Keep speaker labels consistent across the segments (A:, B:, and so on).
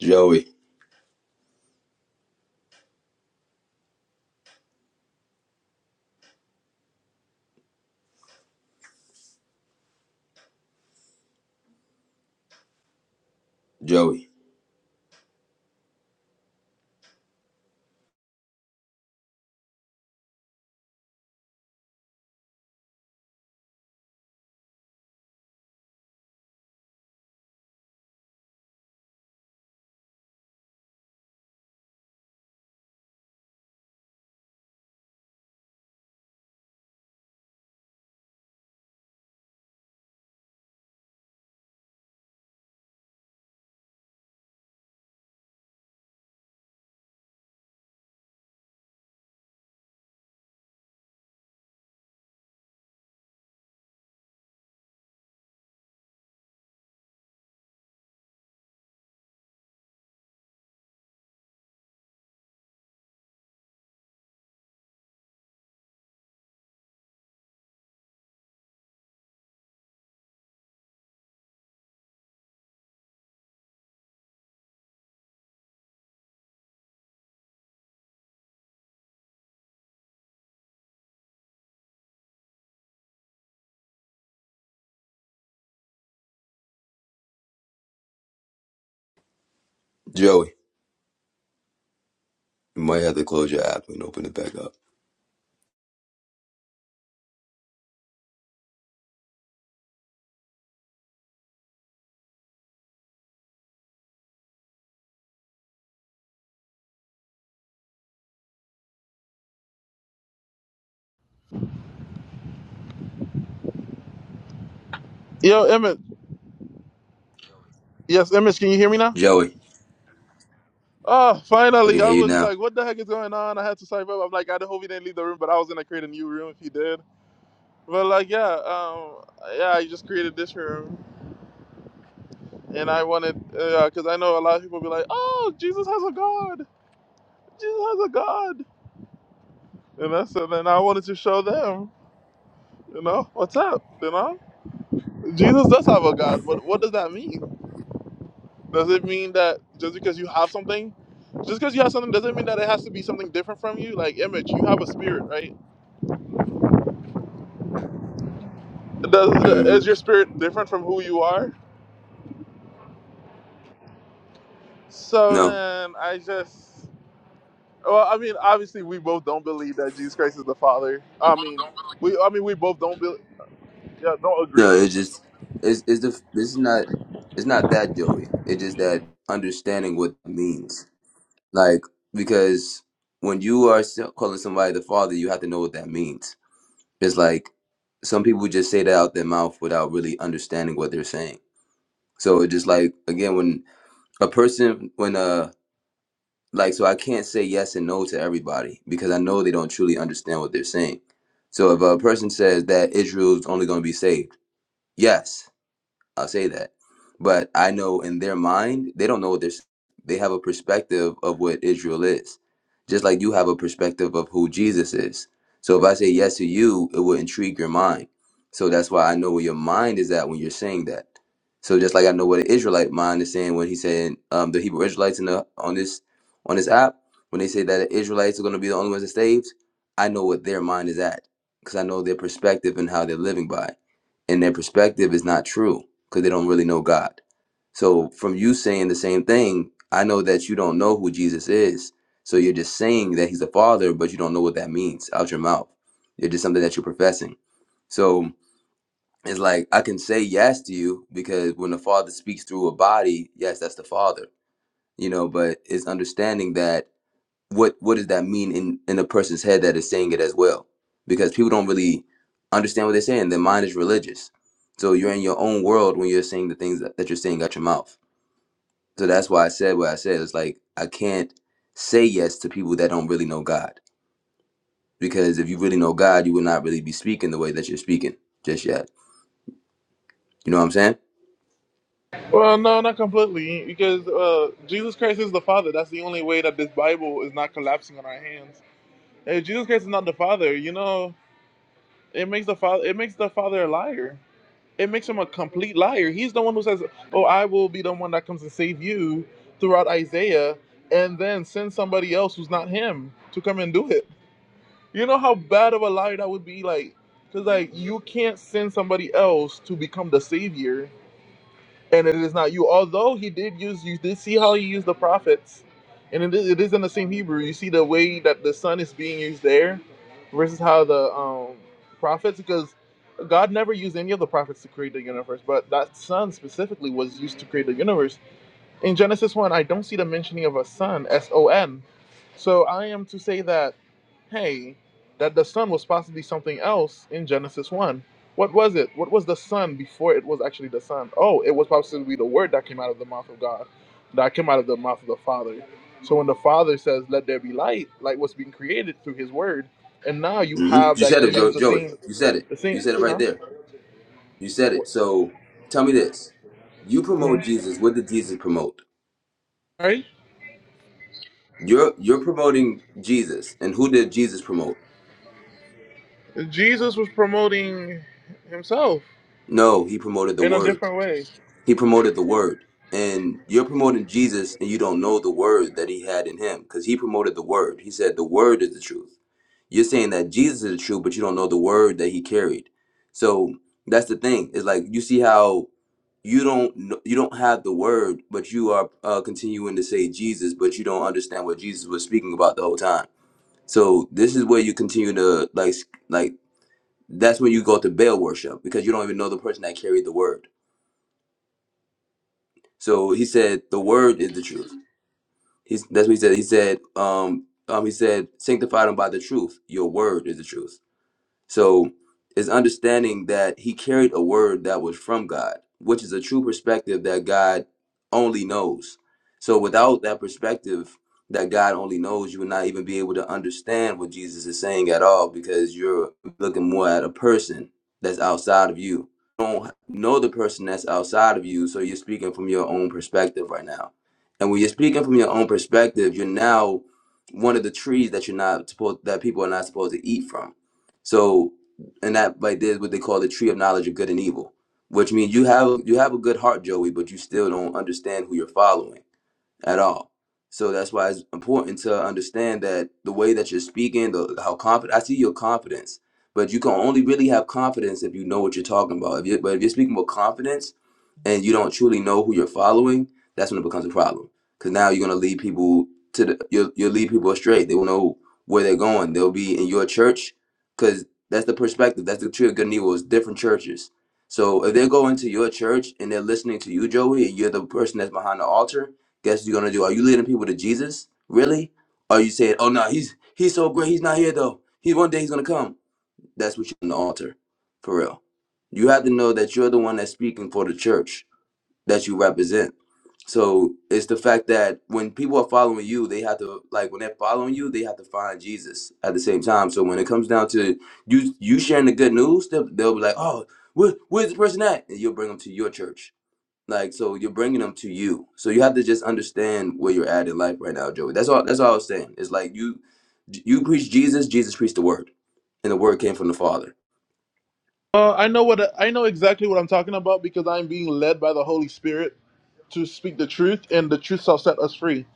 A: Joey, Joey, Joey. You might have to close your app and open it back up.
B: Yo, Emmett. Yes, Emmett, can you hear me now?
A: Joey,
B: Oh,
A: I
B: finally.
A: can hear
B: I
A: you
B: was
A: now.
B: like, what the heck is going on? I had to cyber up. I'm like, I hope he didn't leave the room, but I was going to create a new room if he did. But, like, yeah, um, yeah, I just created this room. And I wanted, because I know a lot of people be like, oh, Jesus has a God. Jesus has a God. And I said, and I wanted to show them, you know, what's up, you know? Jesus does have a God, but what does that mean? Does it mean that just because you have something, just because you have something, doesn't mean that it has to be something different from you? Like image, you have a spirit, right? Does
A: Mm-hmm.
B: is your spirit different from who you are? So
A: No,
B: then I just, well, I mean, obviously we both don't believe that Jesus Christ is the Father. I mean, we, I mean, we both don't, be, yeah, don't
A: no,
B: agree.
A: it's just it's it's the this is not it's not that Joey. It's just that understanding what it means. Like because when you are so- calling somebody the father, you have to know what that means. It's like some people just say that out their mouth without really understanding what they're saying. So it's just like again when a person when a like so i can't say yes and no to everybody because i know they don't truly understand what they're saying so if a person says that israel's only going to be saved yes I'll say that. But I know in their mind, they don't know what they're. s- They have a perspective of what Israel is, just like you have a perspective of who Jesus is. So if I say yes to you, it will intrigue your mind. So that's why I know where your mind is at when you're saying that. So just like I know what an Israelite mind is saying when he's saying um, the Hebrew Israelites in the on this on this app when they say that the Israelites are going to be the only ones that saved, I know what their mind is at because I know their perspective and how they're living by, it. and their perspective is not true because they don't really know God. So from you saying the same thing, I know that you don't know who Jesus is. So you're just saying that he's a father, but you don't know what that means out your mouth. It's just something that you're professing. So it's like I can say yes to you because when the father speaks through a body, yes, that's the father. You know, but it's understanding that what what does that mean in in a person's head that is saying it as well because people don't really understand what they're saying their mind is religious so you're in your own world when you're saying the things that, that you're saying out your mouth so that's why i said what i said it's like i can't say yes to people that don't really know god because if you really know god you would not really be speaking the way that you're speaking just yet you know what i'm saying
B: Well, no, not completely, because uh, Jesus Christ is the Father. That's the only way that this Bible is not collapsing on our hands. If Jesus Christ is not the Father, you know, it makes the father it makes the father a liar it makes him a complete liar. He's the one who says, "Oh, I will be the one that comes to save you," throughout Isaiah, and then send somebody else who's not him to come and do it. You know how bad of a liar that would be, like, because like you can't send somebody else to become the savior and it is not you. Although he did use, you did see how he used the prophets, and it is, it is in the same Hebrew. You see the way that the son is being used there, versus how the um, prophets, because God never used any of the prophets to create the universe, but that son specifically was used to create the universe. In Genesis 1, I don't see the mentioning of a son, S O N. So I am to say that, hey, that the son was possibly something else in Genesis 1. What was it? What was the son before it was actually the son? Oh, it was possibly the word that came out of the mouth of God, that came out of the mouth of the Father. So when the Father says, let there be light, light was being created through his word. And now you
A: hmm
B: have
A: you
B: that
A: said
B: he
A: it
B: used
A: jo-
B: the
A: joey
B: same,
A: you said it
B: the same,
A: you said it right
B: huh?
A: there you said it
B: What-
A: so tell me this you promote
B: mhm.
A: jesus what did jesus promote
B: Right?
A: You're you're promoting Jesus, and who did Jesus promote?
B: Jesus was promoting himself
A: No, he promoted the
B: in a
A: word.
B: different way.
A: He promoted the word, and you're promoting Jesus, and you don't know the word that he had in him because he promoted the word. He said the word is the truth. You're saying that Jesus is the truth, but you don't know the word that he carried. So that's the thing. It's like you see how you don't kn- you don't have the word, but you are uh, continuing to say Jesus, but you don't understand what Jesus was speaking about the whole time. So this is where you continue to like s- like that's when you go to Baal worship because you don't even know the person that carried the word. So he said, the word is the truth. He's, that's what he said. He said, um, um, he said, sanctify them by the truth. Your word is the truth. So it's understanding that he carried a word that was from God, which is a true perspective that God only knows. So without that perspective that God only knows, you would not even be able to understand what Jesus is saying at all because you're looking more at a person that's outside of you. You don't know the person that's outside of you, so you're speaking from your own perspective right now. And when you're speaking from your own perspective, you're now one of the trees that you're not supposed that people are not supposed to eat from so, and that like there's what they call the tree of knowledge of good and evil, which means you have you have a good heart, Joey, but you still don't understand who you're following at all. So that's why it's important to understand that the way that you're speaking, the how confident I see your confidence, but you can only really have confidence if you know what you're talking about. If you but if you're speaking with confidence and you don't truly know who you're following, that's when it becomes a problem. Because now you're gonna lead people to the you'll, you'll lead people astray. They will know where they're going. They'll be in your church because that's the perspective. That's the tree of good and evil is different churches. So if they go into your church and they're listening to you, Joey, and you're the person that's behind the altar, guess what you're gonna do? Are you leading people to Jesus? Really? Or are you saying, Oh no, he's he's so great, he's not here though. He one day he's gonna come. That's what you're on the altar. For real. You have to know that you're the one that's speaking for the church that you represent. So it's the fact that when people are following you, they have to like when they're following you, they have to find Jesus at the same time. So when it comes down to you, you sharing the good news, they'll, they'll be like, "Oh, where, where's the person at?" And you'll bring them to your church. Like so, you're bringing them to you. So you have to just understand where you're at in life right now, Joey. That's all. That's all I was saying. It's like you, you preach Jesus, Jesus preached the word, and the word came from the Father.
B: Uh, I know what I know exactly what I'm talking about because I'm being led by the Holy Spirit to speak the truth, and the truth shall set us free.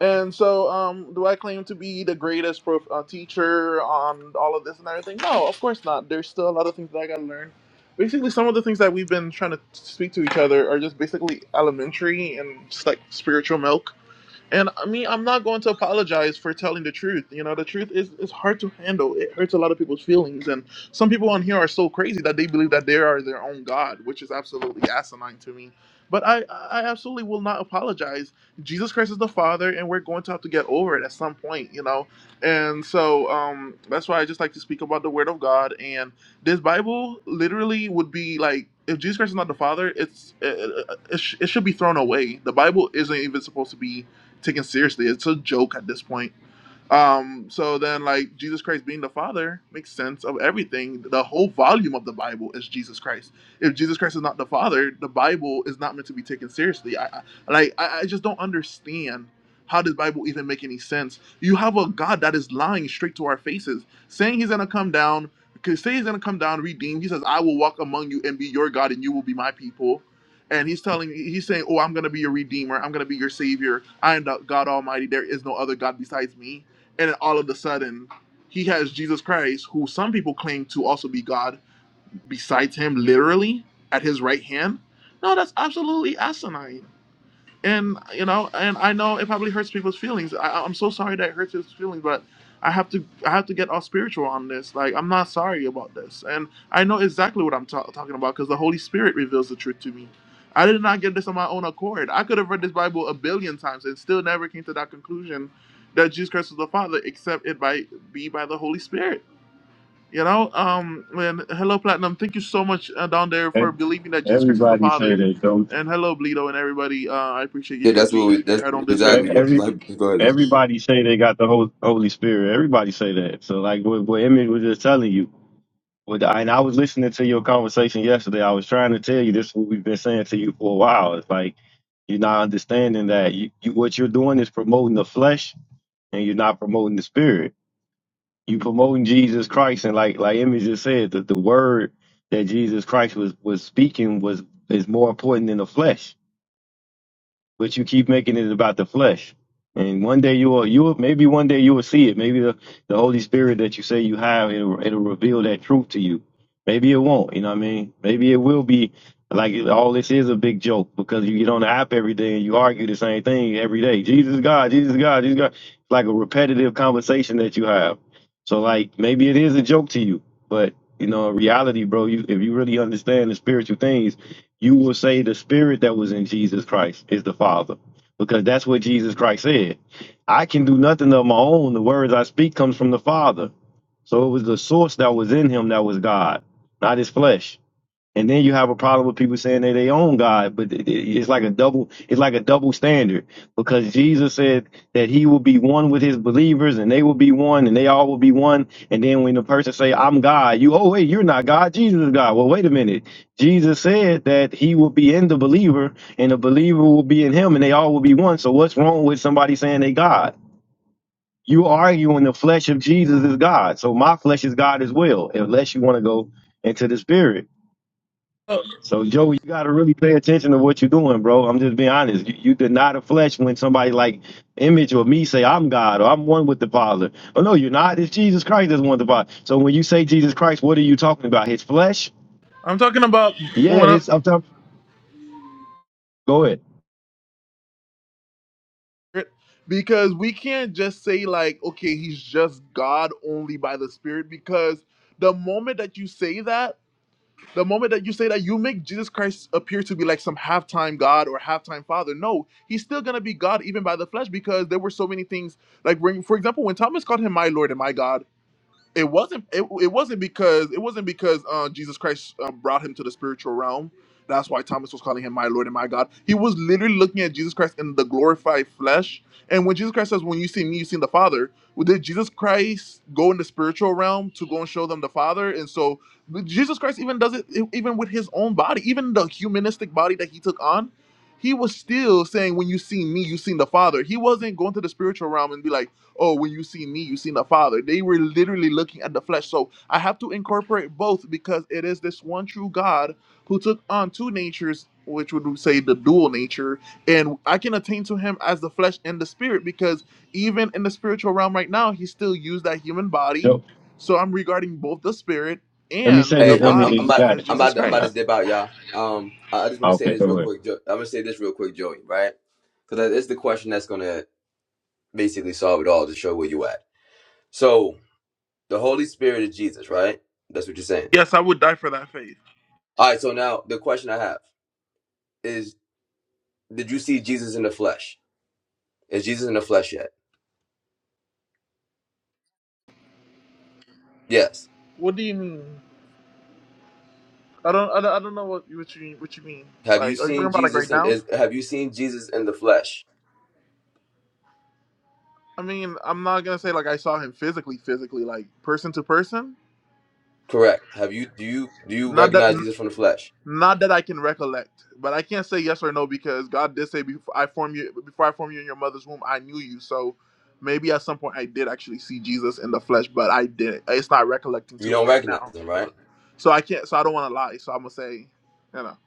B: And so, um, do I claim to be the greatest prof, uh, teacher on all of this and everything? No, of course not. There's still a lot of things that I gotta learn. Basically, some of the things that we've been trying to speak to each other are just basically elementary and just like spiritual milk And I mean, I'm not going to apologize for telling the truth. You know, the truth is is hard to handle. It hurts a lot of people's feelings, and some people on here are so crazy that they believe that they are their own god, which is absolutely asinine to me. But I, I absolutely will not apologize. Jesus Christ is the Father, and we're going to have to get over it at some point, you know. And so um, that's why I just like to speak about the Word of God. And this Bible literally would be like, if Jesus Christ is not the Father, it's it, it, it sh- it should be thrown away. The Bible isn't even supposed to be taken seriously. It's a joke at this point. Um, so then, like Jesus Christ being the Father makes sense of everything. The whole volume of the Bible is Jesus Christ. If Jesus Christ is not the Father, the Bible is not meant to be taken seriously. I, I like I, I just don't understand how does Bible even make any sense. You have a God that is lying straight to our faces, saying He's gonna come down. Cause say he's gonna come down, redeem. He says, "I will walk among you and be your God, and you will be my people." And he's telling, he's saying, "Oh, I'm gonna be your redeemer. I'm gonna be your savior. I am the God Almighty. There is no other God besides me." and then all of a sudden he has jesus christ who some people claim to also be god besides him literally at his right hand no that's absolutely asinine and you know and i know it probably hurts people's feelings I, i'm so sorry that it hurts people's feelings but i have to i have to get all spiritual on this like i'm not sorry about this and i know exactly what i'm ta- talking about because the holy spirit reveals the truth to me i did not get this on my own accord i could have read this bible a billion times and still never came to that conclusion that jesus christ was the father except it by be by the holy spirit you know, um, and hello, Platinum. Thank you so much uh, down there
C: E-
B: for believing that Jesus Christ is the
C: Everybody say
B: Father.
C: that though.
B: And hello, Bleedo and everybody. Uh, I appreciate you
A: Yeah,
B: guys
A: that's what
B: being
A: we.
B: here.
A: That's
B: I don't deserve
A: exactly
C: E-
B: you guys.
C: Every
A: like. Go ahead.
C: everybody say they got the Hol- Holy Spirit. Everybody say that. So like what, what Emmett was just telling you. What I- and I was listening to your conversation yesterday. I was trying to tell you this is what we've been saying to you for a while. It's like you're not understanding that you, you what you're doing is promoting the flesh and you're not promoting the spirit. You promoting Jesus Christ and like like Emmett just said that the word that Jesus Christ was was speaking was is more important than the flesh but you keep making it about the flesh. And one day you will, you will, maybe one day you will see it. Maybe the, the Holy Spirit that you say you have, it'll, it'll reveal that truth to you. Maybe it won't, you know what I mean? Maybe it will be like all this is a big joke because you get on the app every day and you argue the same thing every day. Jesus is God, Jesus is God, Jesus is God. It's like a repetitive conversation that you have. So like maybe it is a joke to you, but you know, in reality, bro, you if you really understand the spiritual things, you will say the spirit that was in Jesus Christ is the Father, because that's what Jesus Christ said. I can do nothing of my own. The words I speak comes from the Father. So it was the source that was in him that was God, not his flesh. And then you have a problem with people saying they're their own God, but it- it- it's like a double, it's like a double standard because Jesus said that he will be one with his believers and they will be one and they all will be one. And then when the person say, I'm God, you, oh, wait, you're not God. Jesus is God. Well, wait a minute. Jesus said that he will be in the believer and the believer will be in him and they all will be one. So what's wrong with somebody saying they God? You arguing the flesh of Jesus is God. So my flesh is God as well, unless you want to go into the spirit.
B: Oh,
C: So Joey, you gotta really pay attention to what you're doing, bro. I'm just being honest. You, you deny the flesh when somebody like Image or me say I'm God or I'm one with the Father. Oh no, you're not. It's Jesus Christ that's one with the Father. So when you say Jesus Christ, what are you talking about? His flesh?
B: I'm talking about
C: Yeah,
B: when I,
C: it's up top. Go ahead.
B: because we can't just say like, okay, he's just God only by the Spirit. Because the moment that you say that. The moment that you say that, you make Jesus Christ appear to be like some halftime God or halftime Father. No, he's still gonna be God even by the flesh because there were so many things. Like, when, for example, when Thomas called him my Lord and my God it wasn't it, it wasn't because it wasn't because uh, Jesus Christ um, brought him to the spiritual realm. That's why Thomas was calling him my Lord and my God. He was literally looking at Jesus Christ in the glorified flesh. And when Jesus Christ says, "When you see me, you see the Father," well, did Jesus Christ go in the spiritual realm to go and show them the Father? And so but Jesus Christ even does it e- even with his own body, even the humanistic body that he took on. He was still saying, "When you see me, you seen the Father." He wasn't going to the spiritual realm and be like oh, when you see me, you see the Father. They were literally looking at the flesh. So I have to incorporate both because it is this one true God who took on two natures, which would say the dual nature. And I can attain to him as the flesh and the spirit because even in the spiritual realm right now, he still used that human body.
C: Yo,
B: So I'm regarding both the spirit
C: let me
B: and
C: say
B: the
C: this
A: Hey, I'm
C: Image.
A: I'm,
C: and
A: I'm
B: body
C: You
A: about
C: got
B: as
C: it.
A: I'm
B: Jesus
A: about to, I'm about
C: Uh,
A: to
B: Christ.
A: dip out, y'all. Um, I, I just want to say
C: Okay,
A: this real
C: go ahead.
A: quick. Jo- I'm gonna say this real quick, Joey, right? Because it's the question that's gonna basically solve it all to show where you at. So the Holy Spirit is Jesus, right? That's what you're saying.
B: Yes, I would die for that faith.
A: All right. So now the question I have is: Did you see Jesus in the flesh? Is Jesus in the flesh yet? Yes.
B: What do you mean? I don't, I don't, I don't know what, you- what you what you mean.
A: Have you
B: Like, are you talking
A: seen
B: about like right
A: Jesus? In,
B: now?
A: is have you seen Jesus in the flesh?
B: I mean, I'm not gonna say like I saw him physically, physically, like person to person.
A: Correct. Have you do you do you
B: Not that,
A: recognize
B: n-
A: Jesus from the flesh?
B: not that I can recollect, but I can't say yes or no because God did say before I form you, before I form you in your mother's womb, I knew you. So maybe at some point I did actually see Jesus in the flesh, but I didn't. It's not recollecting
A: You
B: to me
A: don't
B: right
A: recognize
B: now.
A: him,
B: You know?
A: right?
B: So I can't. So I don't want to lie. So I'm gonna say, you know,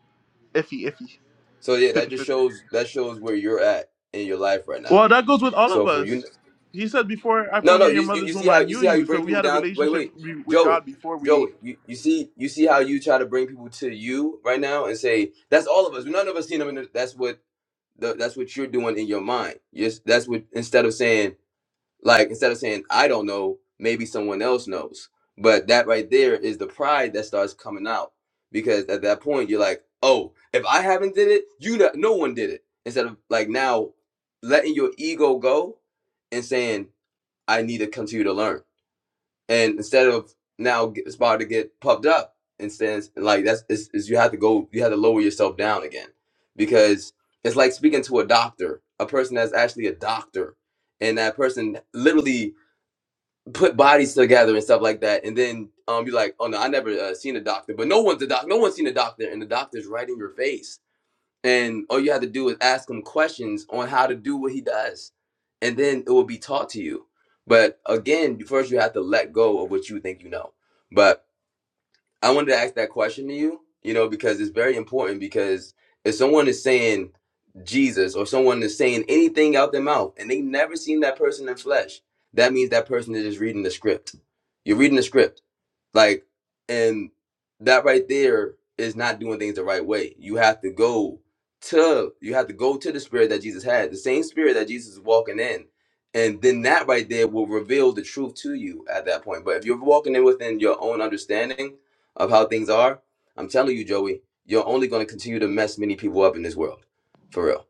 B: iffy, iffy,
A: So yeah,
B: 50
A: that just
B: fifty.
A: shows that shows where you're at in your life right now.
B: Well, that goes with all of
A: So for you,
B: us. He said, "Before I
A: no,
B: formed
A: no,
B: you in your
A: you you,
B: mother's
A: you see
B: womb,
A: how
B: I
A: you
B: knew
A: see how
B: you."
A: you
B: So
A: bring
B: we
A: people
B: had a
A: down. Wait,
B: relationship
A: wait,
B: be- with
A: Joey,
B: God before we
A: Joey, you, you see you see how you try to bring people to you right now and say that's all of us. None of us seen them. In the, that's what the, that's what you're doing in your mind. Yes, that's what instead of saying like instead of saying I don't know, maybe someone else knows. But that right there is the pride that starts coming out because at that point you're like, oh, if I haven't did it, you not, no one did it. Instead of like now letting your ego go and saying I need to continue to learn, and instead of now get, it's about to get puffed up and stands like that's is you have to go you have to lower yourself down again because it's like speaking to a doctor, a person that's actually a doctor, and that person literally put bodies together and stuff like that, and then um, you're like, oh no, I never uh, seen a doctor, but no one's a doc, no one's seen a doctor, and the doctor's right in your face, and all you have to do is ask him questions on how to do what he does, and then it will be taught to you. But again, first you have to let go of what you think you know. But I wanted to ask that question to you, you know, because it's very important. Because if someone is saying Jesus or someone is saying anything out their mouth and they never seen that person in flesh, that means that person is just reading the script. You're reading the script. Like, and that right there is not doing things the right way. You have to go to you have to go to the spirit that Jesus had, the same spirit that Jesus is walking in. And then that right there will reveal the truth to you at that point. But if you're walking in within your own understanding of how things are, I'm telling you, Joey, you're only going to continue to mess many people up in this world. For real.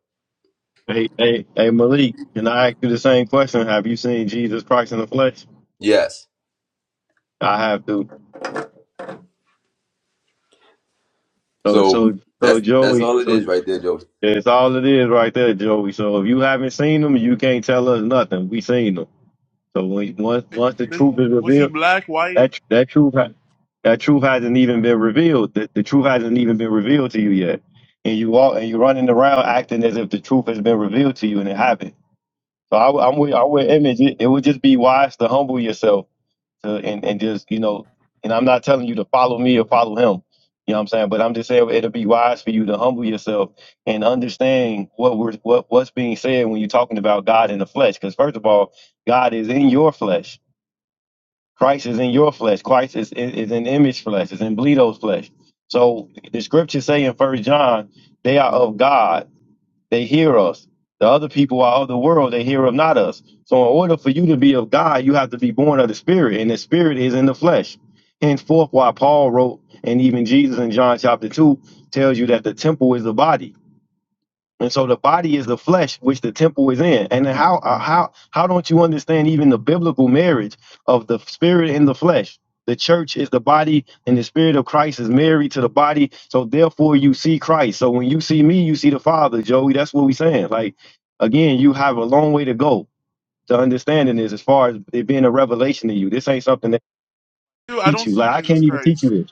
C: Hey, hey, hey, Malik. Can I ask you the same question? Have you seen Jesus Christ in the flesh?
A: Yes.
C: I have to. So,
A: So
C: so, so
A: that's that's
C: Joey.
A: all it
C: So
A: is right there, Joey.
C: It's all it is right there, Joey. So if you haven't seen them, you can't tell us nothing. We seen them. So when, once once the
B: They,
C: truth is
B: was he
C: revealed,
B: black, white?
C: that tr- that truth ha- that truth hasn't even been revealed. The, the truth hasn't even been revealed to you yet, and you all and you're running around acting as if the truth has been revealed to you, and it haven't. So I, am with I'm with image. It, it would just be wise to humble yourself to and and just you know. And I'm not telling you to follow me or follow him. You know what I'm saying? But I'm just saying it'll be wise for you to humble yourself and understand what we're what what's being said when you're talking about God in the flesh. Because first of all, God is in your flesh. Christ is in your flesh. Christ is is, is in image flesh. Is in Bleedo's flesh. So the scriptures say in First John, they are of God they hear us. The other people are of the world, they hear of not us. So in order for you to be of God, you have to be born of the Spirit, and the Spirit is in the flesh. Henceforth, why Paul wrote, and even Jesus in John chapter 2 tells you that the temple is the body. And so the body is the flesh which the temple is in. And how uh, how how don't you understand even the biblical marriage of the spirit and the flesh? The church is the body, and the spirit of Christ is married to the body. So therefore, you see Christ. So when you see me, you see the Father, Joey. That's what we are saying. Like again, you have a long way to go to understanding this, as far as it being a revelation to you. This ain't something that
B: Dude,
C: I
B: I
C: teach
B: don't
C: you.
B: see
C: Like I
B: Jesus
C: can't even teach you
B: Christ.
C: this.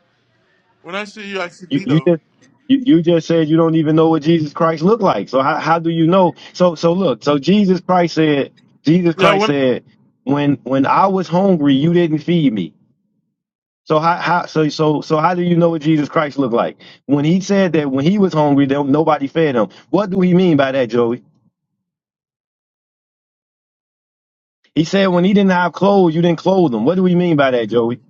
B: When I see you, I see
C: You, you
B: Lito.
C: just you, you just said you don't even know what Jesus Christ looked like. So how, how do you know? So so look, so Jesus Christ said Jesus
B: Yeah,
C: Christ
B: when
C: said when when I was hungry, you didn't feed me. So how, how so so so how do you know what Jesus Christ looked like? When he said that when he was hungry, there, nobody fed him. What do he mean by that, Joey? He said when he didn't have clothes, you didn't clothe him. What do we mean by that, Joey?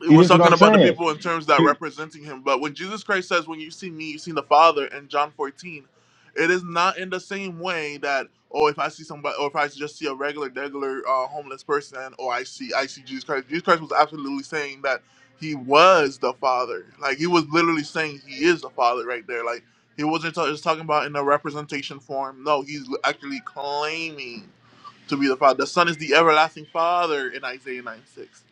B: It
C: See, this
B: was
C: is what
B: talking
C: I'm
B: about the
C: saying.
B: people in terms that representing him. But when Jesus Christ says, When you see me, you see the Father in John 14, it is not in the same way that, oh, if I see somebody or if I just see a regular regular uh, homeless person, or I see I see Jesus Christ. Jesus Christ was absolutely saying that he was the Father. Like he was literally saying he is the Father right there. Like he wasn't ta- just talking about in a representation form. No, he's actually claiming to be the Father. The Son is the everlasting Father in Isaiah 9 6.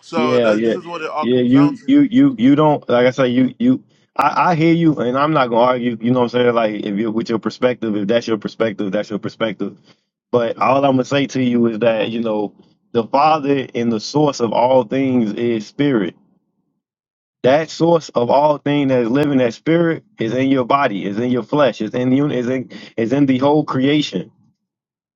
B: So
C: Yeah,
B: th- this
C: yeah,
B: is what it all
C: yeah.
B: comes down
C: You,
B: to.
C: you, you, you don't like I say. You, you. I, I hear you, and I'm not gonna argue. You know what I'm saying? Like, if you with your perspective, if that's your perspective, that's your perspective. But all I'm gonna say to you is that you know the Father and the source of all things is spirit. That source of all thing that is living, that spirit is in your body, is in your flesh, is in you, is in is in the whole creation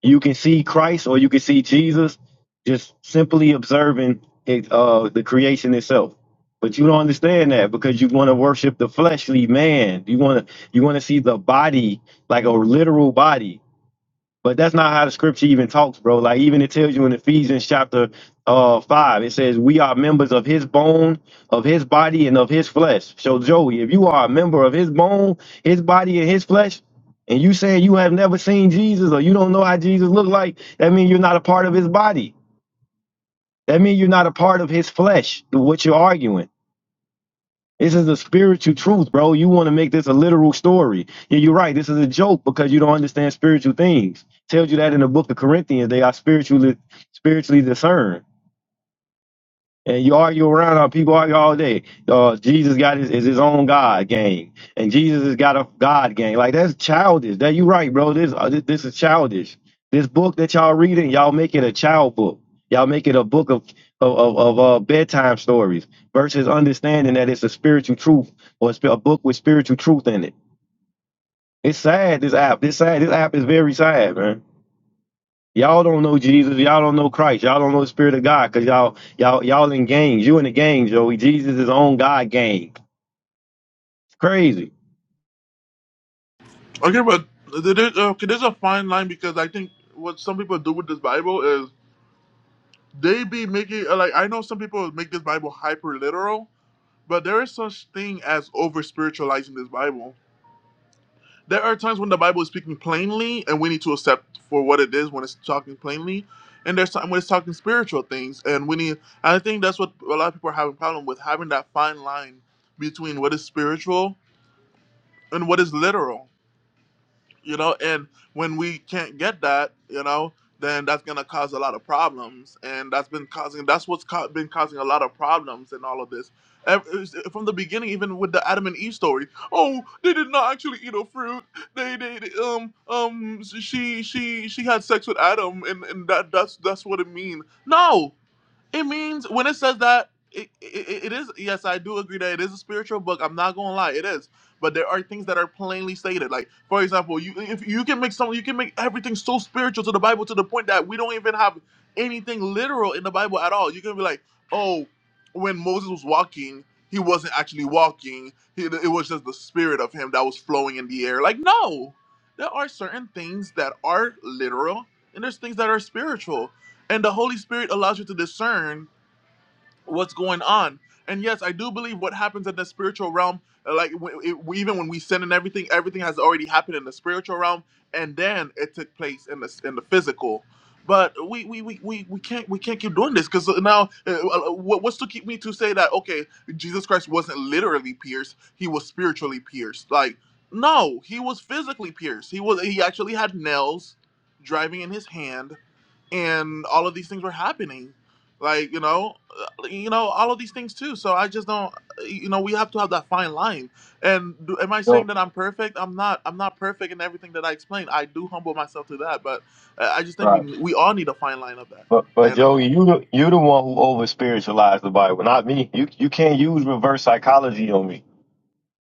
C: you can see Christ or you can see Jesus just simply observing it, uh, the creation itself. But you don't understand that because you want to worship the fleshly man. You want to you want to see the body like a literal body. But that's not how the scripture even talks, bro. Like even it tells you in Ephesians chapter uh five, it says we are members of his bone, of his body, and of his flesh. So Joey, if you are a member of his bone, his body, and his flesh, and you saying you have never seen Jesus or you don't know how Jesus looked like, that means you're not a part of his body. That means you're not a part of his flesh, what you're arguing. This is a spiritual truth, bro. You want to make this a literal story. And you're right. This is a joke because you don't understand spiritual things. Tells you that in the book of Corinthians, they are spiritually spiritually discerned. And you argue around, uh, people argue all day. Uh, Jesus got his is his own God game, and Jesus has got a God game. Like that's childish. That you right, bro. This uh, this, this is childish. This book that y'all reading, y'all make it a child book. Y'all make it a book of of of, of uh, bedtime stories versus understanding that it's a spiritual truth or it's a book with spiritual truth in it. It's sad. This app. This sad. This app is very sad, man. Y'all don't know Jesus. Y'all don't know Christ. Y'all don't know the Spirit of God because y'all y'all y'all in gangs. You in the gang, Joey. Jesus is on God gang. It's crazy.
B: Okay, but th- there- uh, okay, there's a fine line because I think what some people do with this Bible is they be making uh, like I know some people make this Bible hyper literal, but there is such thing as over spiritualizing this Bible. There are times when the Bible is speaking plainly, and we need to accept for what it is when it's talking plainly, and there's time when it's talking spiritual things, and we need. I think that's what a lot of people are having problem with having that fine line between what is spiritual and what is literal you know and when we can't get that you know then that's going to cause a lot of problems and that's been causing that's what's ca- been causing a lot of problems in all of this Ev- from the beginning even with the adam and eve story oh they did not actually eat a fruit they did um um she she she had sex with adam and and that that's that's what it means no it means when it says that it, it, it is yes, I do agree that it is a spiritual book. I'm not gonna lie, it is. But there are things that are plainly stated. Like for example, you if you can make something, you can make everything so spiritual to the Bible to the point that we don't even have anything literal in the Bible at all. You can be like, oh, when Moses was walking, he wasn't actually walking. He, it was just the spirit of him that was flowing in the air. Like no, there are certain things that are literal and there's things that are spiritual and the Holy Spirit allows you to discern what's going on. And yes, I do believe what happens in the spiritual realm, like w- it, even when we sin and everything, everything has already happened in the spiritual realm, and then it took place in the in the physical. But we we, we, we, we can't we can't keep doing this because now uh, uh, what- what's to keep me to say that okay Jesus Christ wasn't literally pierced he was spiritually pierced like no he was physically pierced he was he actually had nails driving in his hand and all of these things were happening like you know uh, you know all of these things too so i just don't you know we have to have that fine line and do, am i saying
C: Yo,
B: that i'm perfect i'm not i'm not perfect in everything that i explain i do humble myself to that but uh, i just think we
C: right.
B: we all need a fine line of that
C: But but
B: and
C: Joey, you the you the one who over spiritualized the Bible, not me. You you can't use reverse psychology on me.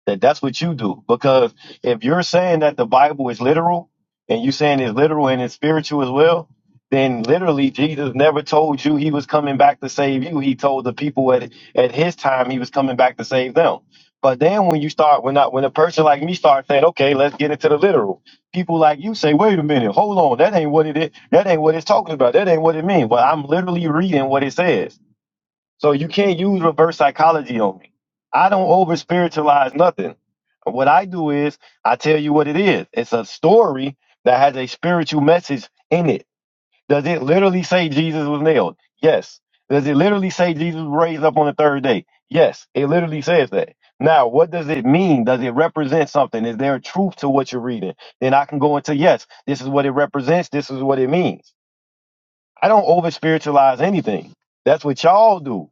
C: that that's what you do because if you're saying that the bible is literal and you're saying it's literal and it's spiritual as well then literally jesus never told you he was coming back to save you he told the people at, at his time he was coming back to save them but then when you start when I, when a person like me starts saying okay let's get into the literal people like you say wait a minute hold on that ain't what it is that ain't what it's talking about that ain't what it means well i'm literally reading what it says so you can't use reverse psychology on me. I don't over spiritualize nothing. What I do is I tell you what it is. It's a story that has a spiritual message in it. Does it literally say Jesus was nailed? Yes. Does it literally say Jesus was raised up on the third day? Yes. It literally says that. Now, what does it mean? Does it represent something? Is there a truth to what you're reading? Then I can go into yes, this is what it represents, this is what it means. I don't over spiritualize anything. That's what y'all do.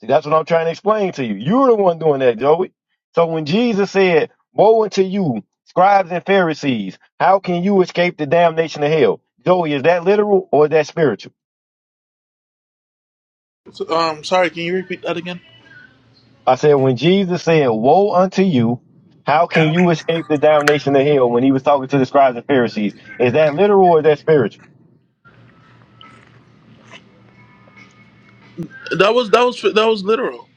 C: See, that's what I'm trying to explain to you. You're the one doing that, Joey. So when Jesus said, Woe unto you, scribes and Pharisees, how can you escape the damnation of hell? Joey, is that literal or is that spiritual?
B: so, um sorry can you repeat that again
C: I said, when Jesus said, Woe unto you, how can you escape the damnation of hell when he was talking to the scribes and Pharisees? Is that literal or is that spiritual?
B: that was that was that was literal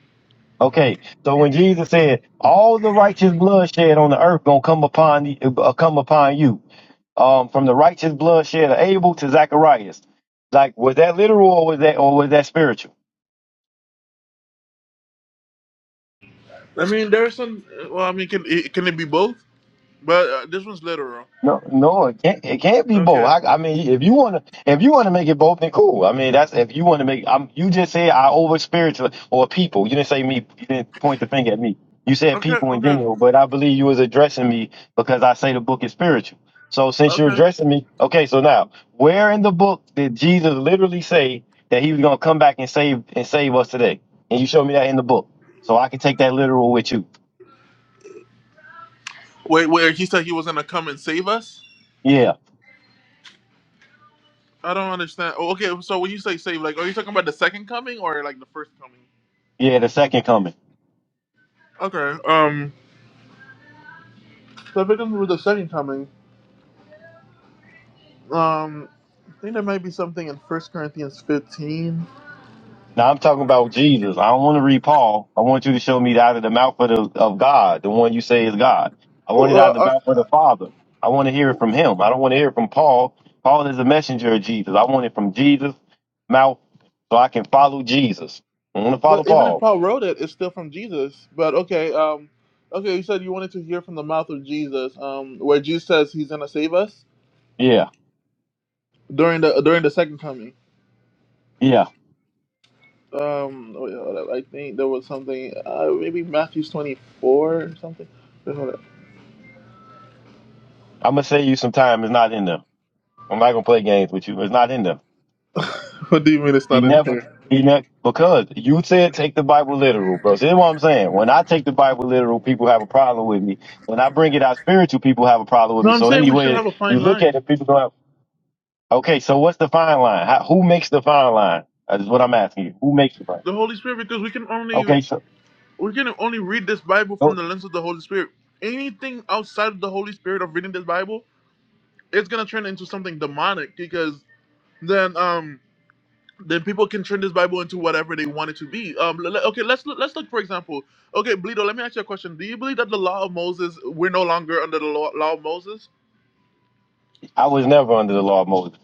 C: Okay, so when Jesus said, "All the righteous blood shed on the earth gonna come upon you, uh, come upon you," um, from the righteous blood shed of Abel to Zacharias, like was that literal or was that or was that spiritual?
B: i mean there's some well i mean can it, can it be both but uh, this one's literal
C: No, no, it can't. It can't be both.
B: okay
C: I, I mean, if you wanna, if you wanna make it both, then cool. I mean, that's if you wanna make. I'm. You just said I over spiritual or people. You didn't say me. You didn't point the finger at me. You said
B: okay
C: people in
B: okay
C: general, but I believe you was addressing me because I say the book is spiritual. So since you're
B: okay
C: addressing me, okay. So now, where in the book did Jesus literally say that he was gonna come back and save and save us today? And you showed me that in the book, so I can take that literal with you.
B: wait wait he said he was gonna come and save us
C: Yeah,
B: I don't understand. Oh, okay, so when you say save, like, are you talking about the second coming or like the first coming?
C: yeah, the second coming.
B: Okay. Um. So if it comes with the second coming, um, I think there might be something in First Corinthians fifteen.
C: Now I'm talking about Jesus. I don't want to read Paul. I want you to show me out of the mouth of, the, of God, the one you say is God. I
B: Uh,
C: want it out of the
B: uh,
C: mouth of the Father. I want to hear
B: uh,
C: it from him. I don't want to hear it from Paul. Paul is a messenger of Jesus. I want it from Jesus' mouth so I can follow Jesus. I want to follow
B: but even if
C: Paul.
B: Paul wrote it, it's still from Jesus. But okay. Um. Okay, you said you wanted to hear from the mouth of Jesus, um, where Jesus says he's gonna save us
C: Yeah,
B: during the during the second coming.
C: yeah.
B: Um, oh, yeah, I think there was something, uh, maybe Matthew's twenty four or something.
C: I'm going to save you some time. It's not in there. I'm not going to play games with you. It's not in there.
B: What do you mean it's
C: He
B: not in
C: never,
B: there?
C: he never, because you said take the Bible literal, bro. See what I'm saying? When I take the Bible literal, people have a problem with me. When I bring it out spiritual, people have a problem with
B: No,
C: me.
B: I'm
C: So
B: saying we should
C: anyway,
B: have a fine
C: you look at
B: line.
C: it, people go, out, okay, so what's the fine line? How, who makes the fine line? That's what I'm asking you. Who makes the fine?
B: The Holy Spirit, because we can only
C: Okay, so
B: we can only read this Bible from
C: oh,
B: the lens of the Holy Spirit. Anything outside of the Holy Spirit of reading this Bible, it's gonna turn into something demonic because then um then people can turn this Bible into whatever they want it to be. Um, le- le- okay, let's look, let's look for example. Okay, Bleedo, let me ask you a question. Do you believe that the law of Moses we're no longer under the law, law of Moses?
C: I was never under the law of Moses.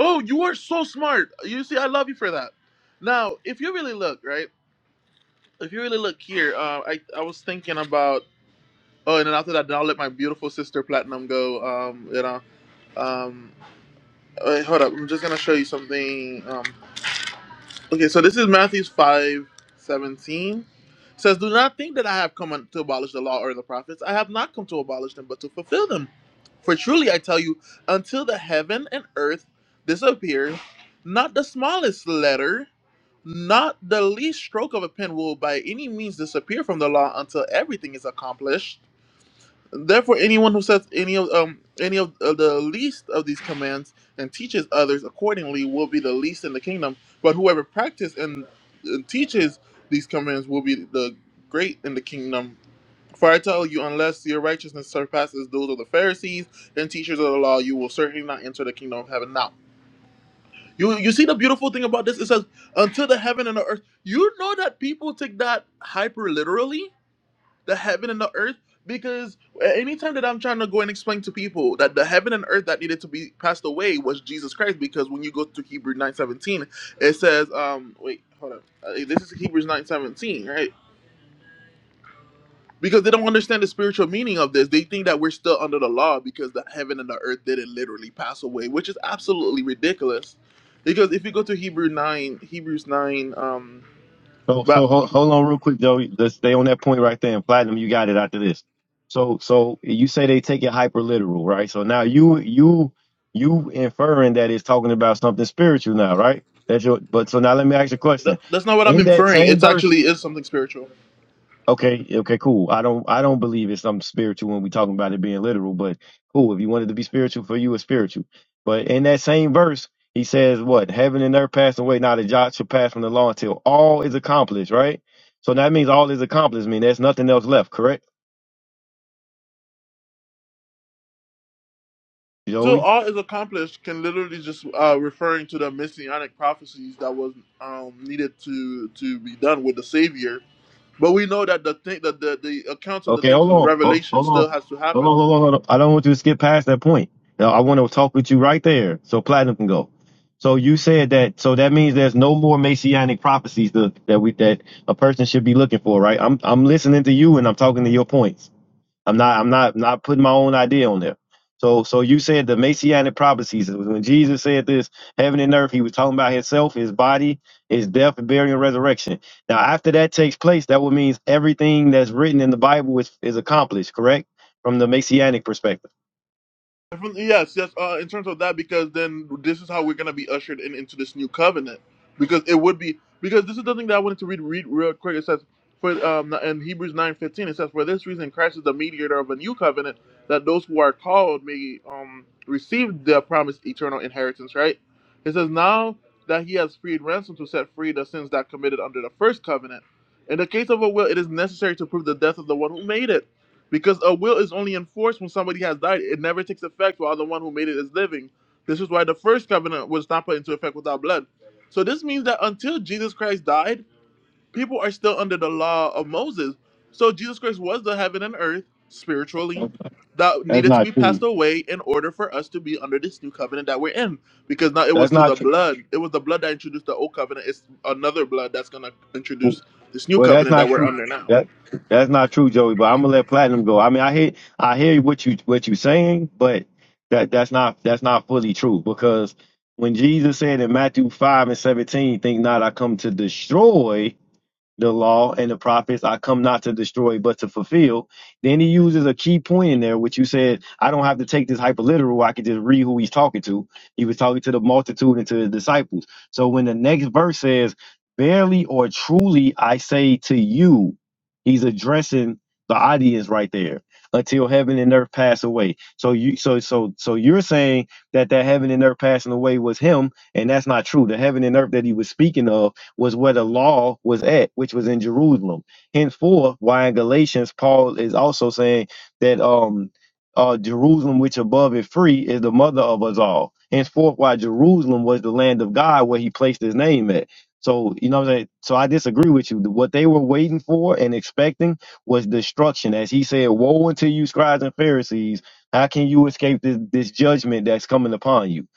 B: Oh, you are so smart. You see, I love you for that. Now, if you really look, right? if you really look here, uh, I I was thinking about oh, and then after that, then I'll let my beautiful sister Platinum go. Um, you know, um, wait, hold up, I'm just gonna show you something. Um, Okay, so this is Matthew five seventeen. It says, Do not think that I have come un- to abolish the law or the prophets. I have not come to abolish them, but to fulfill them. For truly I tell you, until the heaven and earth disappear, not the smallest letter, not the least stroke of a pen will by any means disappear from the law until everything is accomplished. Therefore, anyone who says any of um any of uh, the least of these commands and teaches others accordingly will be the least in the kingdom. But whoever practices and uh, teaches these commands will be the great in the kingdom. For I tell you, unless your righteousness surpasses those of the Pharisees and teachers of the law, you will certainly not enter the kingdom of heaven. Now, you you see the beautiful thing about this? It says, "Until the heaven and the earth." You know that people take that hyper literally the heaven and the earth because anytime that i'm trying to go and explain to people that the heaven and earth that needed to be passed away was jesus christ because when you go to hebrew 9.17 it says um wait hold on, uh, this is hebrews 9.17 right because they don't understand the spiritual meaning of this they think that we're still under the law because the heaven and the earth didn't literally pass away which is absolutely ridiculous because if you go to hebrew 9 hebrews 9 um
C: So so
B: but
C: hold, hold on real quick, Joey. Let's stay on that point right there. And platinum, you got it after this. So so you say they take it hyper literal, right? So now you you you inferring that it's talking about something spiritual now, right? That's your but so now let me ask you a
B: th-
C: question.
B: that's not what i'm
C: In that
B: inferring
C: same
B: it's
C: verse,
B: actually is something spiritual
C: Okay, okay, cool. I don't I don't believe it's something spiritual when we talking about it being literal, but cool. If you wanted to be spiritual for you, it's spiritual. But in that same verse, he says what? Heaven and earth pass away, not a jot shall pass from the law until all is accomplished, right? So that means all is accomplished, mean there's nothing else left, correct?
B: So
C: Joey?
B: all is accomplished can literally just uh, referring to the messianic prophecies that was um, needed to to be done with the Savior. But we know that the thing that the, the accounts of the
C: Okay,
B: things
C: hold
B: in the
C: on, hold
B: Revelation
C: hold
B: still
C: on,
B: has to
C: hold on,
B: happen
C: hold on, hold on. I don't want you to skip past that point. Now, I want to talk with you right there, so platinum can go. So you said that, so that means there's no more messianic prophecies that that we that a person should be looking for, right? I'm I'm listening to you and I'm talking to your points. I'm not I'm not not putting my own idea on there. So so you said the messianic prophecies when Jesus said this, heaven and earth, he was talking about himself, his body, his death, burial, and resurrection. Now after that takes place, that would mean everything that's written in the Bible is, is accomplished, correct? From the messianic perspective.
B: Definitely, yes, yes. Uh, in terms of that, because then this is how we're gonna be ushered in into this new covenant, because it would be because this is the thing that I wanted to read read real quick. It says for um in Hebrews nine fifteen it says for this reason Christ is the mediator of a new covenant that those who are called may um receive the promised eternal inheritance. Right? It says now that He has freed ransom to set free the sins that committed under the first covenant. In the case of a will, it is necessary to prove the death of the one who made it because a will is only enforced when somebody has died. It never takes effect while the one who made it is living. This is why the first covenant was not put into effect without blood. So this means that until Jesus Christ died, people are still under the law of Moses. So Jesus Christ was the heaven and earth spiritually that
C: That's
B: needed to
C: not
B: be passed
C: true.
B: away in order for us to be under this new covenant that we're in. Because now it was
C: That's
B: through the
C: not
B: blood. It was the blood that introduced the old covenant. It's another blood that's gonna
C: true.
B: introduce this new
C: Well, that's
B: covenant that
C: not
B: we're
C: true.
B: under now.
C: That that's not true, Joey. But I'm gonna let Platinum go. I mean, I hear I hear what you what you saying, but that that's not that's not fully true because when Jesus said in Matthew five and seventeen, "Think not I come to destroy," the law and the prophets I come not to destroy but to fulfill. Then he uses a key point in there, which you said I don't have to take this hyperliteral. I can just read who he's talking to. He was talking to the multitude and to the disciples. So when the next verse says, "Verily or truly I say to you," he's addressing the audience right there until heaven and earth pass away. So you so so so you're saying that that heaven and earth passing away was him, and that's not true. The heaven and earth that he was speaking of was where the law was at, which was in Jerusalem. Henceforth, why in Galatians, Paul is also saying that um uh Jerusalem which above is free is the mother of us all. Henceforth, why Jerusalem was the land of God where he placed his name at. So, you know what I'm saying? So I disagree with you. What they were waiting for and expecting was destruction. As he said, Woe unto you, scribes and Pharisees, how can you escape this, this judgment that's coming upon you?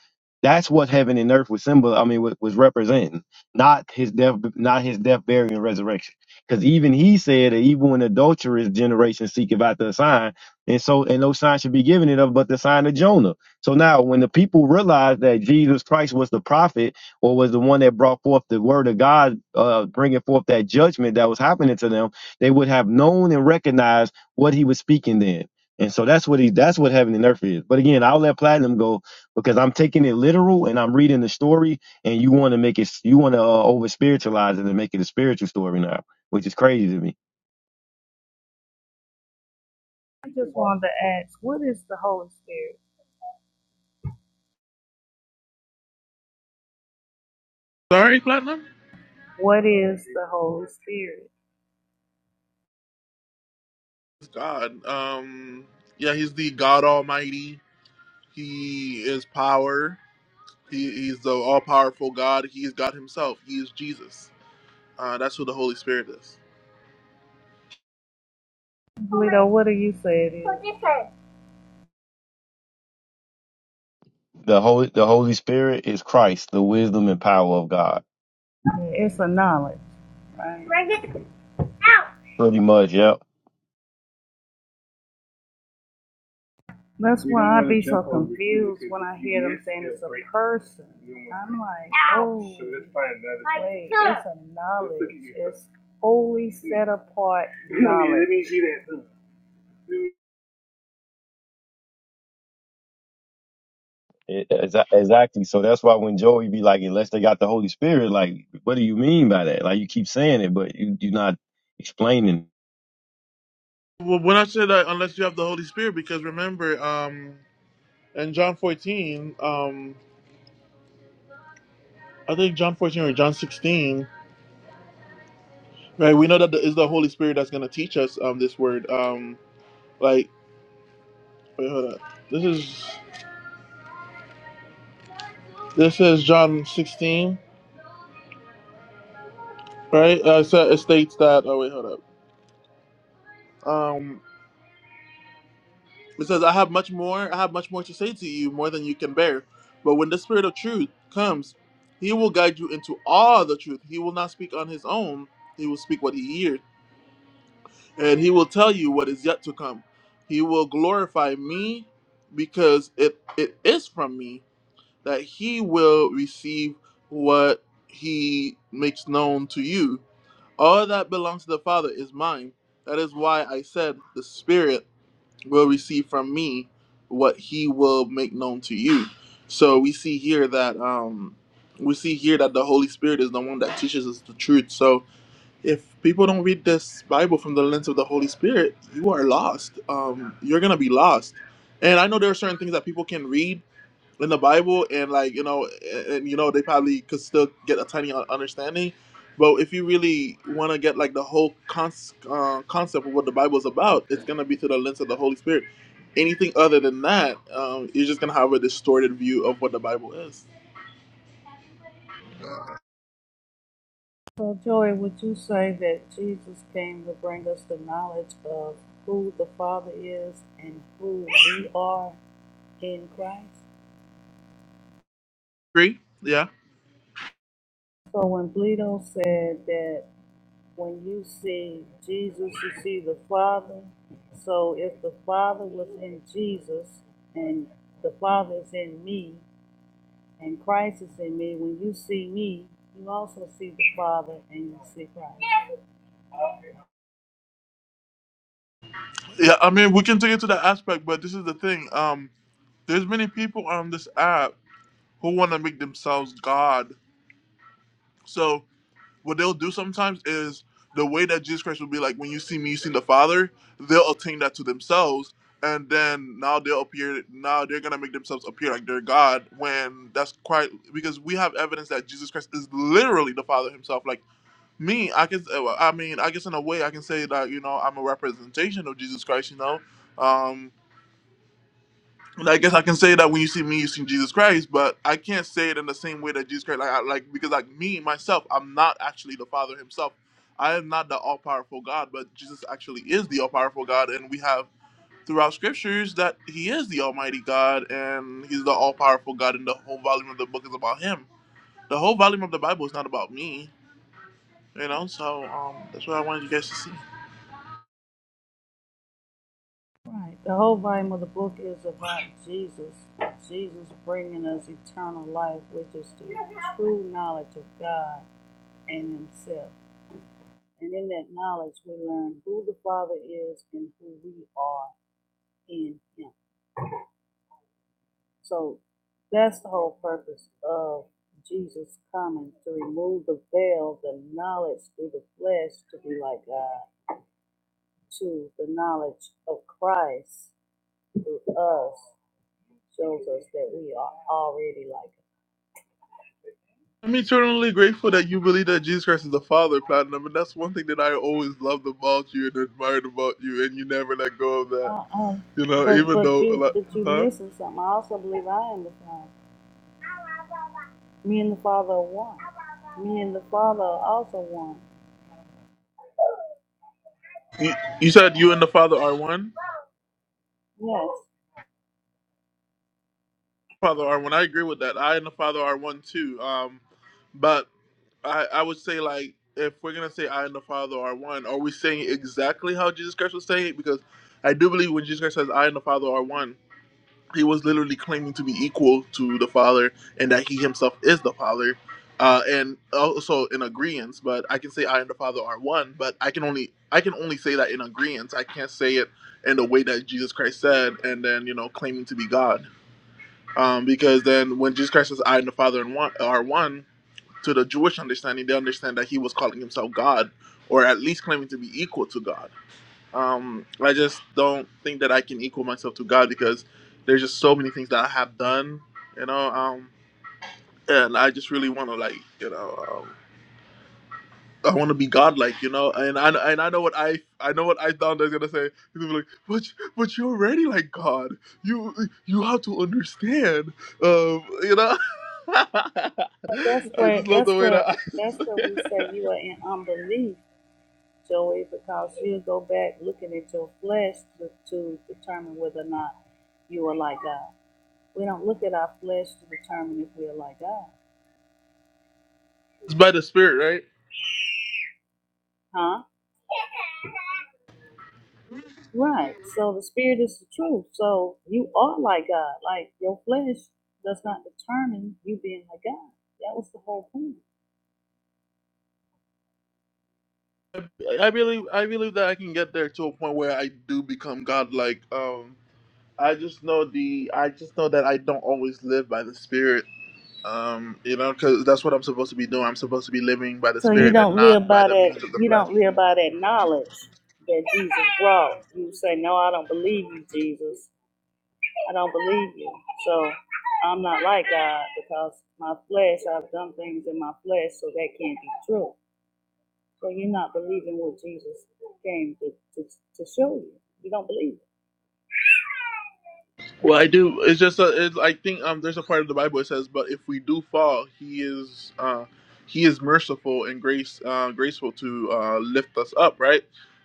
C: That's what heaven and earth was symbol I mean wa- was representing not his death, not his death, burial, and resurrection. Because even he said that even when adulterous generation seeketh after a sign, and so and no sign should be given it of but the sign of Jonah. So now when the people realized that Jesus Christ was the prophet or was the one that brought forth the word of God, uh, bringing forth that judgment that was happening to them, they would have known and recognized what he was speaking then. And so that's what he that's what heaven and earth is. But again, I'll let platinum go because I'm taking it literal and I'm reading the story and you want to make it you want to uh, over spiritualize it and make it a spiritual story now which is crazy to me
D: I just wanted to ask, what is the Holy Spirit?
B: Sorry, Platinum?
D: What is the Holy Spirit?
B: is God. Um, yeah, he's the God Almighty. He is power. He, he's the all-powerful God. He is God Himself. He is Jesus. Uh, that's who the Holy Spirit is.
D: Lito, what do you say it is? Yeah,
C: the holy the holy spirit is christ the wisdom and power of god
D: It's a knowledge, right?
C: pretty much yep
D: That's why I be so confused when I hear them saying it's a person. I'm like, oh, wait, it's a knowledge. It's holy set apart knowledge.
C: It- exa- exactly so that's why when joey be like unless they got the holy spirit like what do you mean by that like you keep saying it but you, you're not explaining
B: Well, when I said that, unless you have the Holy Spirit, because remember, um, in John 14, um, I think John 14 or John 16, right? We know that the, it's the Holy Spirit that's going to teach us um, this word. Um, like, wait, hold up. This is this is John 16, right? Uh, so it states that. Oh wait, hold up. Um, it says, "I have much more. I have much more to say to you, more than you can bear. But when the Spirit of Truth comes, He will guide you into all the truth. He will not speak on His own. He will speak what He hears, and He will tell you what is yet to come. He will glorify Me, because it it is from Me that He will receive what He makes known to you. All that belongs to the Father is mine. That is why I said the Spirit." will receive from me what he will make known to you. So we see here that um, we see here that the Holy Spirit is the one that teaches us the truth. So if people don't read this Bible from the lens of the Holy Spirit, you are lost. Um, you're gonna be lost. And I know there are certain things that people can read in the Bible, and like you know, and, and, you know, they probably could still get a tiny un- understanding. But if you really want to get like the whole cons- uh, concept of what the Bible is about, it's gonna be through the lens of the Holy Spirit. Anything other than that, um, you're just gonna have a distorted view of what the Bible is.
D: So, Joey, would you say that Jesus came to bring us the knowledge of who the Father is and who we are in Christ?
B: Agree? Yeah,
D: So, when Bleedo said that when you see Jesus, you see the Father. So, if the Father was in Jesus and the Father is in me and Christ is in me, when you see me, you also see the Father and you see Christ.
B: yeah. I mean, we can take it to that aspect, but this is the thing. Um, there's many people on this app who want to make themselves God. So what they'll do sometimes is the way that Jesus Christ will be like, when you see me, you see the Father, they'll attain that to themselves. And then now they'll appear, now they're going to make themselves appear like they're God when that's quite, because we have evidence that Jesus Christ is literally the Father himself. Like me, I can, well, I mean, I guess in a way I can say that, you know, I'm a representation of Jesus Christ, you know, um, and I guess I can say that when you see me, you see Jesus Christ, but I can't say it in the same way that Jesus Christ, like, I, like because like me myself, I'm not actually the Father Himself. I am not the all powerful God, but Jesus actually is the all powerful God, and we have throughout scriptures that He is the Almighty God, and He's the all powerful God, and the whole volume of the book is about Him. The whole volume of the Bible is not about me, you know. So um, that's what I wanted you guys to see.
D: Right. The whole volume of the book is about Jesus. Jesus bringing us eternal life, which is the true knowledge of God and Himself. And in that knowledge, we learn who the Father is and who we are in Him. So that's the whole purpose of Jesus coming to remove the veil, the knowledge through the flesh to be like God, to the knowledge of Christ through us shows us that we are already like
B: I'm eternally grateful that you believe that Jesus Christ is the Father, Platinum, and that's one thing that I always loved about you and admired about you, and you never let go of that.
D: uh-uh.
B: You know,
D: But
B: even
D: but
B: though,
D: you
B: like,
D: but you
B: huh?
D: missing something. I also believe I am the Father. Me and the Father are one. Me and the Father are also one.
B: You, you said you and the Father are one.
D: Yes.
B: Father are one. I agree with that. I and the Father are one too. Um, but I, I would say like if we're gonna say I and the Father are one, are we saying exactly how Jesus Christ was saying it? Because I do believe when Jesus Christ says I and the Father are one he was literally claiming to be equal to the father and that he himself is the father uh, and also in agreement but i can say i and the father are one but i can only i can only say that in agreement i can't say it in the way that jesus christ said and then you know claiming to be god um, because then when jesus christ says i and the father and one are one to the jewish understanding they understand that he was calling himself god or at least claiming to be equal to god um, I just don't think that I can equal myself to God because there's just so many things that I have done, you know. Um, and I just really want to like, you know, um, I want to be God-like, you know. And I and I know what I I know what I thought they was gonna say. He's gonna be like, but but you're already like God. You you have to understand, um, you know.
D: That's
B: I just
D: where
B: love
D: that's
B: the way that
D: where
B: I.
D: that's where we say you are in unbelief, Joey, because you go back looking at your flesh to, to determine whether or not you are like God. We don't look at our flesh to determine if we are like God.
B: it's by the Spirit, right?
D: Huh? Right. So the spirit is the truth. So you are like God. Like your flesh does not determine you being like God. That was the whole point.
B: I believe I believe that I can get there to a point where I do become God-like. Um, I just know the I just know that I don't always live by the spirit. Um, you know, because that's what I'm supposed to be doing. I'm supposed to be living by the
D: So you
B: spirit and
D: don't
B: not
D: live
B: by
D: by
B: the
D: that
B: means of the
D: you
B: flesh.
D: don't live by that knowledge that Jesus brought. You say, No, I don't believe you, Jesus. I don't believe you. So I'm not like God because my flesh, I've done things in my flesh, so that can't be true. So you're not believing what Jesus came to, to, to show you. You don't believe it.
B: Well, I do. It's just a. It's, I think um, there's a part of the Bible that says, "But if we do fall, He is uh, He is merciful and grace uh, graceful to uh, lift us up." Right,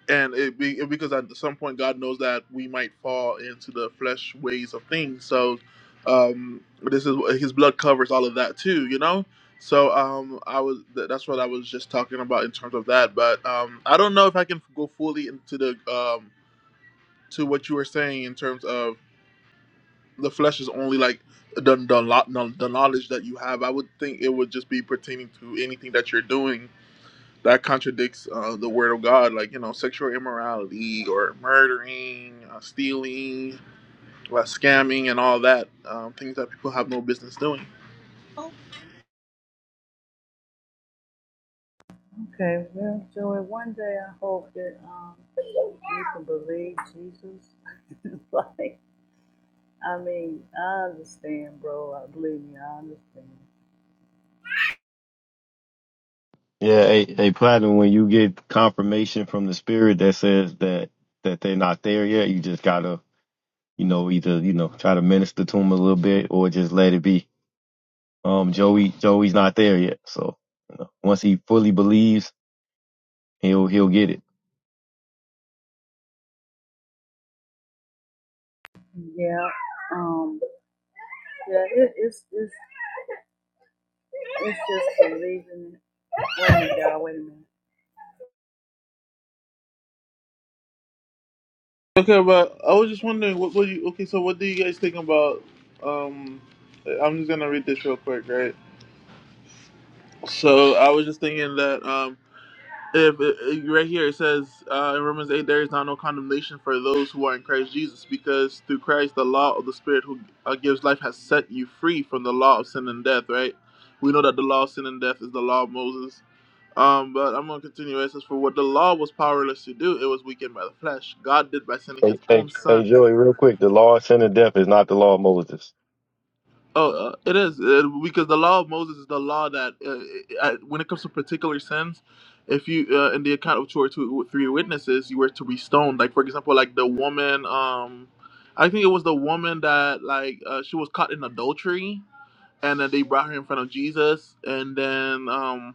B: and it, be, it because at some point God knows that we might fall into the flesh ways of things. So, um, this is His blood covers all of that too. You know. So um, I was th- that's what I was just talking about in terms of that. But um, I don't know if I can go fully into the um, to what you were saying in terms of the flesh is only like the, the lo- the knowledge that you have. I would think it would just be pertaining to anything that you're doing that contradicts uh, the word of God, like you know, sexual immorality or murdering, uh, stealing, uh, scamming, and all that um, things that people have no business doing.
D: Okay, well, Joey, one day I hope that um, you can believe Jesus. like, I mean, I understand, bro. I believe me, I understand.
C: yeah a, a platinum when you get confirmation from the spirit that says that that they're not there yet you just gotta you know either you know try to minister to them a little bit or just let it be Um, Joey, Joey's not there yet. So you know, once he fully believes, he'll he'll get it.
D: Yeah, um, yeah, it, it's, it's, it's just believing it. Wait a minute, God, wait a minute.
B: Okay, but I was just wondering, what would you? Okay, so what do you guys think about? Um, I'm just gonna read this real quick, right? So I was just thinking that. Um, if, if- right here it says uh, in Romans 8, there is now no condemnation for those who are in Christ Jesus, because through Christ the law of the Spirit who uh, gives life has set you free from the law of sin and death. Right? We know that the law of sin and death is the law of Moses. Um, but I'm gonna continue. It says, "For what the law was powerless to do, it was weakened by the flesh. God did by sending His
C: Hey, hey,
B: own Son."
C: hey, Joey, real quick. The law of sin and death is not the law of Moses.
B: Oh, uh, it is uh because the law of Moses is the law that uh, uh, uh, when it comes to particular sins, if you uh, in the account of two or two three witnesses, you were to be stoned. Like for example, like the woman, um, I think it was the woman that like uh, she was caught in adultery, and then they brought her in front of Jesus, and then um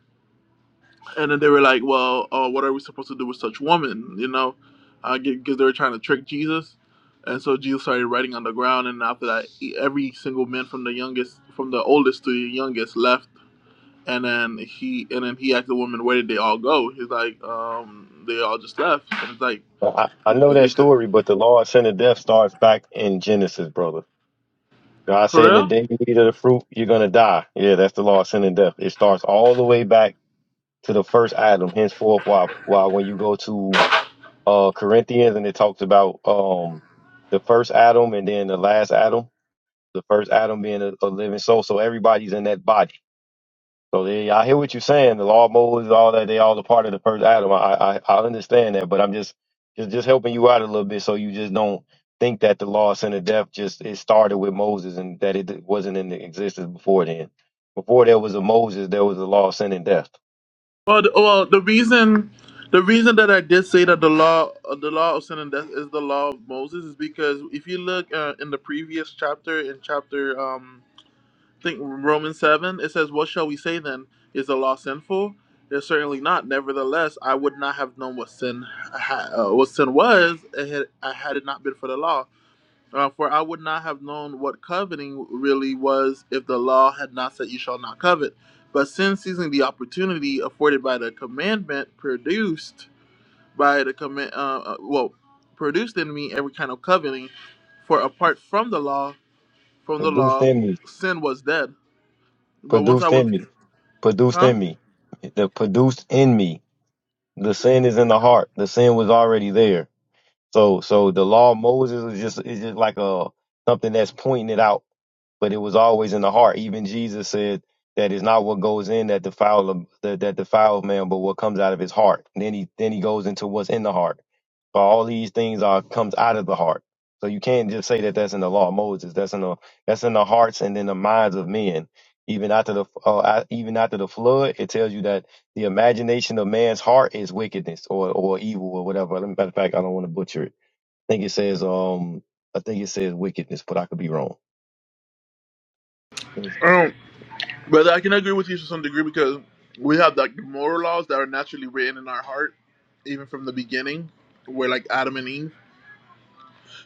B: and then they were like, "Well, uh, what are we supposed to do with such woman?" You know, because they were trying to trick Jesus, and so Jesus started writing on the ground. And after that, e- every single man from the youngest, from the oldest to the youngest, left. And then he and then he asked the woman, "Where did they all go?" He's like, um, "They all just left." And it's like
C: I, I know
B: they
C: that
B: could
C: story, but the law of sin and death starts back in Genesis, brother. God said,
B: for
C: in the
B: real.
C: day you eat of the fruit, you're going to die. Yeah, that's the law of sin and death. It starts all the way back to the first Adam. Henceforth, why, why when you go to uh, Corinthians and it talks about um, the first Adam and then the last Adam, the first Adam being a, a living soul. So everybody's in that body. So they, I hear what you're saying. The law of Moses, all that, they all a part of the first Adam. I, I, I understand that, but I'm just, just, just helping you out a little bit so you just don't think that the law of sin and death just it started with Moses and that it wasn't in existence before then. Before there was a Moses, there was a law of sin and death.
B: Well, the, well, the reason. The reason that I did say that the law, uh, the law of sin and death, is the law of Moses, is because if you look uh, in the previous chapter, in chapter um, think Romans 7, it says, What shall we say then? Is the law sinful? It's certainly not. Nevertheless, I would not have known what sin ha- uh, what sin was had, had it not been for the law. Uh, for I would not have known what coveting really was if the law had not said, 'You shall not covet. But sin, seizing the opportunity afforded by the commandment, produced by the command, uh, uh, well, produced in me every kind of coveting. For apart from the law, from the
C: Produced
B: law,
C: in me,
B: sin was dead. But once I
C: produced
B: was,
C: in me, produced
B: huh?
C: in me, the produced in me. The sin is in the heart. The sin was already there So so the law of Moses is just is just like a something that's pointing it out, but it was always in the heart. Even Jesus said that it's not what goes in that defile a- that, that defiles man, but what comes out of his heart. And then he then he goes into what's in the heart. So all these things are comes out of the heart. So you can't just say that that's in the law of Moses. That's in the that's in the hearts and in the minds of men. Even after the uh, a- even after the flood, it tells you that the imagination of man's heart is wickedness or, or evil or whatever. Matter of fact, I don't want to butcher it think it says um I think it says wickedness, but I could be wrong. It's,
B: Um, But I can agree with you to some degree because we have like moral laws that are naturally written in our heart, even from the beginning. where like Adam and Eve,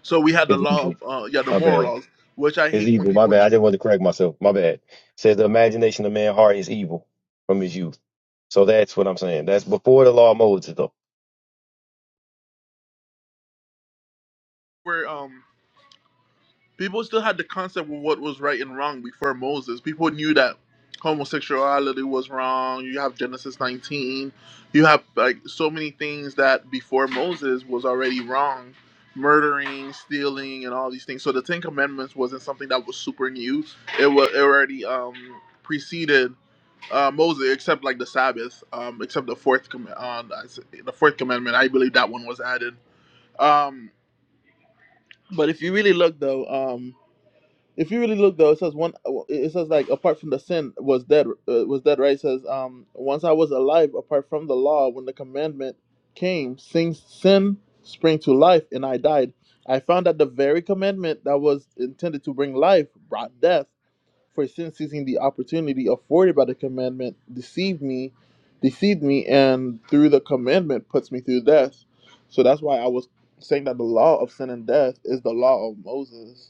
B: so we had the
C: it's
B: law of
C: evil.
B: uh, yeah the
C: My
B: moral
C: bad.
B: laws, which I
C: It's
B: hate when
C: evil. My
B: people
C: bad. I just wanted to correct myself. My bad. It says the imagination of man's heart is evil from his youth. So that's what I'm saying. That's before the law of Moses though.
B: were. people still had the concept of what was right and wrong before Moses. People knew that homosexuality was wrong. You have Genesis 19. You have like so many things that before Moses was already wrong, murdering, stealing, and all these things. So the Ten Commandments wasn't something that was super new. It was it already um, preceded. Uh, Moses, except like the Sabbath, um, except the fourth com- uh, the fourth commandment, I believe that one was added. Um, but if you really look though, Um, if you really look though, it says one. It says like apart from the sin was dead. Uh, was dead, right? It says um once I was alive apart from the law when the commandment came, sin sin sprang to life and I died. I found that the very commandment that was intended to bring life brought death. For sin seizing the opportunity afforded by the commandment deceived me, deceived me, and through the commandment puts me through death. So that's why I was saying that the law of sin and death is the law of Moses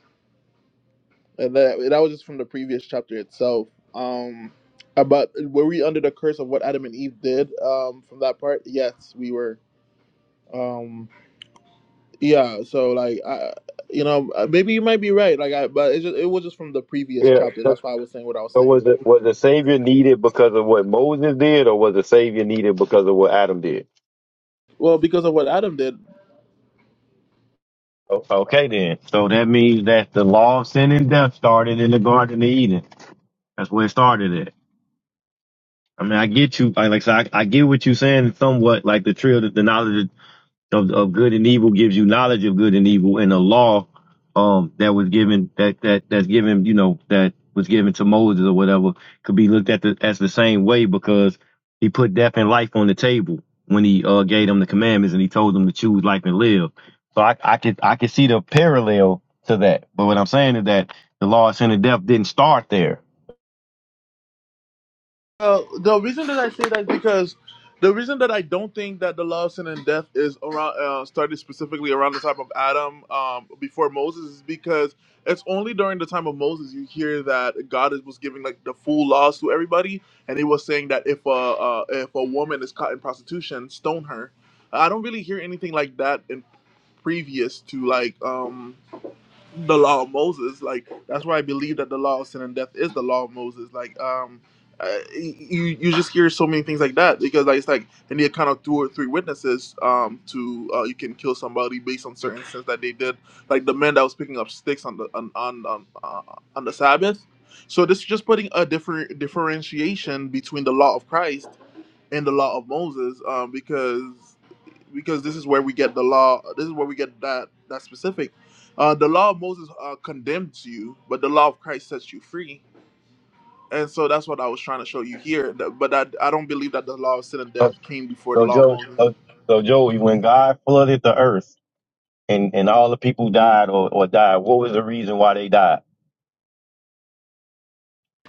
B: and that that was just from the previous chapter itself. Um, about were we under the curse of what Adam and Eve did? Um, from that part, yes, we were. Um, yeah. So like, I, you know, uh, maybe you might be right. Like, I, but it just, it was just from the previous
C: Yeah.
B: chapter.
C: that-
B: That's why I was saying what I was
C: So
B: saying.
C: was it was the Savior needed because of what Moses did, or was the Savior needed because of what Adam did?
B: Well, because of what Adam did.
C: O- Okay, then. So that means that the law of sin and death started in the Garden of Eden. That's where it started at. I mean, I get you. I, like, so I, I get what you're saying somewhat. Like the trail, the, the knowledge of, of good and evil gives you knowledge of good and evil, and the law, um, that was given that that that's given, you know, that was given to Moses or whatever, could be looked at the, as the same way because he put death and life on the table when he uh gave them the commandments and he told them to choose life and live. So I I could I could see the parallel to that. But what I'm saying is that the law of sin and death didn't start there.
B: Uh, the reason that I say that is because the reason that I don't think that the law of sin and death is around uh, started specifically around the time of Adam um, before Moses is because it's only during the time of Moses you hear that God is, was giving like the full laws to everybody, and he was saying that if a uh, if a woman is caught in prostitution, stone her. I don't really hear anything like that in previous to like um the law of Moses. Like that's why I believe that the law of sin and death is the law of Moses. Like um, uh, you you just hear so many things like that because like it's like they need kind of two or three witnesses um to uh, you can kill somebody based on certain sins that they did. Like the man that was picking up sticks on the on on on, uh, on the Sabbath. So this is just putting a different differentiation between the law of Christ in the law of Moses um, because because this is where we get the law. This is where we get that that specific. Uh, the law of Moses uh, condemns you, but the law of Christ sets you free. And so that's what I was trying to show you here. that- But I, I don't believe that the law of sin and death came before the
C: So
B: law of
C: Joe,
B: Moses.
C: so, so Joey, when God flooded the earth and, and all the people died or, or died, what was the reason why they died?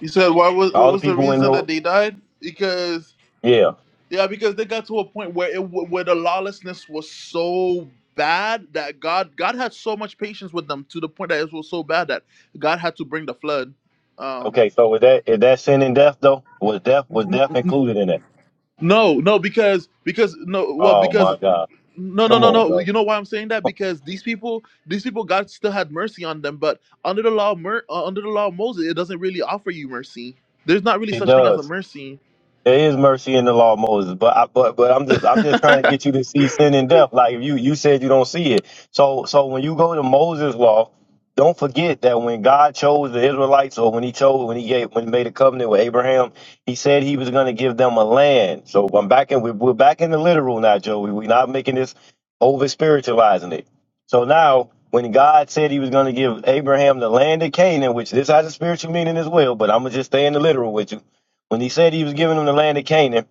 B: You said what was what
C: All the
B: was the
C: people in
B: reason that
C: the
B: they died? Because
C: yeah.
B: Yeah, because they got to a point where it wa- where the lawlessness was so bad that God God had so much patience with them to the point that it was so bad that God had to bring the flood. Um,
C: Okay, so was that is that sin and death though? Was death was
B: n-
C: death included in it?
B: no, no, because because no, well,
C: Oh
B: because
C: my God!
B: no, no,
C: Come
B: no,
C: on,
B: no. You
C: bro.
B: know why I'm saying that? Because these people, these people, God still had mercy on them, but under the law, of mer- uh, under the law of Moses, it doesn't really offer you mercy. There's not really
C: It
B: such thing as a
C: does.
B: mercy.
C: There is mercy in the law, of Moses, but I, but but I'm just I'm just trying to get you to see sin and death. Like if you you said you don't see it. So so when you go to Moses' law, don't forget that when God chose the Israelites, or when He chose when He gave when He made a covenant with Abraham, He said He was going to give them a land. So I'm back in we're, we're back in the literal now, Joey. We're not making this over spiritualizing it. So now when God said He was going to give Abraham the land of Canaan, which this has a spiritual meaning as well, but I'm gonna just stay in the literal with you when he said he was giving them the land of Canaan,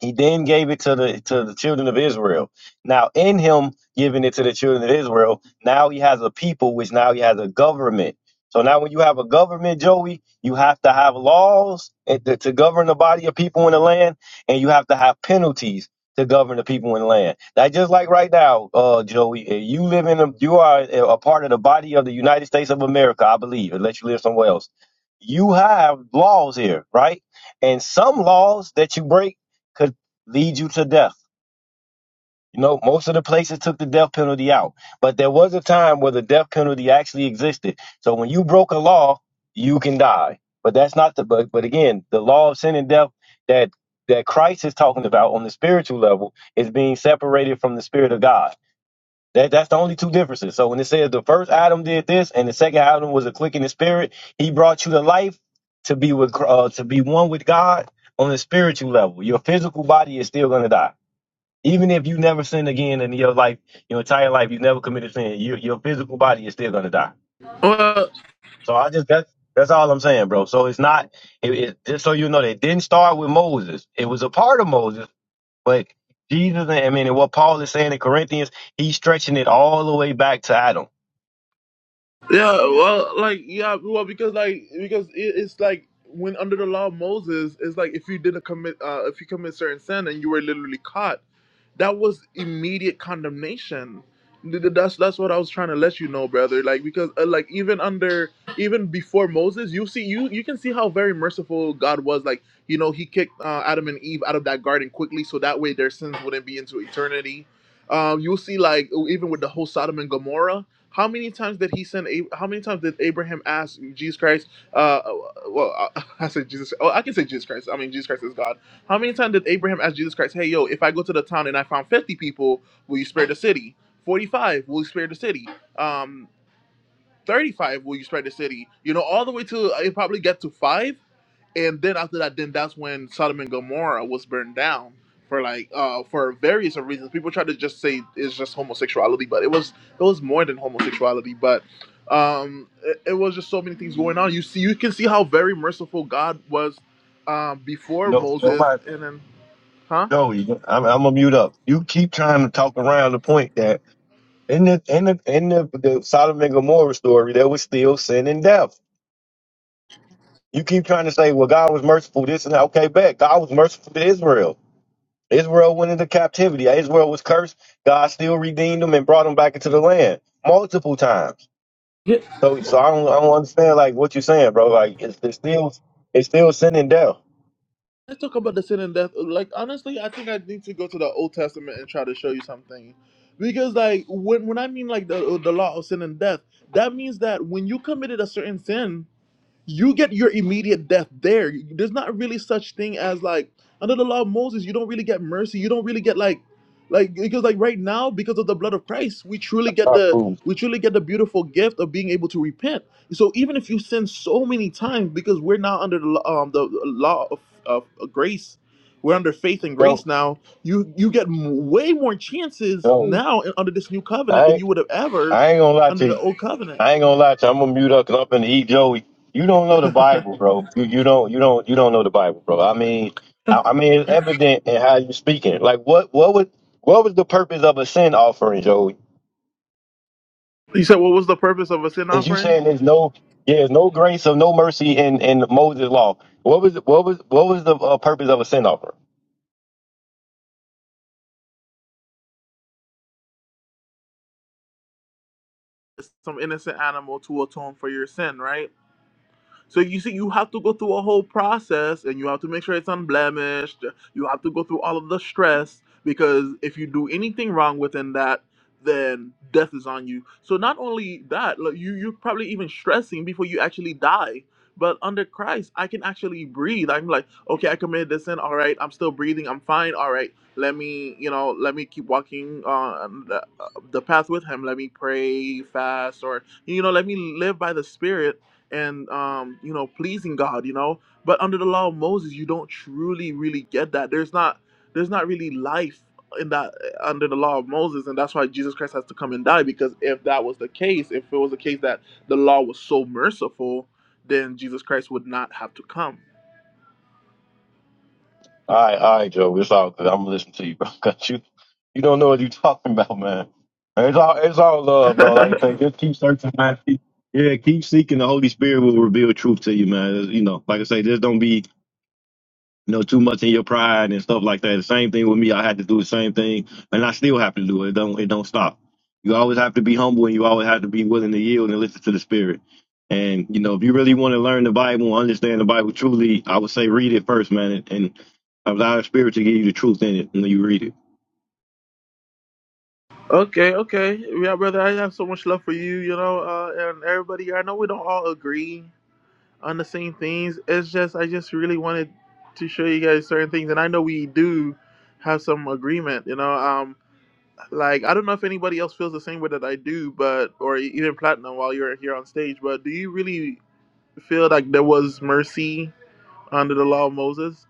C: he then gave it to the to the children of Israel. Now, in him giving it to the children of Israel, now he has a people, which now he has a government. So now, when you have a government, Joey, you have to have laws and to, to govern the body of people in the land, and you have to have penalties to govern the people in the land. That's just like right now, uh, Joey. If you live in a, you are a a part of the body of the United States of America, I believe, unless you live somewhere else. You have laws here, right? And some laws that you break. could lead you to death. You know, most of the places took the death penalty out, but there was a time where the death penalty actually existed. So when you broke a law, you can die. But that's not the but but again, the law of sin and death that that Christ is talking about on the spiritual level is being separated from the spirit of God. That that's the only two differences. So when it says the first Adam did this and the second Adam was a click in the spirit, he brought you to life to be with uh, to be one with God on the spiritual level. Your physical body is still going to die even if you never sin again in your life, your entire life, you never committed sin. Your your physical body is still gonna die.
B: well,
C: So I just that's that's all I'm saying, bro. So it's not it, it just so you know that it didn't start with Moses. It was a part of Moses, but Jesus, I mean, and what Paul is saying in Corinthians, he's stretching it all the way back to Adam.
B: Yeah, well, like yeah, well, because like because it, it's like when under the law of Moses, it's like if you didn't commit, uh, if you commit certain sin and you were literally caught, that was immediate condemnation. Th- th- That's that's what I was trying to let you know, brother. Like because uh, like even under even before Moses, you see you you can see how very merciful God was. Like you know he kicked uh, Adam and Eve out of that garden quickly, so that way their sins wouldn't be into eternity. Um, you'll see like e-, even with the whole Sodom and Gomorrah. How many times did he send? Ab- How many times did Abraham ask Jesus Christ? Uh, uh, well, I, I said Jesus. Oh, I can say Jesus Christ. I mean, Jesus Christ is God how many times did Abraham ask Jesus Christ, hey, yo, if I go to the town and I found 50 people, will you spare the city? 45, will you spare the city? Um, 35, will you spare the city? You know, all the way to, uh, it probably get to five. And then after that, then that's when Sodom and Gomorrah was burned down for like, uh, for various of reasons. People try to just say it's just homosexuality, but it was, it was more than homosexuality. But, um, it, it was just so many things going on. You see, you can see how very merciful God was, um, before
C: No,
B: Moses.
C: nobody.
B: And then Huh?
C: No, you- I'm, I'm gonna mute up. You keep trying to talk around the point that in the in the in the, the Sodom and Gomorrah story, there was still sin and death. You keep trying to say, well, God was merciful, this and that. Okay, bet. God was merciful to Israel. Israel went into captivity. Israel was cursed. God still redeemed them and brought them back into the land multiple times.
B: Yeah.
C: So, so I don't, I don't understand like what you're saying, bro. Like it's, it's still, it's still sin and death.
B: Let's talk about the sin and death. Like honestly, I think I need to go to the Old Testament and try to show you something. Because like when when I mean like the the law of sin and death, that means that when you committed a certain sin. you get your immediate death there. There's not really such thing as like under the law of Moses, you don't really get mercy. You don't really get like like because like right now, because of the blood of Christ, we truly get
C: Fuck
B: the
C: food.
B: we truly get the beautiful gift of being able to repent. So even if you sin so many times, because we're now under the law- um the law of, of grace, we're under faith and grace
C: Yo,
B: now. You you get m- way more chances
C: yo,
B: now in- under this new covenant
C: I
B: than
C: ain't,
B: you would have ever
C: I ain't gonna lie
B: under
C: to you.
B: the old covenant.
C: I ain't gonna lie to you. I'm gonna mute up 'cause I'm gonna eat Joey. You don't know the Bible, bro. You you don't you don't you don't know the Bible, bro. I mean, I, I mean, it's evident in how you are speaking. Like, what what was what was the purpose of a sin offering, Joey?
B: You said, What was the purpose of a sin
C: Is you
B: offering?
C: saying there's no yeah, there's no grace or no mercy in in Moses' law? What was what was what was the uh, purpose of a sin offering?
B: Some innocent animal to atone for your sin, right? So you see, you have to go through a whole process, and you have to make sure it's unblemished. You have to go through all of the stress because if you do anything wrong within that, then death is on you. So not only that, like you you're probably even stressing before you actually die. But under Christ, I can actually breathe. I'm like, okay, I committed this sin. All right, I'm still breathing. I'm fine. All right, let me, you know, let me keep walking on the, the path with Him. Let me pray, fast, or you know, let me live by the Spirit and um, you know pleasing God, you know. But under the law of Moses, you don't truly really get that. There's not there's not really life in that uh, under the law of Moses, and that's why Jesus Christ has to come and die. Because if that was the case, if it was the case that the law was so merciful, then Jesus Christ would not have to come.
C: All right, all right, Joe. It's all good. I'm gonna listen to you, bro. 'Cause you, you don't know what you're talking about, man. It's all, it's all love, bro. Like you say, just keep searching, man. Keep- Yeah, keep seeking. The Holy Spirit will reveal truth to you, man. You know, like I say, just don't be you know, too much in your pride and stuff like that. The same thing with me. I had to do the same thing, and I still have to do it. It don't it don't stop. You always have to be humble, and you always have to be willing to yield and listen to the Spirit. And you know, if you really want to learn the Bible and understand the Bible truly, I would say read it first, man, and and allow the Spirit to give you the truth in it when you read it.
B: okay, okay, yeah, brother. I have so much love for you, you know, uh, and everybody. I know we don't all agree, on the same things. It's just I just really wanted to show you guys certain things, and I know we do have some agreement. You know, um, like I don't know if anybody else feels the same way that I do, but or e-, even Platinum while you're here on stage. But do you really feel like there was mercy under the law of Moses?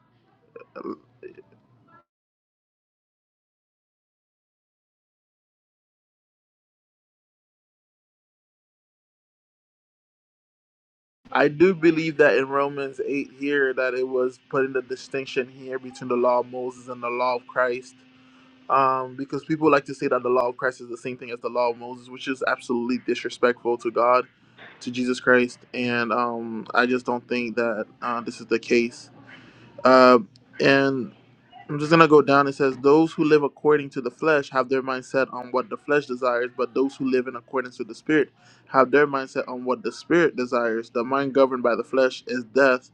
B: I do believe that in Romans eight here that it was putting the distinction here between the law of Moses and the law of Christ um, because people like to say that the law of Christ is the same thing as the law of Moses, which is absolutely disrespectful to God, to Jesus Christ, and um, I just don't think that uh, this is the case. Uh, and I'm just gonna go down. It says, "Those who live according to the flesh have their mindset on what the flesh desires, but those who live in accordance with the Spirit have their mindset on what the Spirit desires. The mind governed by the flesh is death,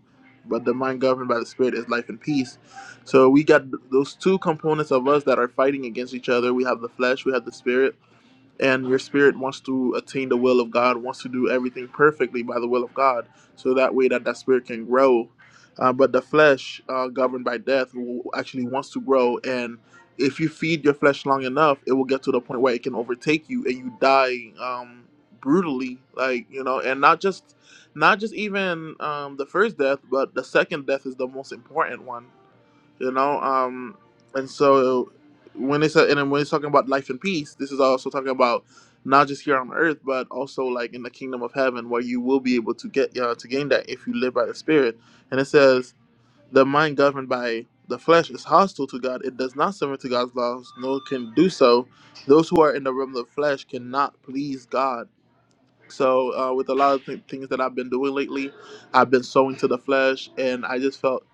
B: but the mind governed by the Spirit is life and peace." So we got th- those two components of us that are fighting against each other. We have the flesh, we have the Spirit and your spirit wants to attain the will of God, wants to do everything perfectly by the will of God, so that way that that spirit can grow. Uh, but the flesh, uh, governed by death, actually wants to grow, and if you feed your flesh long enough, it will get to the point where it can overtake you, and you die um, brutally, like you know, and not just, not just even um, the first death, but the second death is the most important one you know um and so when it's a, and then when it's talking about life and peace this is also talking about not just here on earth but also like in the kingdom of heaven where you will be able to get uh, to gain that if you live by the spirit and it says the mind governed by the flesh is hostile to god it does not submit to god's laws nor can do so those who are in the realm of the flesh cannot please god so uh, with a lot of th- things that I've been doing lately, I've been sowing to the flesh, and I just felt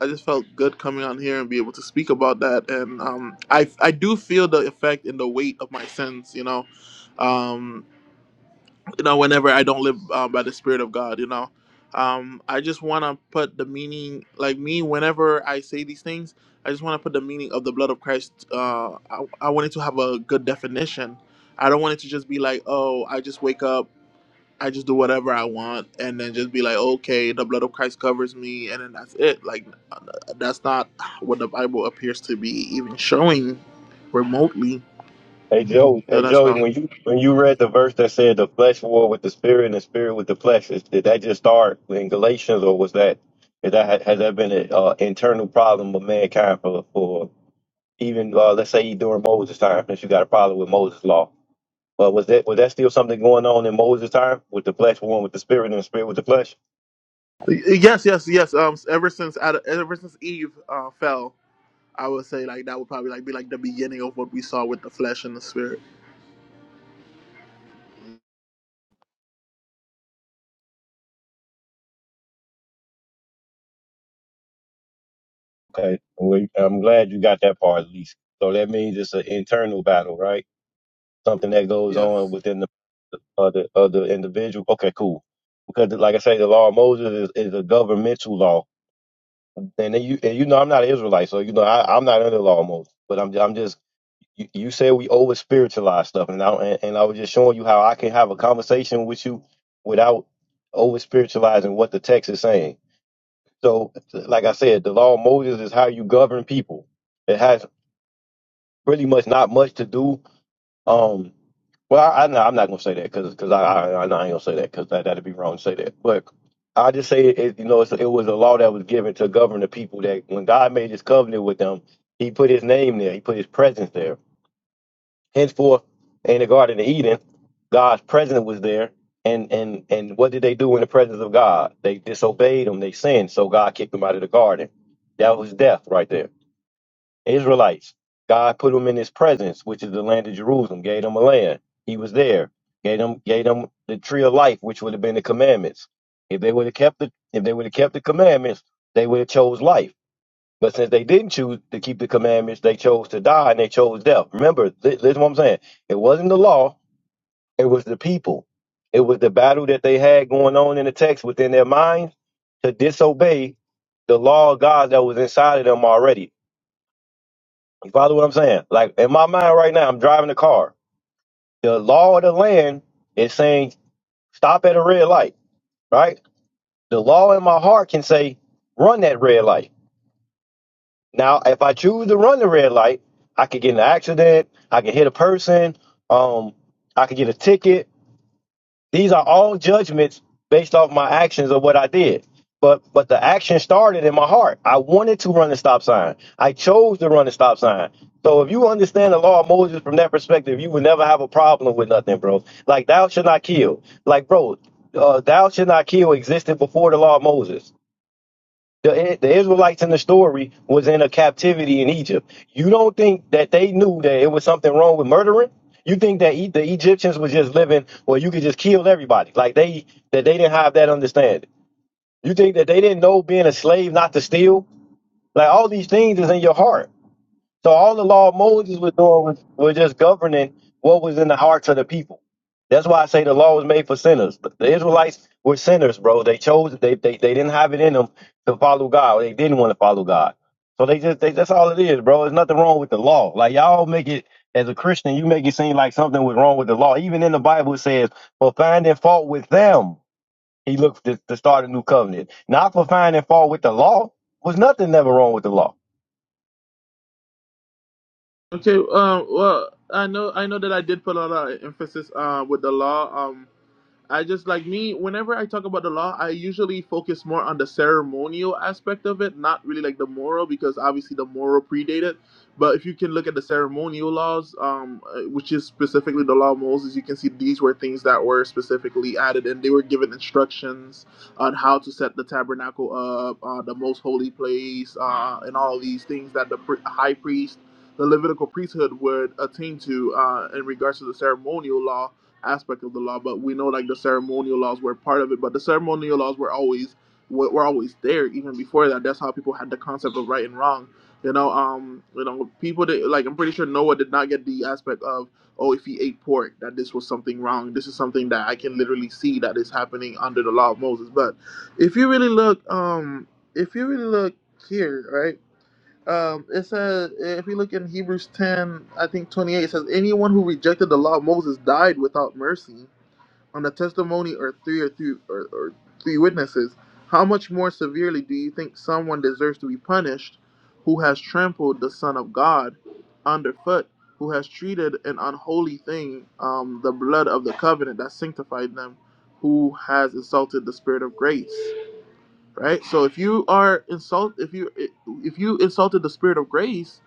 B: I just felt good coming on here and be able to speak about that. And um, I I do feel the effect and the weight of my sins. You know, um, you know, whenever I don't live uh, by the Spirit of God, you know. Um, I just want to put the meaning, like me, whenever I say these things, I just want to put the meaning of the blood of Christ. Uh, I, I want it to have a good definition. I don't want it to just be like, oh, I just wake up. I just do whatever I want and then just be like, okay, the blood of Christ covers me, and then that's it. Like, uh, that's not what the Bible appears to be even showing remotely.
C: Hey Joe,
B: So
C: hey
B: that's
C: Joey,
B: how.
C: when you when you read the verse that said the flesh war with the spirit and the spirit with the flesh, is, did that just start in Galatians, or was that is that has that been an uh, internal problem of mankind for for even uh, let's say during Moses' time, since you got a problem with Moses' law, but was that was that still something going on in Moses' time with the flesh war with the spirit and the spirit with the flesh?
B: Yes, yes, yes. Um, ever since Ad- ever since Eve uh, fell, I would say like that would probably like be like the beginning of what we saw with the flesh and the spirit.
C: Okay, well, I'm glad you got that part at least. So that means it's an internal battle, right? Something that goes on
B: Yes.
C: within the of the of the individual. Okay, cool. Because like I say, the law of Moses is, is a governmental law, and then you and you know I'm not an Israelite, so you know I, I'm not under the law of Moses. But I'm I'm just you, you said we over spiritualize stuff, and I and, and I was just showing you how I can have a conversation with you without over spiritualizing what the text is saying. So like I said, the law of Moses is how you govern people. It has pretty much not much to do Um, well, I, I'm not, I'm not gonna say that because because I, I I know I ain't gonna say that because that that'd be wrong to say that. But I just say it, you know it's, it was a law that was given to govern the people that when God made His covenant with them, He put His name there, He put His presence there. Henceforth, in the Garden of Eden, God's presence was there, and and and what did they do in the presence of God? They disobeyed Him, they sinned, so God kicked them out of the garden. That was death right there. Israelites. God put them in his presence, which is the land of Jerusalem, gave them a land. He was there. Gave them gave them the tree of life, which would have been the commandments. If they would have kept the if they would have kept the commandments, they would have chose life. But since they didn't choose to keep the commandments, they chose to die and they chose death. Remember, thi- listen what I'm saying. It wasn't the law, it was the people. It was the battle that they had going on in the text within their minds to disobey the law of God that was inside of them already you follow what I'm saying? Like in my mind right now, I'm driving the car. The law of the land is saying stop at a red light, right? The law in my heart can say run that red light. Now, if I choose to run the red light, I could get in an accident. I could hit a person. Um, I could get a ticket These are all judgments based off my actions of what I did. But but the action started in my heart. I wanted to run the stop sign. I chose to run the stop sign. So if you understand the law of Moses from that perspective, you would never have a problem with nothing, bro. Like thou shalt not kill. Like bro, uh, thou shalt not kill existed before the law of Moses. The, the Israelites in the story was in a captivity in Egypt. You don't think that they knew that it was something wrong with murdering? You think that e- the Egyptians was just living where you could just kill everybody? Like they that they didn't have that understanding. You think that they didn't know being a slave not to steal? Like all these things is in your heart. So all the law of Moses was doing was, was just governing what was in the hearts of the people. That's why I say the law was made for sinners. But the Israelites were sinners, bro. They chose they they, they didn't have it in them to follow God. They didn't want to follow God. So they just they, that's all it is, bro. There's nothing wrong with the law. Like y'all make it as a Christian, you make it seem like something was wrong with the law. Even in the Bible it says, for finding fault with them, he looked to, to start a new covenant. Not for finding fault with the law. Was nothing never wrong with the law.
B: Okay. Um. Well, I know. I know that I did put a lot of emphasis uh, with the law. um. I just like me, whenever I talk about the law, I usually focus more on the ceremonial aspect of it, not really like the moral, because obviously the moral predated. But if you can look at the ceremonial laws, um, uh, which is specifically the law of Moses, you can see these were things that were specifically added and they were given instructions on how to set the tabernacle up, uh, the most holy place, uh, and all these things that the pri- high priest, the Levitical priesthood would attain to uh, in regards to the ceremonial law aspect of the law, but we know like the ceremonial laws were part of it. But the ceremonial laws were always were, were always there even before that. That's how people had the concept of right and wrong. You know, um, you know, people did, like I'm pretty sure Noah did not get the aspect of oh, if he ate pork, that this was something wrong. This is something that I can literally see that is happening under the law of Moses. But if you really look, um, if you really look here, right? Um, it says if we look in Hebrews ten, I think twenty eight, it says anyone who rejected the law of Moses died without mercy on the testimony or three or three or, or three witnesses. How much more severely do you think someone deserves to be punished who has trampled the Son of God underfoot, who has treated an unholy thing, um, the blood of the covenant that sanctified them, who has insulted the Spirit of grace? right? So if you are insult, if you if you insulted the spirit of grace,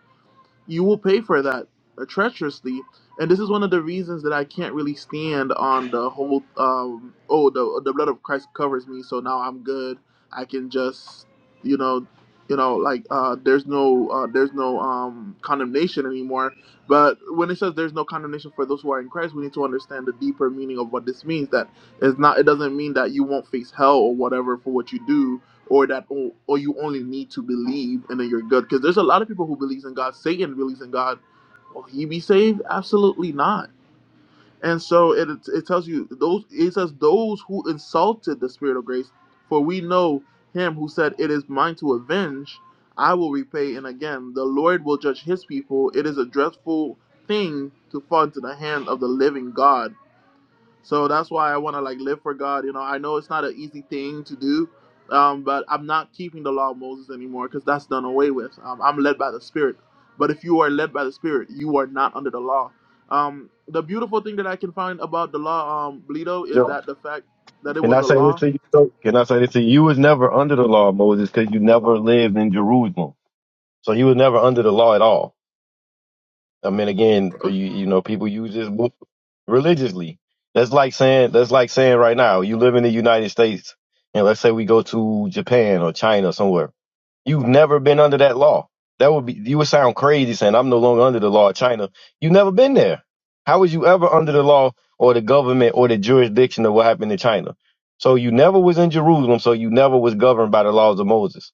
B: you will pay for that uh, treacherously. And this is one of the reasons that I can't really stand on the whole um, oh the the blood of Christ covers me, so now I'm good. I can just you know you know like uh, there's no uh, there's no um, condemnation anymore. But when it says there's no condemnation for those who are in Christ, we need to understand the deeper meaning of what this means. That it's not it doesn't mean that you won't face hell or whatever for what you do or that or, or you only need to believe and then you're good because there's a lot of people who believes in god satan believes in god will he be saved absolutely not and so it, it tells you those it says those who insulted the spirit of grace for we know him who said it is mine to avenge i will repay and again the lord will judge his people it is a dreadful thing to fall into the hand of the living god so that's why I want to like live for God. You know, I know it's not an easy thing to do, um, but I'm not keeping the law of Moses anymore because that's done away with. Um, I'm led by the Spirit. But if you are led by the Spirit, you are not under the law. Um, the beautiful thing that I can find about the law, um, Bleedo, is that the fact that it
C: Can
B: was
C: I
B: a
C: say this
B: law.
C: to you? though? Can I say this to you? You was never under the law, Moses, because you never lived in Jerusalem. So you was never under the law at all. I mean, again, you, you know, people use this book religiously. That's like saying that's like saying right now, you live in the United States, and let's say we go to Japan or China or somewhere You've never been under that law. That would be you would sound crazy saying I'm no longer under the law of China. You've never been there. How was you ever under the law or the government or the jurisdiction of what happened in China? So you never was in Jerusalem, so you never was governed by the laws of Moses.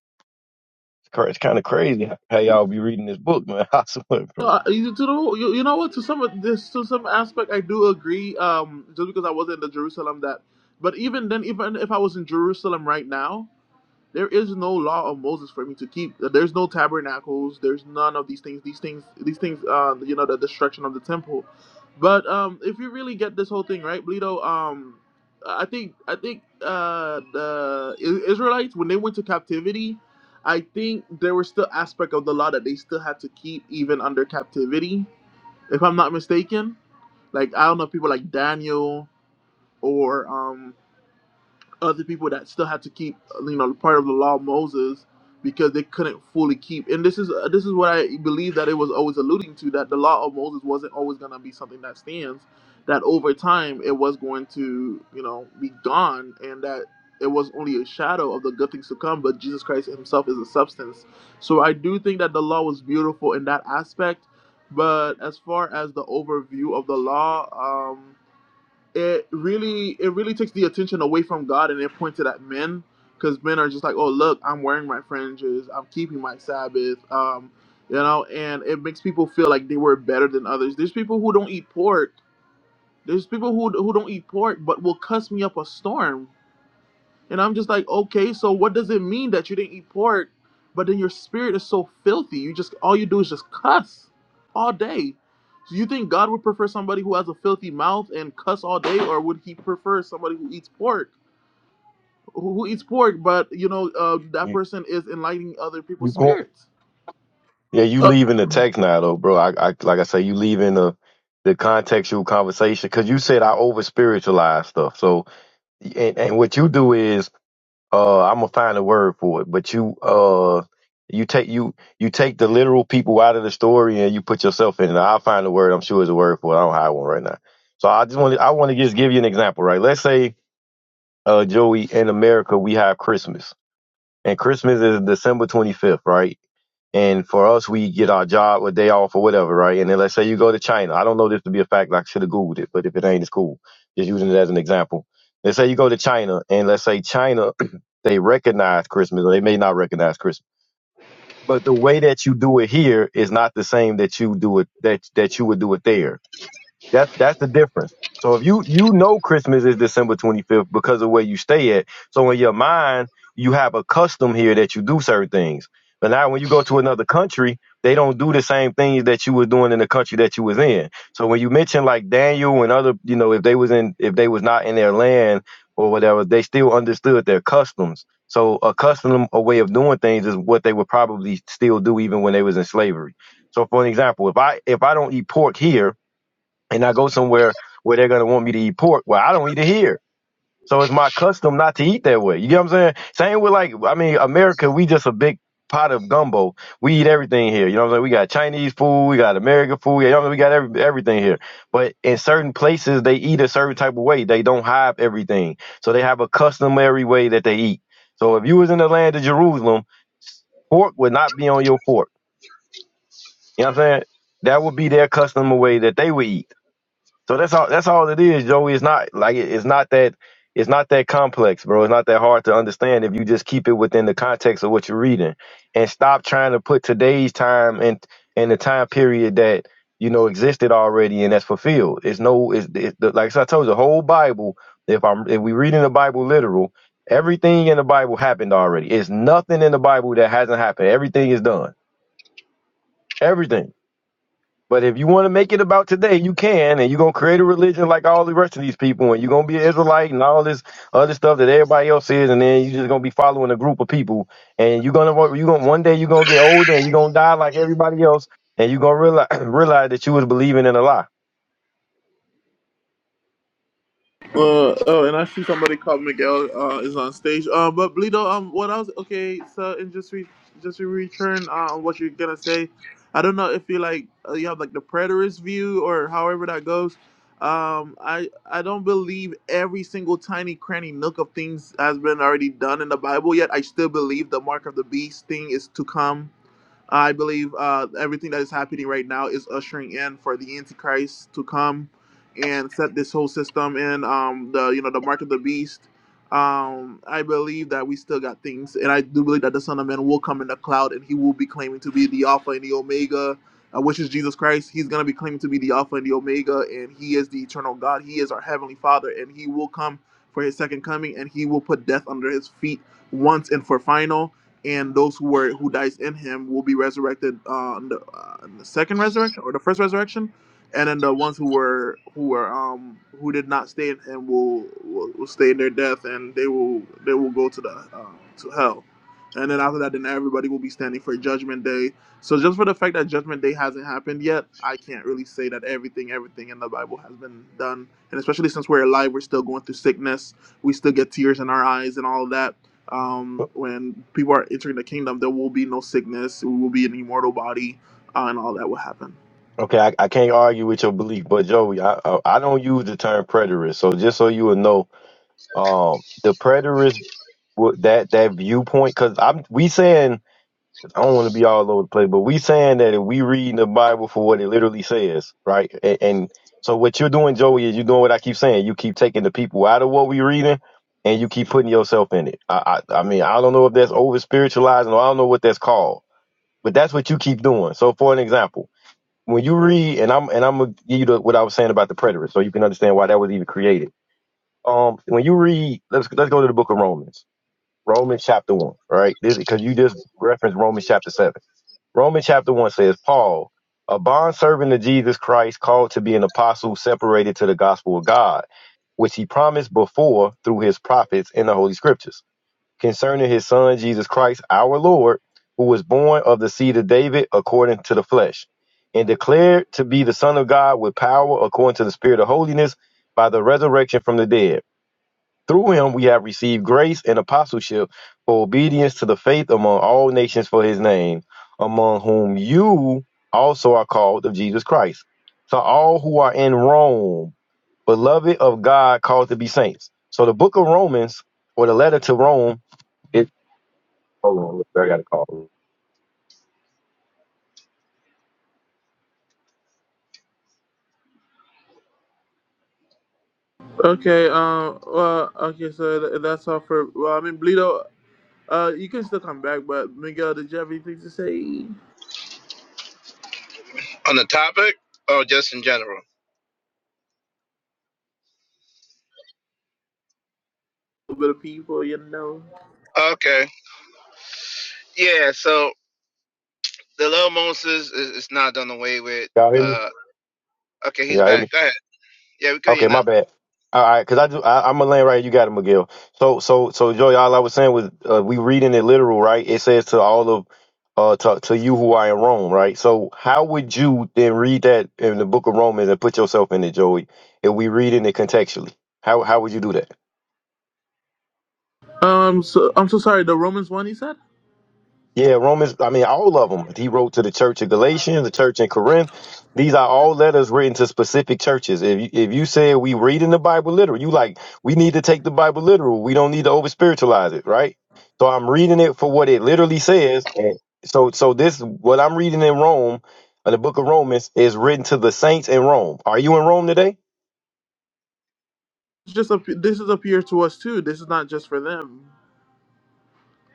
C: It's, cra- it's kind of crazy how y'all be reading this book, man. I swear,
B: So,
C: bro.
B: Uh, you, to know, you, you know what? To some of this, to some aspect, I do agree. Um, just because I wasn't in the Jerusalem that, but even then, even if I was in Jerusalem right now. There is no law of Moses for me to keep. There's no tabernacles. There's none of these things. These things. These things. Uh, you know, the destruction of the temple. But um, if you really get this whole thing right, Bleedo, um, I think I think uh, the Israelites when they went to captivity, I think there were still aspect of the law that they still had to keep even under captivity. If I'm not mistaken, like I don't know people like Daniel or um, other people that still had to keep you know part of the law of Moses because they couldn't fully keep and this is uh, this is what I believe that it was always alluding to that the law of Moses wasn't always going to be something that stands that over time it was going to you know be gone and that it was only a shadow of the good things to come but Jesus Christ himself is a substance so I do think that the law was beautiful in that aspect but as far as the overview of the law um it really it really takes the attention away from God and it points it at men because men are just like, oh look, I'm wearing my fringes, I'm keeping my Sabbath, um, you know, and it makes people feel like they were better than others. There's people who don't eat pork. There's people who who don't eat pork but will cuss me up a storm and I'm just like, okay, so what does it mean that you didn't eat pork, but then your spirit is so filthy? You just all you do is just cuss all day. Do you think God would prefer somebody who has a filthy mouth and cuss all day, or would He prefer somebody who eats pork, who, who eats pork, but you know uh, that
C: You,
B: person is enlightening other
C: you
B: people's
C: go-
B: spirits?
C: yeah, you
B: Uh,
C: leaving the text now, though, bro. I, I like I say, you leaving the the contextual conversation because you said I over spiritualize stuff. So and, and what you do is uh I'm gonna find a word for it, but you uh you take you you take the literal people out of the story and you put yourself in it. I'll find a word. I'm sure it's a word for it. I don't have one right now. So I just want to I want to just give you an example, right? Let's say uh Joey in America we have Christmas and Christmas is December 25th, right? And for us, we get our job or day off or whatever, right? And then let's say you go to China. I don't know this to be a fact. like, I should have Googled it, but if it ain't, it's cool. Just using it as an example. Let's say you go to China and let's say China, they recognize Christmas or they may not recognize Christmas. But the way that you do it here is not the same that you do it, that, that you would do it there that that's the difference. So if you you know Christmas is December 25th because of where you stay at. So in your mind, you have a custom here that you do certain things. But now when you go to another country, they don't do the same things that you were doing in the country that you was in. So when you mention like Daniel and other, you know, if they was in if they was not in their land or whatever, they still understood their customs. So a custom a way of doing things is what they would probably still do even when they was in slavery. So for an example, if I if I don't eat pork here, and I go somewhere where they're gonna want me to eat pork. Well, I don't eat it here. So it's my custom not to eat that way. You get what I'm saying? Same with like I mean, America, we just a big pot of gumbo. We eat everything here. You know what I'm saying? We got Chinese food, we got American food, you know what I'm saying? We got every, everything here. But in certain places they eat a certain type of way. They don't have everything. So they have a customary way that they eat. So if you was in the land of Jerusalem, pork would not be on your fork. You know what I'm saying? That would be their customary way that they would eat. So that's all. That's all it is, Joey. It's not like it- it's not that it's not that complex, bro. It's not that hard to understand if you just keep it within the context of what you're reading and stop trying to put today's time and and the time period that you know existed already and that's fulfilled. It's no, it's, it's the, like I told you, the whole Bible. If I'm if we reading the Bible literal, everything in the Bible happened already. It's nothing in the Bible that hasn't happened. Everything is done. Everything. But if you want to make it about today, you can, and you're gonna create a religion like all the rest of these people, and you're gonna be an Israelite and all this other stuff that everybody else is, and then you're just gonna be following a group of people, and you're gonna wa- you gonna one day you're gonna get older and you're gonna die like everybody else, and you're gonna realize realize that you was believing in a lie.
B: Uh, oh, and I see somebody called Miguel uh, is on stage. Uh, but Bleedo, um, what else? Okay, so and just re- just to return uh, on what you're gonna say. I don't know if you like uh, you have like the preterist view or however that goes. Um, I I don't believe every single tiny cranny nook of things has been already done in the Bible yet. I still believe the mark of the beast thing is to come I believe uh, everything that is happening right now is ushering in for the Antichrist to come and set this whole system in um, the you know the mark of the beast. Um, I believe that we still got things, and I do believe that the Son of Man will come in the cloud, and he will be claiming to be the Alpha and the Omega, uh, which is Jesus Christ. He's gonna be claiming to be the Alpha and the Omega, and he is the eternal God. He is our heavenly Father, and he will come for his second coming, and he will put death under his feet once and for final and those who were who dies in him will be resurrected uh, on the, uh, on the second resurrection or the first resurrection, and then the ones who were who were um who did not stay in him will will, will stay in their death and they will they will go to the uh, to hell, and then after that, then everybody will be standing for judgment day. So just for the fact that judgment day hasn't happened yet, I can't really say that everything everything in the Bible has been done, and especially since we're alive, we're still going through sickness, we still get tears in our eyes and all of that um, when people are entering the kingdom, there will be no sickness. We will be an immortal body, uh, and all that will happen.
C: Okay, I, I can't argue with your belief, but Joey, I, I I don't use the term preterist, so just so you will know, um, the preterist w- that that viewpoint, because I'm we saying I don't want to be all over the place, but we saying that if we read the Bible for what it literally says, right? And, and so what you're doing, Joey, is you're doing what I keep saying. You keep taking the people out of what we reading, and you keep putting yourself in it. I, I, I mean, I don't know if that's over spiritualizing, or I don't know what that's called, but that's what you keep doing. So, for an example, when you read, and I'm and I'm gonna give you the, what I was saying about the preterist, so you can understand why that was even created. Um, when you read, let's let's go to the Book of Romans, Romans chapter one, right? Because you just referenced Romans chapter seven Romans chapter 1 says, Paul, a bondservant of Jesus Christ, called to be an apostle, separated to the gospel of God, which he promised before through his prophets in the Holy Scriptures, concerning his son Jesus Christ, our Lord, who was born of the seed of David according to the flesh, and declared to be the Son of God with power according to the Spirit of holiness by the resurrection from the dead through him we have received grace and apostleship for obedience to the faith among all nations for his name, among whom you also are called of Jesus Christ. To all who are in Rome, beloved of God, called to be saints. So the book of Romans, or the letter to Rome, it hold on, I got a call.
B: Okay. Um. Well. Okay. So th- that's all for. Well, I mean, Bleedo. Uh, you can still come back, but Miguel, did you have anything to say? A
E: On the topic or just in general?
B: little bit of people, you know.
E: Okay. Yeah, so the little Moses is, is not done away with.
C: Y'all hear me?
E: Uh okay, he's
C: Y'all hear me?
E: back. Go ahead. Yeah, we could you
C: Okay, my
E: now.
C: bad. All right, because I do. I, I'm gonna land right. You got it, Miguel. So, so, so, Joey. All I was saying was, uh, we reading it literal, right? It says to all of, uh, to, to you who are in Rome, right? So, how would you then read that in the Book of Romans and put yourself in it, Joey? If we reading it contextually, how how would you do that?
B: Um. So I'm so sorry. The Romans one, he said.
C: Yeah, Romans, I mean, all of them. He wrote to the church of Galatians, the church in Corinth. These are all letters written to specific churches. If you, if you say we reading the Bible literal, you like, we need to take the Bible literal. We don't need to over spiritualize it, right? So I'm reading it for what it literally says. And so, so this, what I'm reading in Rome, uh, the book of Romans, is written to the saints in Rome. Are you in Rome today?
B: It's just a, this is a peer to us too. This is not just for them.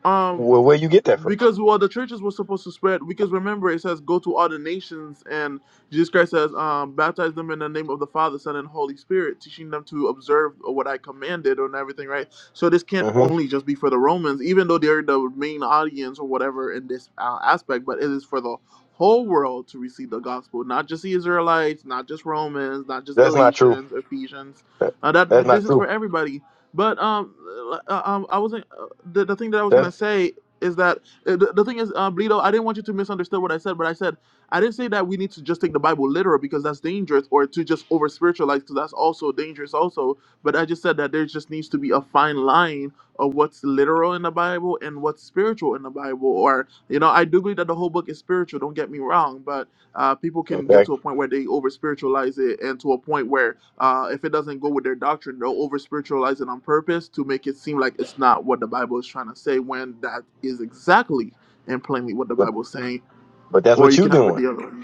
B: Um,
C: Well, where you get that from?
B: because well, the churches were supposed to spread. Because remember, it says, "Go to all the nations," and Jesus Christ says, um, "Baptize them in the name of the Father, Son, and Holy Spirit, teaching them to observe what I commanded and everything." Right. So this can't
C: hmm
B: only just be for the Romans, even though they're the main audience or whatever in this uh, aspect, but it is for the whole world to receive the gospel, not just the Israelites, not just Romans, not just
C: That's not true.
B: Galatians, Ephesians.
C: That,
B: Uh, that
C: that's not
B: this is for
C: true.
B: everybody but um, uh, uh, um, I wasn't. Uh, the, the thing that I was
C: That's
B: gonna say is that uh, the, the thing is, uh, Bleedo, I didn't want you to misunderstand what I said, but I said I didn't say that we need to just take the Bible literal because that's dangerous, or to just over spiritualize because that's also dangerous, also. But I just said that there just needs to be a fine line of what's literal in the Bible and what's spiritual in the Bible. Or you know, I do believe that the whole book is spiritual. Don't get me wrong, but uh, people can get
C: okay.
B: to a point where they over spiritualize it, and to a point where uh, if it doesn't go with their doctrine, they'll over spiritualize it on purpose to make it seem like it's not what the Bible is trying to say when that is exactly and plainly what the
C: But,
B: Bible is saying.
C: but that's
B: Or
C: what
B: you
C: you
B: can have it
C: doing.
B: the other way.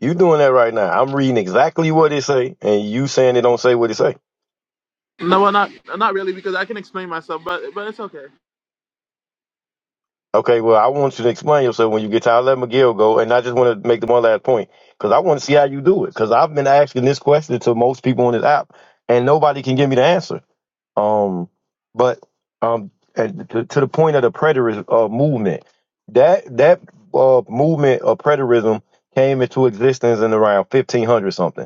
C: You doing that right now. I'm reading exactly what it say, and you saying it don't say what it say.
B: No, well, not not really because I can explain myself, but but it's okay.
C: Okay, well, I want you to explain yourself when you get tired. Let Miguel go, and I just want to make the one last point because I want to see how you do it. Because I've been asking this question to most people on this app, and nobody can give me the answer. Um, but um, and to, to the point of the preterist uh, movement, that that uh, movement of preterism came into existence in around 1500 something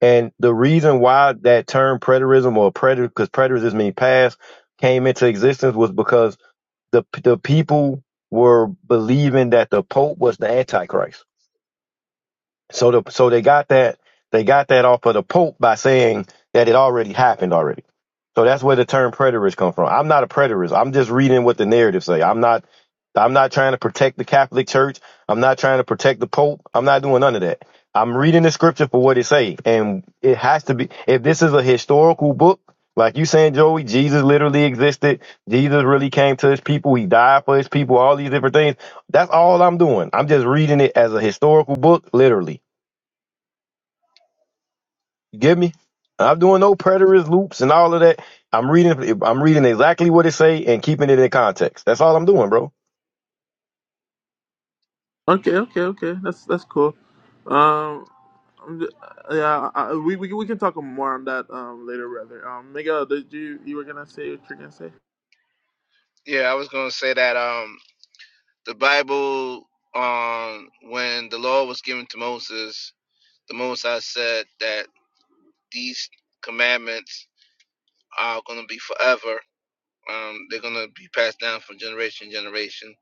C: And the reason why that term preterism or preter, because preterism means past, came into existence was because the the people were believing that the Pope was the Antichrist. So the so they got that they got that off of the Pope by saying that it already happened already. So that's where the term preterist come from. I'm not a preterist. I'm just reading what the narrative say. I'm not I'm not trying to protect the Catholic Church. I'm not trying to protect the Pope. I'm not doing none of that. I'm reading the scripture for what it say, and it has to be. If this is a historical book, like you saying, Joey, Jesus literally existed. Jesus really came to his people. He died for his people. All these different things. That's all I'm doing. I'm just reading it as a historical book, literally you get me? I'm doing no preterist loops and all of that. I'm reading I'm reading exactly what it say and keeping it in context. That's all I'm doing, bro.
B: Okay, okay, okay. That's that's cool. Um, I'm ju- yeah, I- we, we we can talk more on that um later, rather. Um, Miguel, did you you were gonna say what you're gonna say?
E: Yeah, I was gonna say that um the Bible um when the law was given to Moses, the Most High said that these commandments are gonna be forever. Um they're gonna be passed down from generation to generation.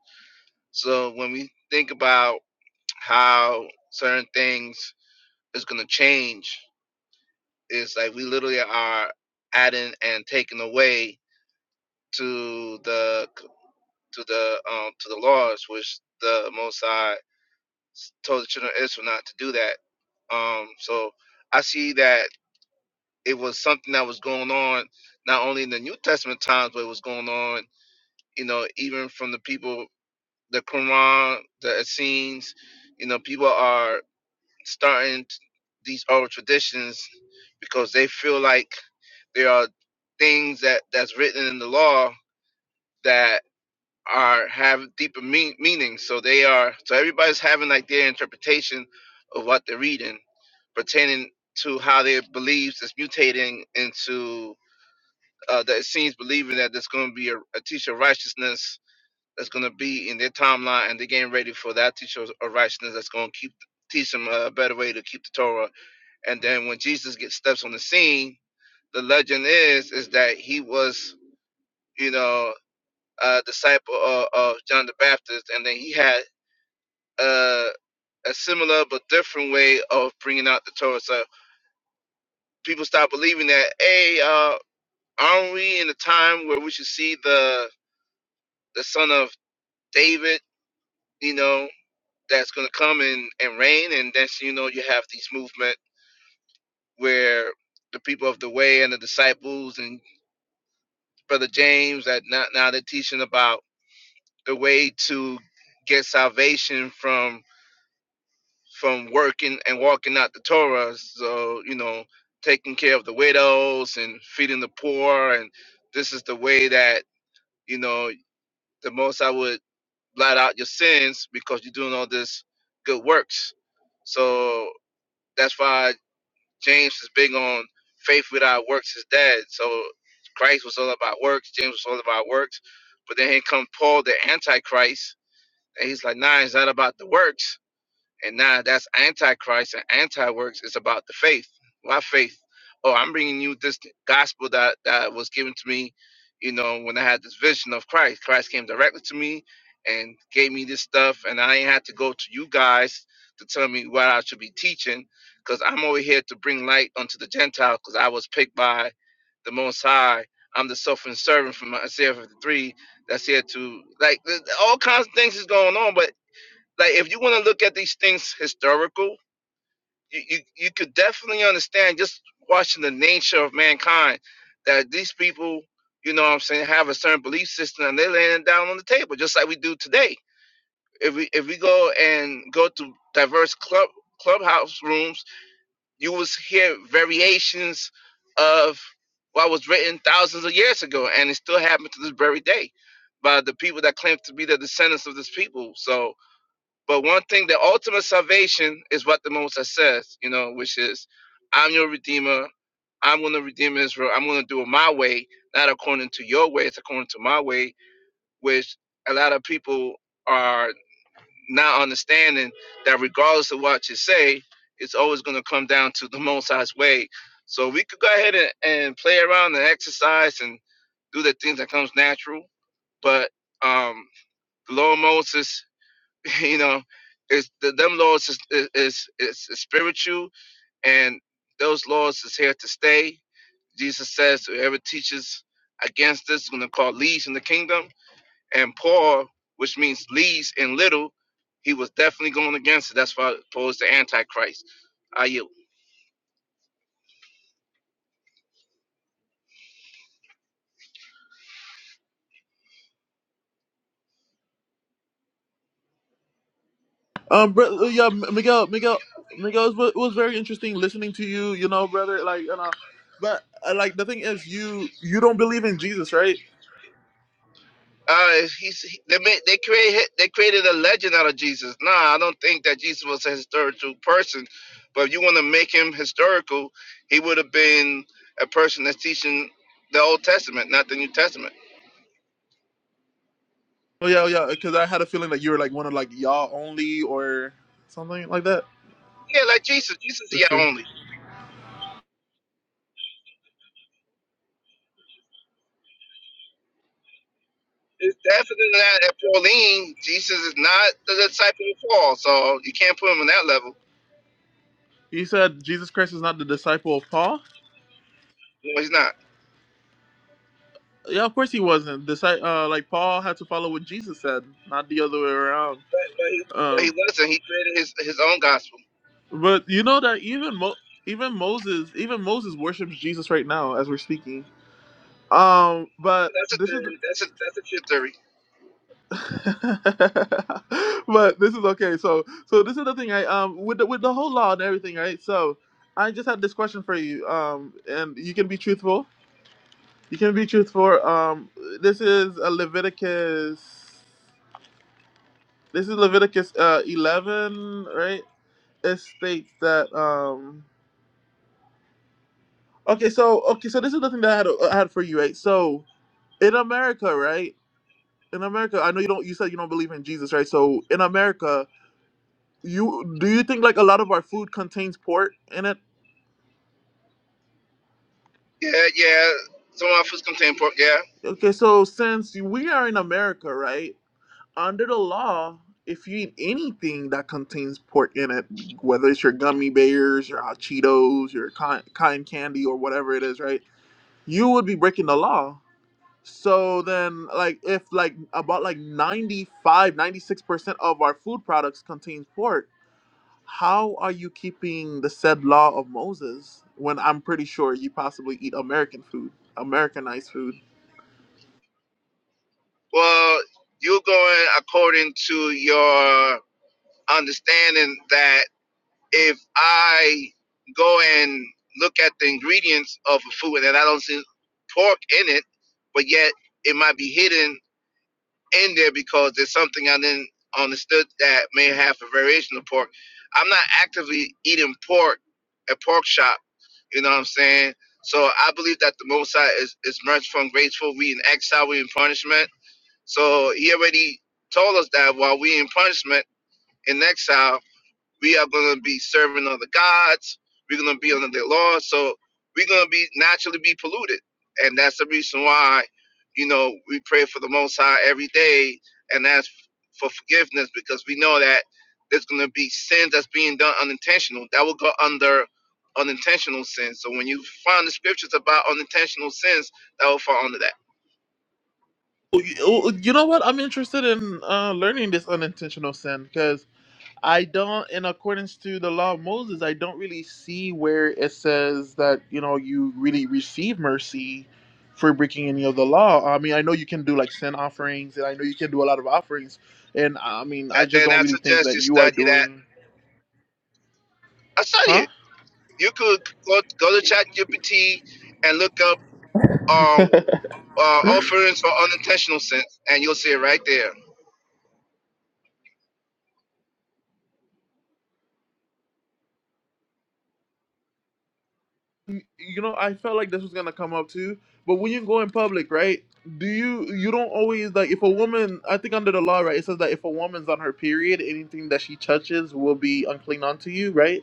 E: So when we think about how certain things is gonna change It's like we literally are adding and taking away to the to the um to the laws which the Most High told the children of Israel not to do that. Um, so I see that it was something that was going on not only in the New Testament times, but it was going on, you know, even from the people, the Quran, the Essenes, you know, people are starting t- these old traditions because they feel like There are things that that's written in the law that are have deeper mean, meaning. So they are so everybody's having like their interpretation of what they're reading pertaining to how their beliefs is mutating into uh, that it seems believing that there's going to be a, a teacher of righteousness that's going to be in their timeline and they're getting ready for that teacher of righteousness that's going to keep teach them a better way to keep the Torah. And then when Jesus gets steps on the scene, the legend is is that he was you know, uh, disciple of, of John the Baptist, and then he had uh, a similar but different way of bringing out the Torah. So people start believing that, hey, uh, aren't we in a time where we should see the the son of David, you know, that's going to come and, and reign? And then, you know, you have these movement where the people of the way and the disciples and Brother James, that now, now they're teaching about the way to get salvation from from working and walking out the Torah. So, you know, taking care of the widows and feeding the poor. And this is the way that, you know, the most I would blot out your sins because you're doing all this good works. So that's why James is big on faith without works is dead. So Christ was all about works. James was all about works. But then here come Paul, the Antichrist. And he's like, nah, it's not about the works and now that's antichrist and anti-works. It's about the faith. Why faith? Oh, I'm bringing you this gospel that, that was given to me, you know, when I had this vision of Christ. Christ came directly to me and gave me this stuff, and I ain't had to go to you guys to tell me what I should be teaching, because I'm over here to bring light unto the Gentile, because I was picked by the Most High. I'm the suffering servant from Isaiah 53 that's here to, like, th- all kinds of things is going on, but like if you want to look at these things historical, you, you you could definitely understand just watching the nature of mankind that these people, you know what I'm saying, have a certain belief system and they're laying it down on the table just like we do today. If we if we go and go to diverse club clubhouse rooms, you will hear variations of what was written thousands of years ago and it still happens to this very day by the people that claim to be the descendants of this people. So but one thing, the ultimate salvation is what the Moses says, you know, which is, I'm your redeemer. I'm going to redeem Israel. I'm going to do it my way, not according to your way. It's according to my way, which a lot of people are not understanding that regardless of what you say, it's always going to come down to the Most High's way. So we could go ahead and, and play around and exercise and do the things that comes natural. But um, the Lord Moses you know, it's the, them laws is is, is is spiritual, and those laws is here to stay. Jesus says whoever teaches against this is going to call least in the kingdom, and Paul, which means least and little, he was definitely going against it. That's why Paul is the antichrist. I yield.
B: Um, bro, uh, yeah, Miguel, Miguel, Miguel, it was, it was very interesting listening to you. You know, brother, like you know, but uh, like the thing is, you you don't believe in Jesus, right?
E: Uh, he's he, they made they created they created a legend out of Jesus. Nah, I don't think that Jesus was a historical person. But if you want to make him historical, he would have been a person that's teaching the Old Testament, not the New Testament.
B: Oh yeah, oh, yeah, because I had a feeling that you were like one of like y'all only or something like that.
E: Yeah, like Jesus. Jesus is yeah
B: Let's see.
E: only. It's definitely not at Pauline. Jesus is not the disciple of Paul, so you can't put him on that level.
B: You said Jesus Christ is not the disciple of Paul.
E: No, he's not.
B: Yeah, of course he wasn't. Disci uh, like Paul had to follow what Jesus said, not the other way around.
E: But he, but
B: Um,
E: he wasn't. He created his his own gospel.
B: but you know that even Mo- even Moses, even Moses worships Jesus right now as we're speaking. Um, but
E: That's a
B: this is,
E: theory. That's a that's a good theory.
B: but this is okay. So, so this is the thing. I um with the, with the whole law and everything, right? So, I just had this question for you. Um, and you can be truthful. You can be truthful. Um, this is a Leviticus. This is Leviticus uh eleven, right? It states that um. Okay, so okay, so this is the thing that I had uh, I had for you, right? So in America, right? In America, I know you don't. You said you don't believe in Jesus, right? So in America, you do you think like a lot of our food contains pork in it
E: Yeah, yeah. Some of us contain pork. Yeah.
B: okay so since we are in america right under the law if you eat anything that contains pork in it whether it's your gummy bears your hot cheetos your cotton cotton candy or whatever it is right you would be breaking the law so then like if like about like 95 96% of our food products contains pork How are you keeping the said law of Moses when I'm pretty sure you possibly eat American food, Americanized food?
E: Well, you're going according to your understanding that if I go and look at the ingredients of a food and I don't see pork in it, but yet it might be hidden in there because there's something I didn't understood that may have a variation of pork. I'm not actively eating pork at pork shop, you know what I'm saying? So I believe that the Most High is, is merciful and graceful. We in exile, we in punishment so he already told us that while we in punishment in exile, we are going to be serving other gods. We're going to be under their law. So we're going to be naturally be polluted. And that's the reason why, you know, we pray for the Most High every day and ask for forgiveness because we know that there's going to be sins that's being done unintentional. That will go under unintentional sins. So when you find the scriptures about unintentional sins, that will fall under that.
B: Oh, You oh, you know what? I'm interested in uh, learning this unintentional sin because I don't, in accordance to the law of Moses, I don't really see where it says that you know you really receive mercy for breaking any of the law. I mean, I know you can do like sin offerings, and I know you can do a lot of offerings, and I mean, I
E: And
B: just
E: then
B: don't
E: I
B: really think
E: suggest
B: that
E: you
B: you are
E: study that.
B: doing,
E: I study it
B: huh?
E: You could go, go to ChatGPT and look up um, uh, offerings for unintentional sense, and you'll see it right there.
B: you know i felt like this was gonna come up too but when you go in public right do you you don't always like if a woman i think under the law right it says that if a woman's on her period anything that she touches will be unclean unto you right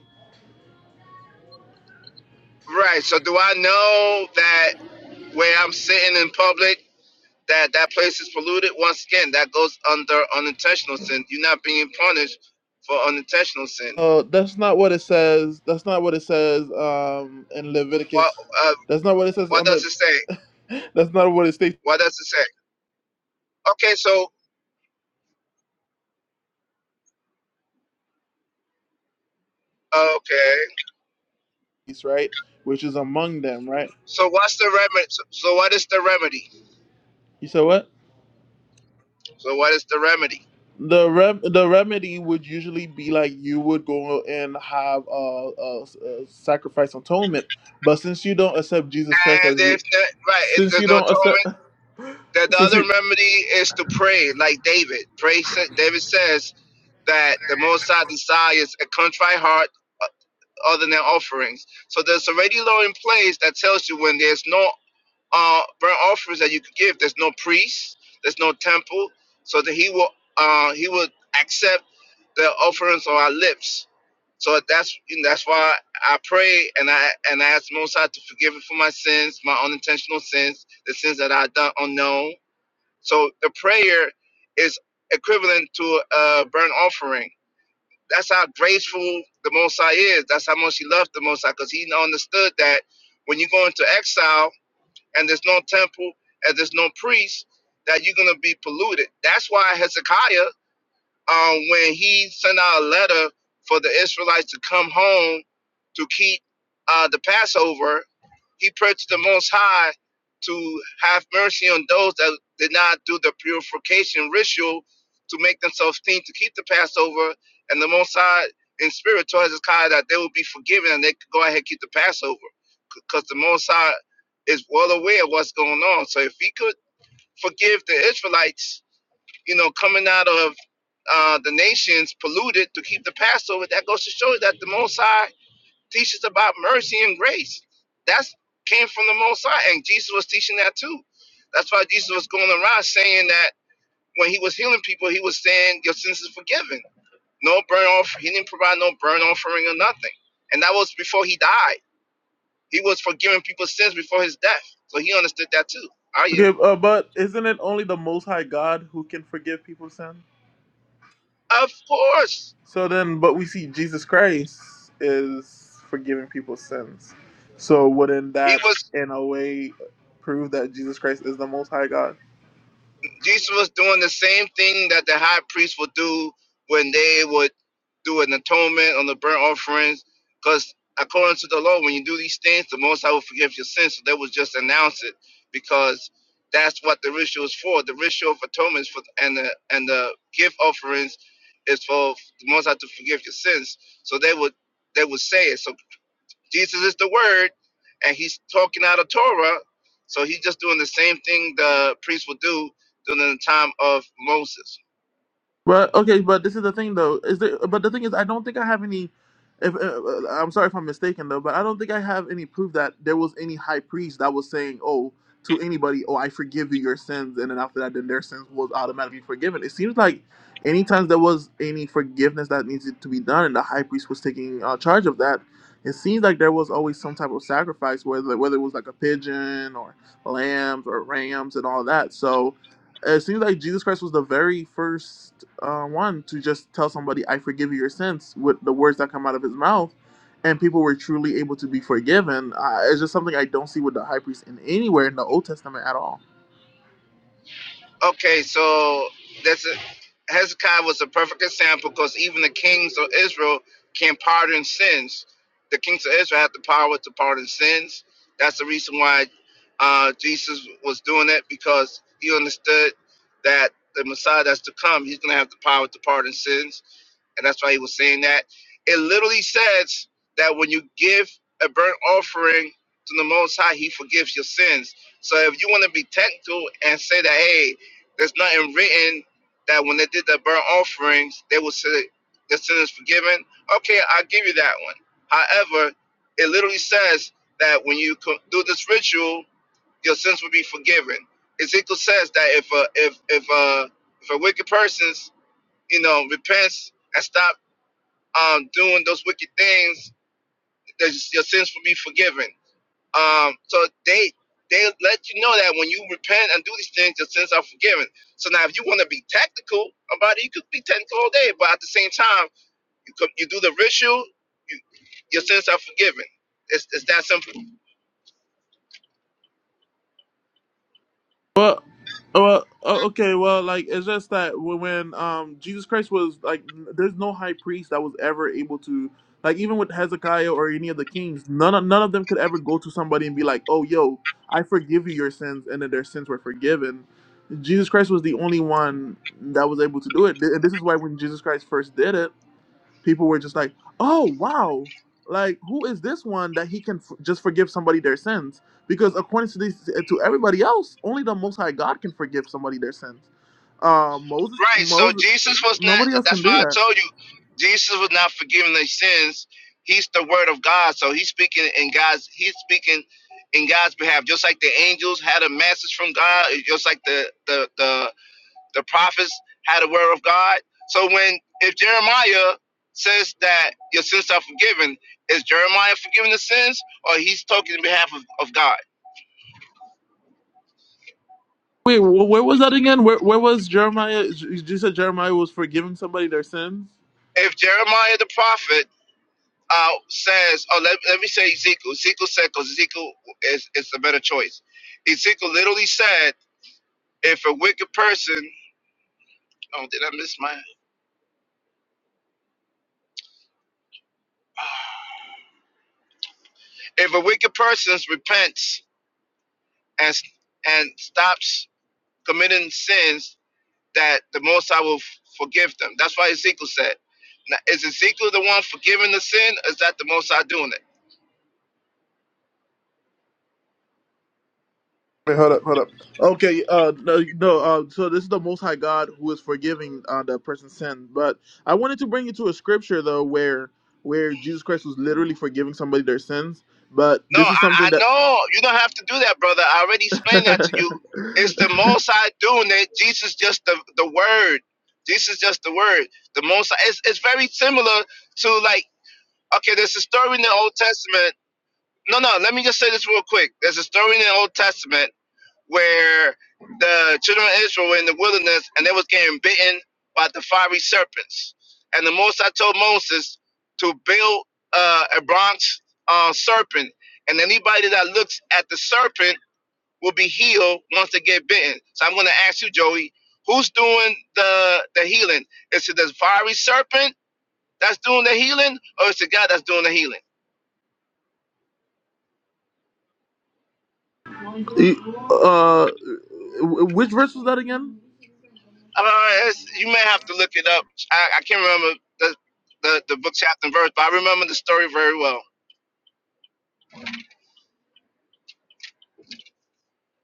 E: Right. So, do I know that where I'm sitting in public, that that place is polluted? Once again, that goes under unintentional sin. You're not being punished for unintentional sin.
B: uh, that's not what it says that's not what it says um in
E: What
B: leviticus
E: uh,
B: that's not what it says
E: What
B: under
E: does it say?
B: that's not what it states
E: What does it say? Okay. So, okay.
B: right which is among them right
E: So, what's the remedy? So, so, what is the remedy?
B: you said what
E: So, what is the remedy?
B: The rem- the remedy would usually be like you would go and have a, a, a sacrifice atonement, but since you don't accept Jesus Christ
E: And
B: as you,
E: if not, right, if
B: since
E: there's
B: you
E: no
B: don't accept,
E: atonement, then the
B: since
E: other
B: you
E: remedy is to pray, like David. Pray. sa- David says that the Most High desires a contrite heart, uh, other than offerings. So there's already law in place that tells you when there's no uh, burnt offerings that you could give. There's no priest. There's no temple. So that he will uh, he will accept the offerings on our lips. So that's that's why I pray and I and I ask Most High to forgive me for my sins, my unintentional sins, the sins that I done unknown. So the prayer is equivalent to a burnt offering. That's how graceful the Most High is. That's how much He loved the Most High, because He understood that when you go into exile and there's no temple and there's no priest, that you're gonna be polluted. That's why Hezekiah um, when he sent out a letter for the Israelites to come home to keep uh, the Passover, he prayed to the Most High to have mercy on those that did not do the purification ritual to make themselves clean to keep the Passover. And the Most High in spirit told Hezekiah that they would be forgiven and they could go ahead and keep the Passover because the Most High is well aware of what's going on. So if he could forgive the Israelites, you know, coming out of uh, the nations polluted to keep the Passover. That goes to show you that the Most High teaches about mercy and grace. That's came from the Most High, and Jesus was teaching that too. That's why Jesus was going around saying that when he was healing people, he was saying, "Your sins are forgiven." No burnt off. He didn't provide no burnt offering or nothing, and that was before he died. He was forgiving people's sins before his death, so he understood that too. Are you?
B: okay, uh, but isn't it only the Most High God who can forgive people's sin?
E: Of course,
B: So then, but we see Jesus Christ is forgiving people's sins. So wouldn't
E: he
B: that,
E: was.
B: in a way, prove that Jesus Christ is the Most High God?
E: Jesus was doing the same thing that the high priest would do when they would do an atonement on the burnt offerings, because according to the law, when you do these things, the Most High will forgive your sins. So they would just announce it because that's what the ritual is for. The ritual of atonement is for and the and the gift offerings is for the Most High to forgive your sins. So they would they would say it. So Jesus is the word, and he's talking out of Torah. So he's just doing the same thing the priest would do during the time of Moses.
B: But okay, but this is the thing though. Is there? But the thing is, I don't think I have any. If uh, uh, I'm sorry if I'm mistaken though, but I don't think I have any proof that there was any high priest that was saying, "Oh, to anybody, oh, I forgive you your sins," and then after that, then their sins was automatically forgiven. It seems like any times there was any forgiveness that needed to be done, and the high priest was taking uh, charge of that. It seems like there was always some type of sacrifice, whether whether it was like a pigeon or lambs or rams and all that. So it seems like Jesus Christ was the very first uh, one to just tell somebody, "I forgive you your sins" with the words that come out of his mouth, and people were truly able to be forgiven. Uh, it's just something I don't see with the high priest in anywhere in the Old Testament at all.
E: Okay, so that's a, Hezekiah was a perfect example because even the kings of Israel can pardon sins. The kings of Israel have the power to pardon sins. That's the reason why uh, Jesus was doing it because he understood that the Messiah that's to come, he's going to have the power to pardon sins, and that's why he was saying that. It literally says that when you give a burnt offering to the Most High, He forgives your sins. So if you want to be technical and say that, hey, there's nothing written that when they did the burnt offerings, they would say the sin is forgiven. Okay, I'll give you that one. However, it literally says that when you do this ritual, your sins will be forgiven. Ezekiel says that if a if if a if a wicked person's you know repents and stop um, doing those wicked things, that your sins will be forgiven. Um, so they they let you know that when you repent and do these things, your sins are forgiven. So now, if you want to be tactical about it, you could be technical all day, but at the same time, you could, you do the ritual, you, your sins are forgiven. It's, it's that simple,
B: Well, well, o- okay. Well, like it's just that wh- when um Jesus Christ was like, n- there's no high priest that was ever able to like even with Hezekiah or any of the kings, none of, none of them could ever go to somebody and be like, oh yo, I forgive you your sins, and then their sins were forgiven. Jesus Christ was the only one that was able to do it, Th- and this is why when Jesus Christ first did it people were just like, "Oh wow, like who is this one that he can f- just forgive somebody their sins?" Because according to these, to everybody else, only the Most High God can forgive somebody their sins. Uh, Moses,
E: right? So
B: Moses,
E: Jesus was not.
B: nobody else can
E: That's
B: do
E: why I
B: that.
E: told you, Jesus was not forgiving their sins. He's the Word of God, so he's speaking in God's. He's speaking in God's behalf, just like the angels had a message from God, just like the the the The prophets had a word of God. So when if Jeremiah says that your sins are forgiven, is Jeremiah forgiving the sins, or he's talking in behalf of, of God?
B: Wait, wh- where was that again? Where where was Jeremiah? You said Jeremiah was forgiving somebody their sins.
E: If Jeremiah the prophet uh, says, oh, let, let me say Ezekiel. Ezekiel said, because Ezekiel is, is a better choice. Ezekiel literally said, if a wicked person, oh, did I miss my? If a wicked person repents and and stops committing sins, that the Most High will f- forgive them. That's why Ezekiel said, now, "Is Ezekiel the one forgiving the sin? Or is that the Most High doing it?"
B: Wait, hold up, hold up. Okay, uh, no, no, uh, so this is the Most High God who is forgiving uh, the person's sin. But I wanted to bring you to a scripture though, where where Jesus Christ was literally forgiving somebody their sins. But
E: No,
B: this
E: I,
B: is something
E: I
B: that,
E: know you don't have to do that, brother. I already explained that to you. It's the Most High doing it. Jesus just the the Word. Jesus just the Word. The Most High- It's it's very similar to like okay, there's a story in the Old Testament. No, no. Let me just say this real quick. There's a story in the Old Testament where the children of Israel were in the wilderness and they was getting bitten by the fiery serpents. And the most High told Moses to build uh, a bronze uh, serpent, and anybody that looks at the serpent will be healed once they get bitten. So I'm going to ask you, Joey, who's doing the the healing? Is it the fiery serpent that's doing the healing, or is it God that's doing the healing?
B: He- uh, wh- which verse was that again?
E: Uh, it's, you may have to look it up. I, I can't remember the, the the book chapter and verse, but I remember the story very well.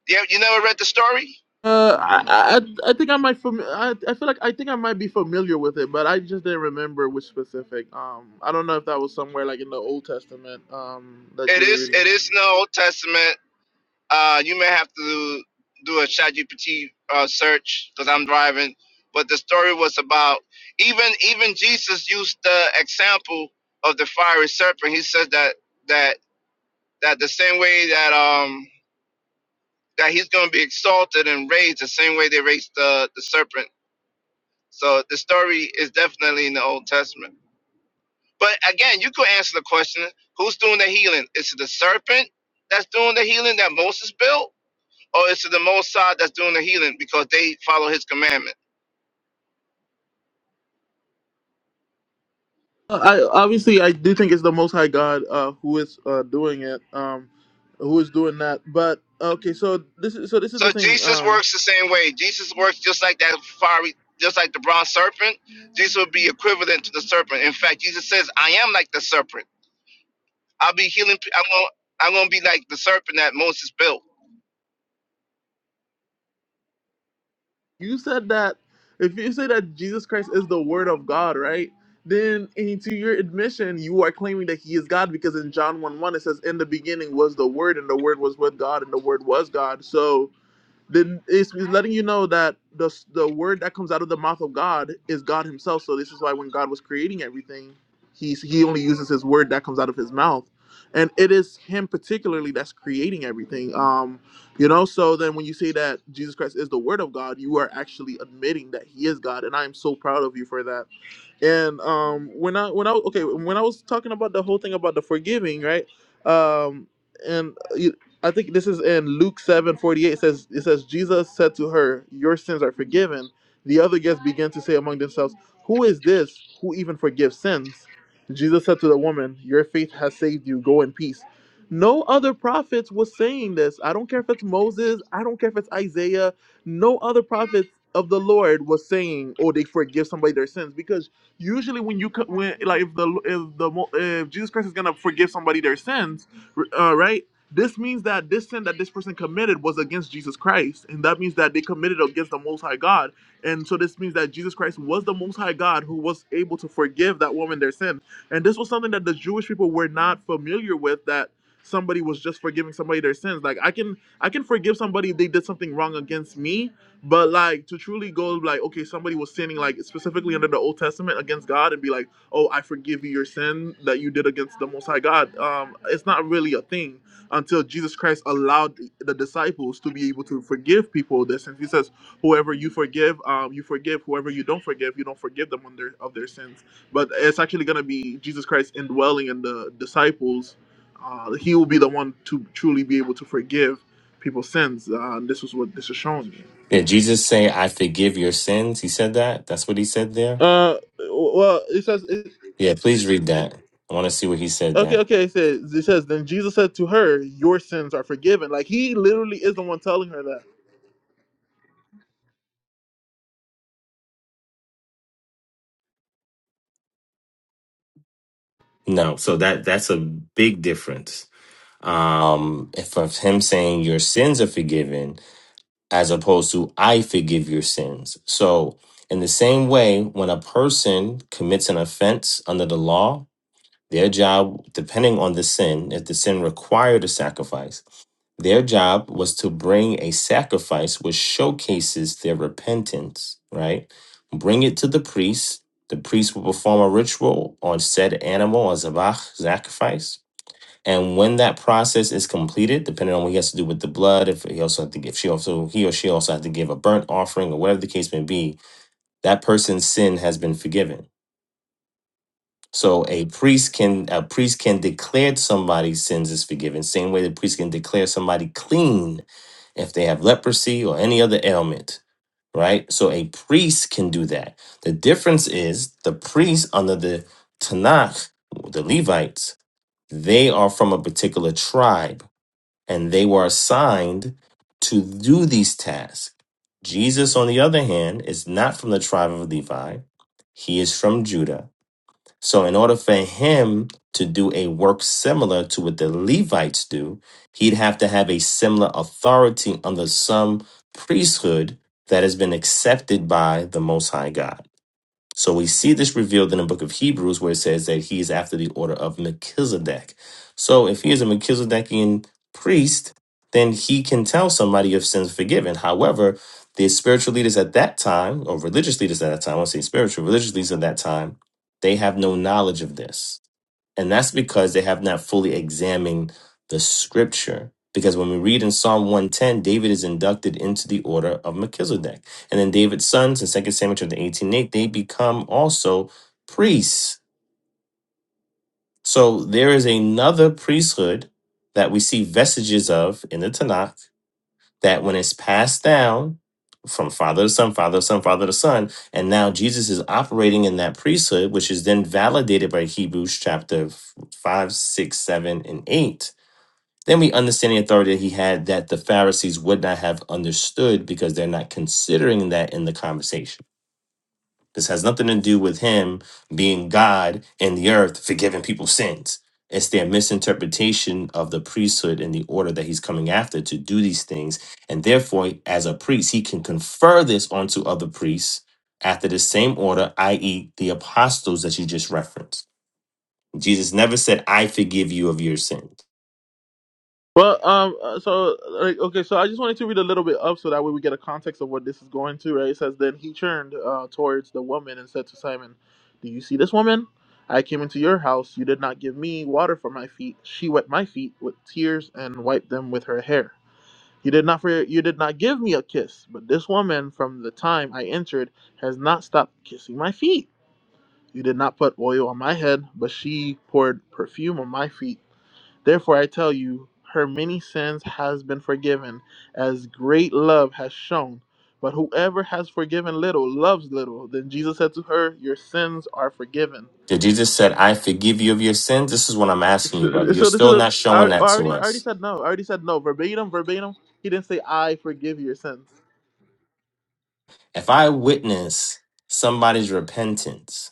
E: Yeah, you never read the story?
B: Uh, I, I I think I might fam- I, I feel like I think I might be familiar with it, but I just didn't remember which specific. Um, I don't know if that was somewhere like in the Old Testament. Um, that
E: It
B: you were
E: is
B: reading.
E: it is in the Old Testament. Uh, you may have to do a ChatGPT uh, search because I'm driving. But the story was about even even Jesus used the example of the fiery serpent. He said that that that the same way that um that he's going to be exalted and raised the same way they raised the the serpent So the story is definitely in the Old Testament. But again, you could answer the question who's doing the healing? Is it the serpent that's doing the healing that Moses built? Or is it the Mosai that's doing the healing because they follow his commandment?
B: I obviously I do think it's the Most High God uh, who is uh, doing it, um, who is doing that. But okay, so this is so this is
E: So
B: the thing.
E: Jesus
B: Um,
E: works the same way. Jesus works just like that fiery, just like the bronze serpent. Jesus would be equivalent to the serpent. In fact, Jesus says, I am like the serpent. I'll be healing. pe- I'm going to I'm gonna be like the serpent that Moses built.
B: you said that if you say that Jesus Christ is the Word of God, right? Then into your admission, you are claiming that He is God because in John one one it says, "In the beginning was the Word, and the Word was with God, and the Word was God." So. then it's, it's letting you know that the s- the word that comes out of the mouth of God is God Himself. So this is why when God was creating everything, He's He only uses His word that comes out of His mouth, and it is Him particularly that's creating everything. Um, you know. So then when you say that Jesus Christ is the Word of God, you are actually admitting that He is God, and I am so proud of you for that. And um, when I when I okay when I was talking about the whole thing about the forgiving, right? Um, and uh, you- I think this is in Luke seven forty eight. It says it says Jesus said to her, "Your sins are forgiven." The other guests began to say among themselves, "Who is this who even forgives sins?" Jesus said to the woman, "Your faith has saved you. Go in peace." No other prophets was saying this. I don't care if it's Moses. I don't care if it's Isaiah. No other prophets of the Lord was saying, "Oh, they forgive somebody their sins," because usually when you co- when like if the if the mo- if Jesus Christ is gonna forgive somebody their sins, uh, right? This means that this sin that this person committed was against Jesus Christ, and that means that they committed against the Most High God, and so this means that Jesus Christ was the Most High God who was able to forgive that woman their sin, and this was something that the Jewish people were not familiar with that somebody was just forgiving somebody their sins like i can i can forgive somebody if they did something wrong against me but like to truly go like okay, somebody was sinning like specifically under the Old Testament against God and be like, oh, I forgive you your sin that you did against the Most High God. Um, it's not really a thing until Jesus Christ allowed the disciples to be able to forgive people their sins He says, whoever you forgive, um, you forgive. Whoever you don't forgive, you don't forgive them on their, of their sins. But it's actually gonna be Jesus Christ indwelling in the disciples. Uh, he will be the one to truly be able to forgive people's sins. Uh, this is what this is showing.
F: Yeah, Jesus saying, I forgive your sins. He said that. That's what he said there.
B: Uh, well, it says it,
F: Yeah, please read that. I want to see what he said
B: okay,
F: that.
B: okay. It says it says then Jesus said to her, "Your sins are forgiven." Like he literally is the one telling her that.
F: No, so that that's a big difference. Um, if of him saying your sins are forgiven, as opposed to I forgive your sins. So in the same way, when a person commits an offense under the law, their job, depending on the sin, if the sin required a sacrifice, Their job was to bring a sacrifice which showcases their repentance, right? Bring it to the priest. The priest will perform a ritual on said animal or zabach, sacrifice. And when that process is completed, depending on what he has to do with the blood, if he also had to give, she also he or she also had to give a burnt offering or whatever the case may be, that person's sin has been forgiven so a priest can a priest can declare somebody's sins is forgiven, same way the priest can declare somebody clean if they have leprosy or any other ailment, right? So a priest can do that. The difference is the priest under the Tanakh, the Levites, they are from a particular tribe and they were assigned to do these tasks. Jesus, on the other hand, is not from the tribe of Levi. He is from Judah so, in order for him to do a work similar to what the Levites do, he'd have to have a similar authority under some priesthood that has been accepted by the Most High God. So we see this revealed in the book of Hebrews where it says that he is after the order of Melchizedek. So if he is a Melchizedekian priest, then he can tell somebody if sins forgiven. However, the spiritual leaders at that time, or religious leaders at that time, I want to say spiritual, religious leaders at that time, they have no knowledge of this. And that's because they have not fully examined the scripture. Because when we read in Psalm 110, David is inducted into the order of Melchizedek. And then David's sons in second Samuel chapter 18 8, they become also priests. So there is another priesthood that we see vestiges of in the Tanakh that when it's passed down from father to son, father to son, father to son, and now Jesus is operating in that priesthood, which is then validated by Hebrews chapter 5, 6, 7, and 8. Then we understand the authority that he had that the Pharisees would not have understood because they're not considering that in the conversation. This has nothing to do with him being God in the earth, forgiving people's sins. It's their misinterpretation of the priesthood and the order that he's coming after to do these things. And therefore, as a priest, he can confer this onto other priests after the same order, i.e., the apostles that you just referenced. Jesus never said, I forgive you of your sins.
B: Well, um, uh, so like okay, so I just wanted to read a little bit up so that way we get a context of what this is going to. Right? It says then he turned uh, towards the woman and said to Simon, "Do you see this woman? I came into your house. You did not give me water for my feet. She wet my feet with tears and wiped them with her hair." You did not for you did not give me a kiss, but this woman from the time I entered has not stopped kissing my feet. You did not put oil on my head, but she poured perfume on my feet. Therefore I tell you, her many sins has been forgiven, as great love has shown. But whoever has forgiven little loves little. Then Jesus said to her, Your sins are forgiven.
F: Did Jesus said, I forgive you of your sins? This is what I'm asking you,
B: So,
F: brother. You're
B: so this is
F: still
B: a,
F: not
B: I
F: showing
B: I
F: that to
B: already I already
F: us.
B: said no. I already said no. Verbatim, verbatim. He didn't say I forgive your sins.
F: If I witness somebody's repentance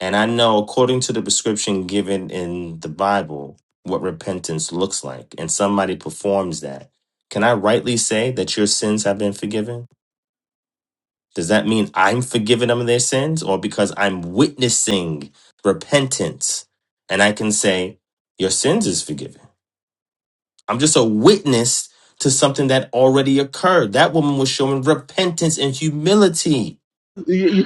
F: And I know, according to the prescription given in the Bible, what repentance looks like, and somebody performs that. Can I rightly say that your sins have been forgiven? Does that mean I'm forgiving them of their sins, or because I'm witnessing repentance and I can say, Your sins is forgiven? I'm just a witness to something that already occurred. That woman was showing repentance and humility
B: You, you,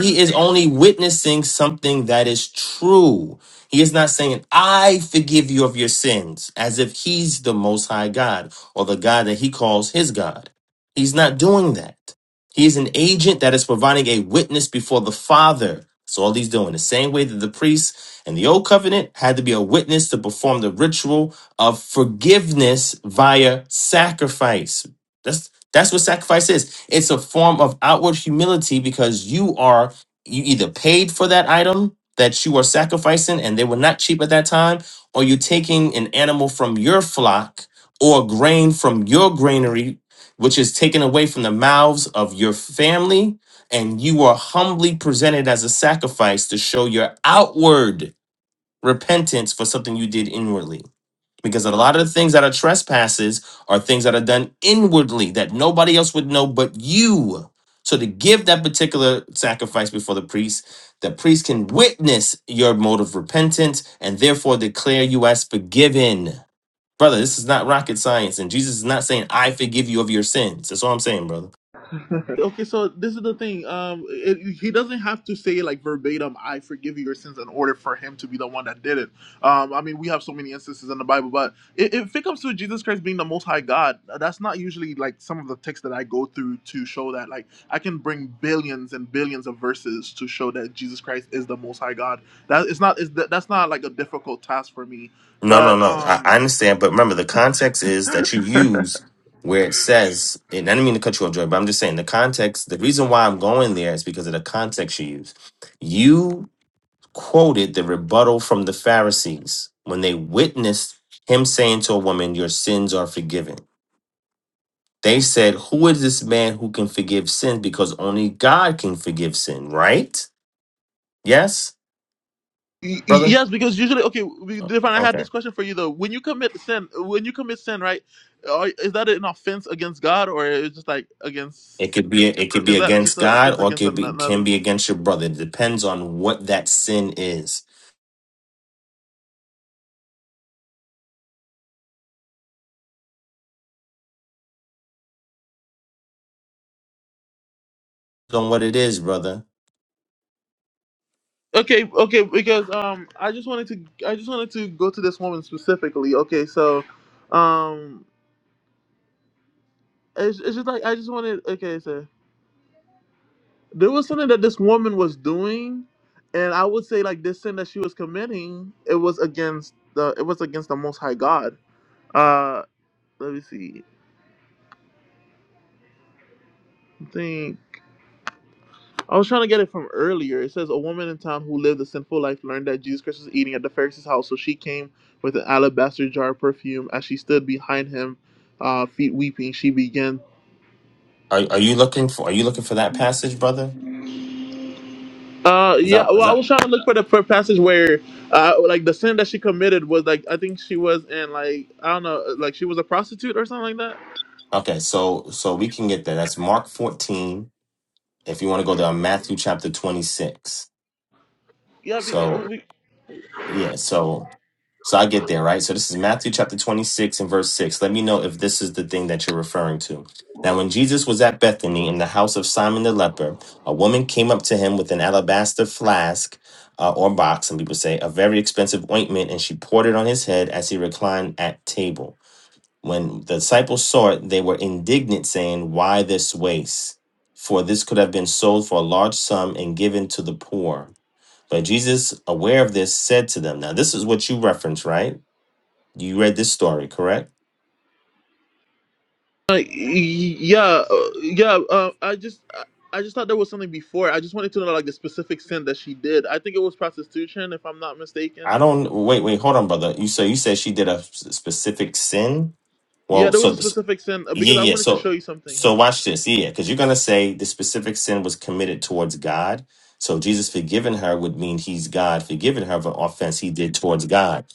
F: He is only witnessing something that is true. He is not saying, I forgive you of your sins, as if he's the most high God or the God that he calls his God. He's not doing that. He is an agent that is providing a witness before the Father. So all he's doing the same way that the priests in the old covenant had to be a witness to perform the ritual of forgiveness via sacrifice. That's that's what sacrifice is. It's a form of outward humility because you are you either paid for that item that you are sacrificing and they were not cheap at that time, or you're taking an animal from your flock or grain from your granary, which is taken away from the mouths of your family, and you are humbly presented as a sacrifice to show your outward repentance for something you did inwardly because a lot of the things that are trespasses are things that are done inwardly that nobody else would know but you. So to give that particular sacrifice before the priest, the priest can witness your mode of repentance and therefore declare you as forgiven. Brother, this is not rocket science, and Jesus is not saying, I forgive you of your sins. That's all I'm saying, brother.
B: Okay, so this is the thing. Um, it, he doesn't have to say like verbatim, "I forgive you your sins," in order for him to be the one that did it. Um, I mean, we have so many instances in the Bible, but i- if it comes to Jesus Christ being the Most High God, that's not usually like some of the texts that I go through to show that. Like, I can bring billions and billions of verses to show that Jesus Christ is the Most High God. That it's not. It's, that's not like a difficult task for me.
F: No, no,
B: But
F: no. I,
B: um,
F: I understand, but remember the context is that you use where it says, and I didn't mean to cut you off, Joy, but I'm just saying the context, the reason why I'm going there is because of the context you use. You quoted the rebuttal from the Pharisees when they witnessed him saying to a woman, Your sins are forgiven. They said, Who is this man who can forgive sin? Because only God can forgive sin, right? Yes,
B: Y- y-
F: brother?
B: Yes, because usually, okay, we- Divine, I had this question for you though. When you commit sin, when you commit sin, right, are, is that an offense against God or is just like
F: It
B: against?
F: could be it could
B: Is
F: be
B: that just
F: against
B: an offense
F: God or it
B: against
F: could
B: an-
F: be can
B: another?
F: be against your brother. It depends on what that sin is. On what it is, brother.
B: Okay, okay, because um, I just wanted to, I just wanted to go to this woman specifically. Okay, so, um, it's, it's just like I just wanted. Okay, so there was something that this woman was doing, and I would say like this sin that she was committing, it was against the, it was against the Most High God Uh, let me see. I think I was trying to get it from earlier. It says a woman in town who lived a sinful life learned that Jesus Christ was eating at the Pharisee's house, so she came with an alabaster jar of perfume. As she stood behind him, uh, feet weeping, she began.
F: Are are you looking for are you looking for that passage, brother?
B: Uh,
F: Is
B: yeah.
F: that
B: Well,
F: is
B: I
F: that
B: was trying to look for the for passage where, uh, like the sin that she committed was like I think she was in like I don't know, like she was a prostitute or something like that.
F: okay, so so we can get there. That's Mark 14. If you want to go there, Matthew chapter 26. So
B: Yeah,
F: yeah, so So I get there, right? So this is Matthew chapter 26 and verse 6. Let me know if this is the thing that you're referring to. Now, when Jesus was at Bethany in the house of Simon the leper, a woman came up to him with an alabaster flask uh, or box, some people say, a very expensive ointment, and she poured it on his head as he reclined at table. When the disciples saw it, they were indignant, saying, Why this waste? For this could have been sold for a large sum and given to the poor. But Jesus, aware of this, said to them, Now, this is what you reference, right? You read this story, correct?
B: Uh, yeah, uh, yeah. Uh, I just, I, I just thought there was something before. I just wanted to know like the specific sin that she did. I think it was prostitution, if I'm not mistaken.
F: I don't. Wait, wait, hold on, brother. You so you said she did a s- specific sin.
B: Yeah,
F: Well,
B: there was a
F: so
B: specific sin uh,
F: Yeah,
B: because I
F: yeah.
B: wanted to show
F: So
B: you something.
F: so watch this. Yeah, because you're gonna say the specific sin was committed towards God. So Jesus forgiving her would mean he's God forgiving her of an offense he did towards God.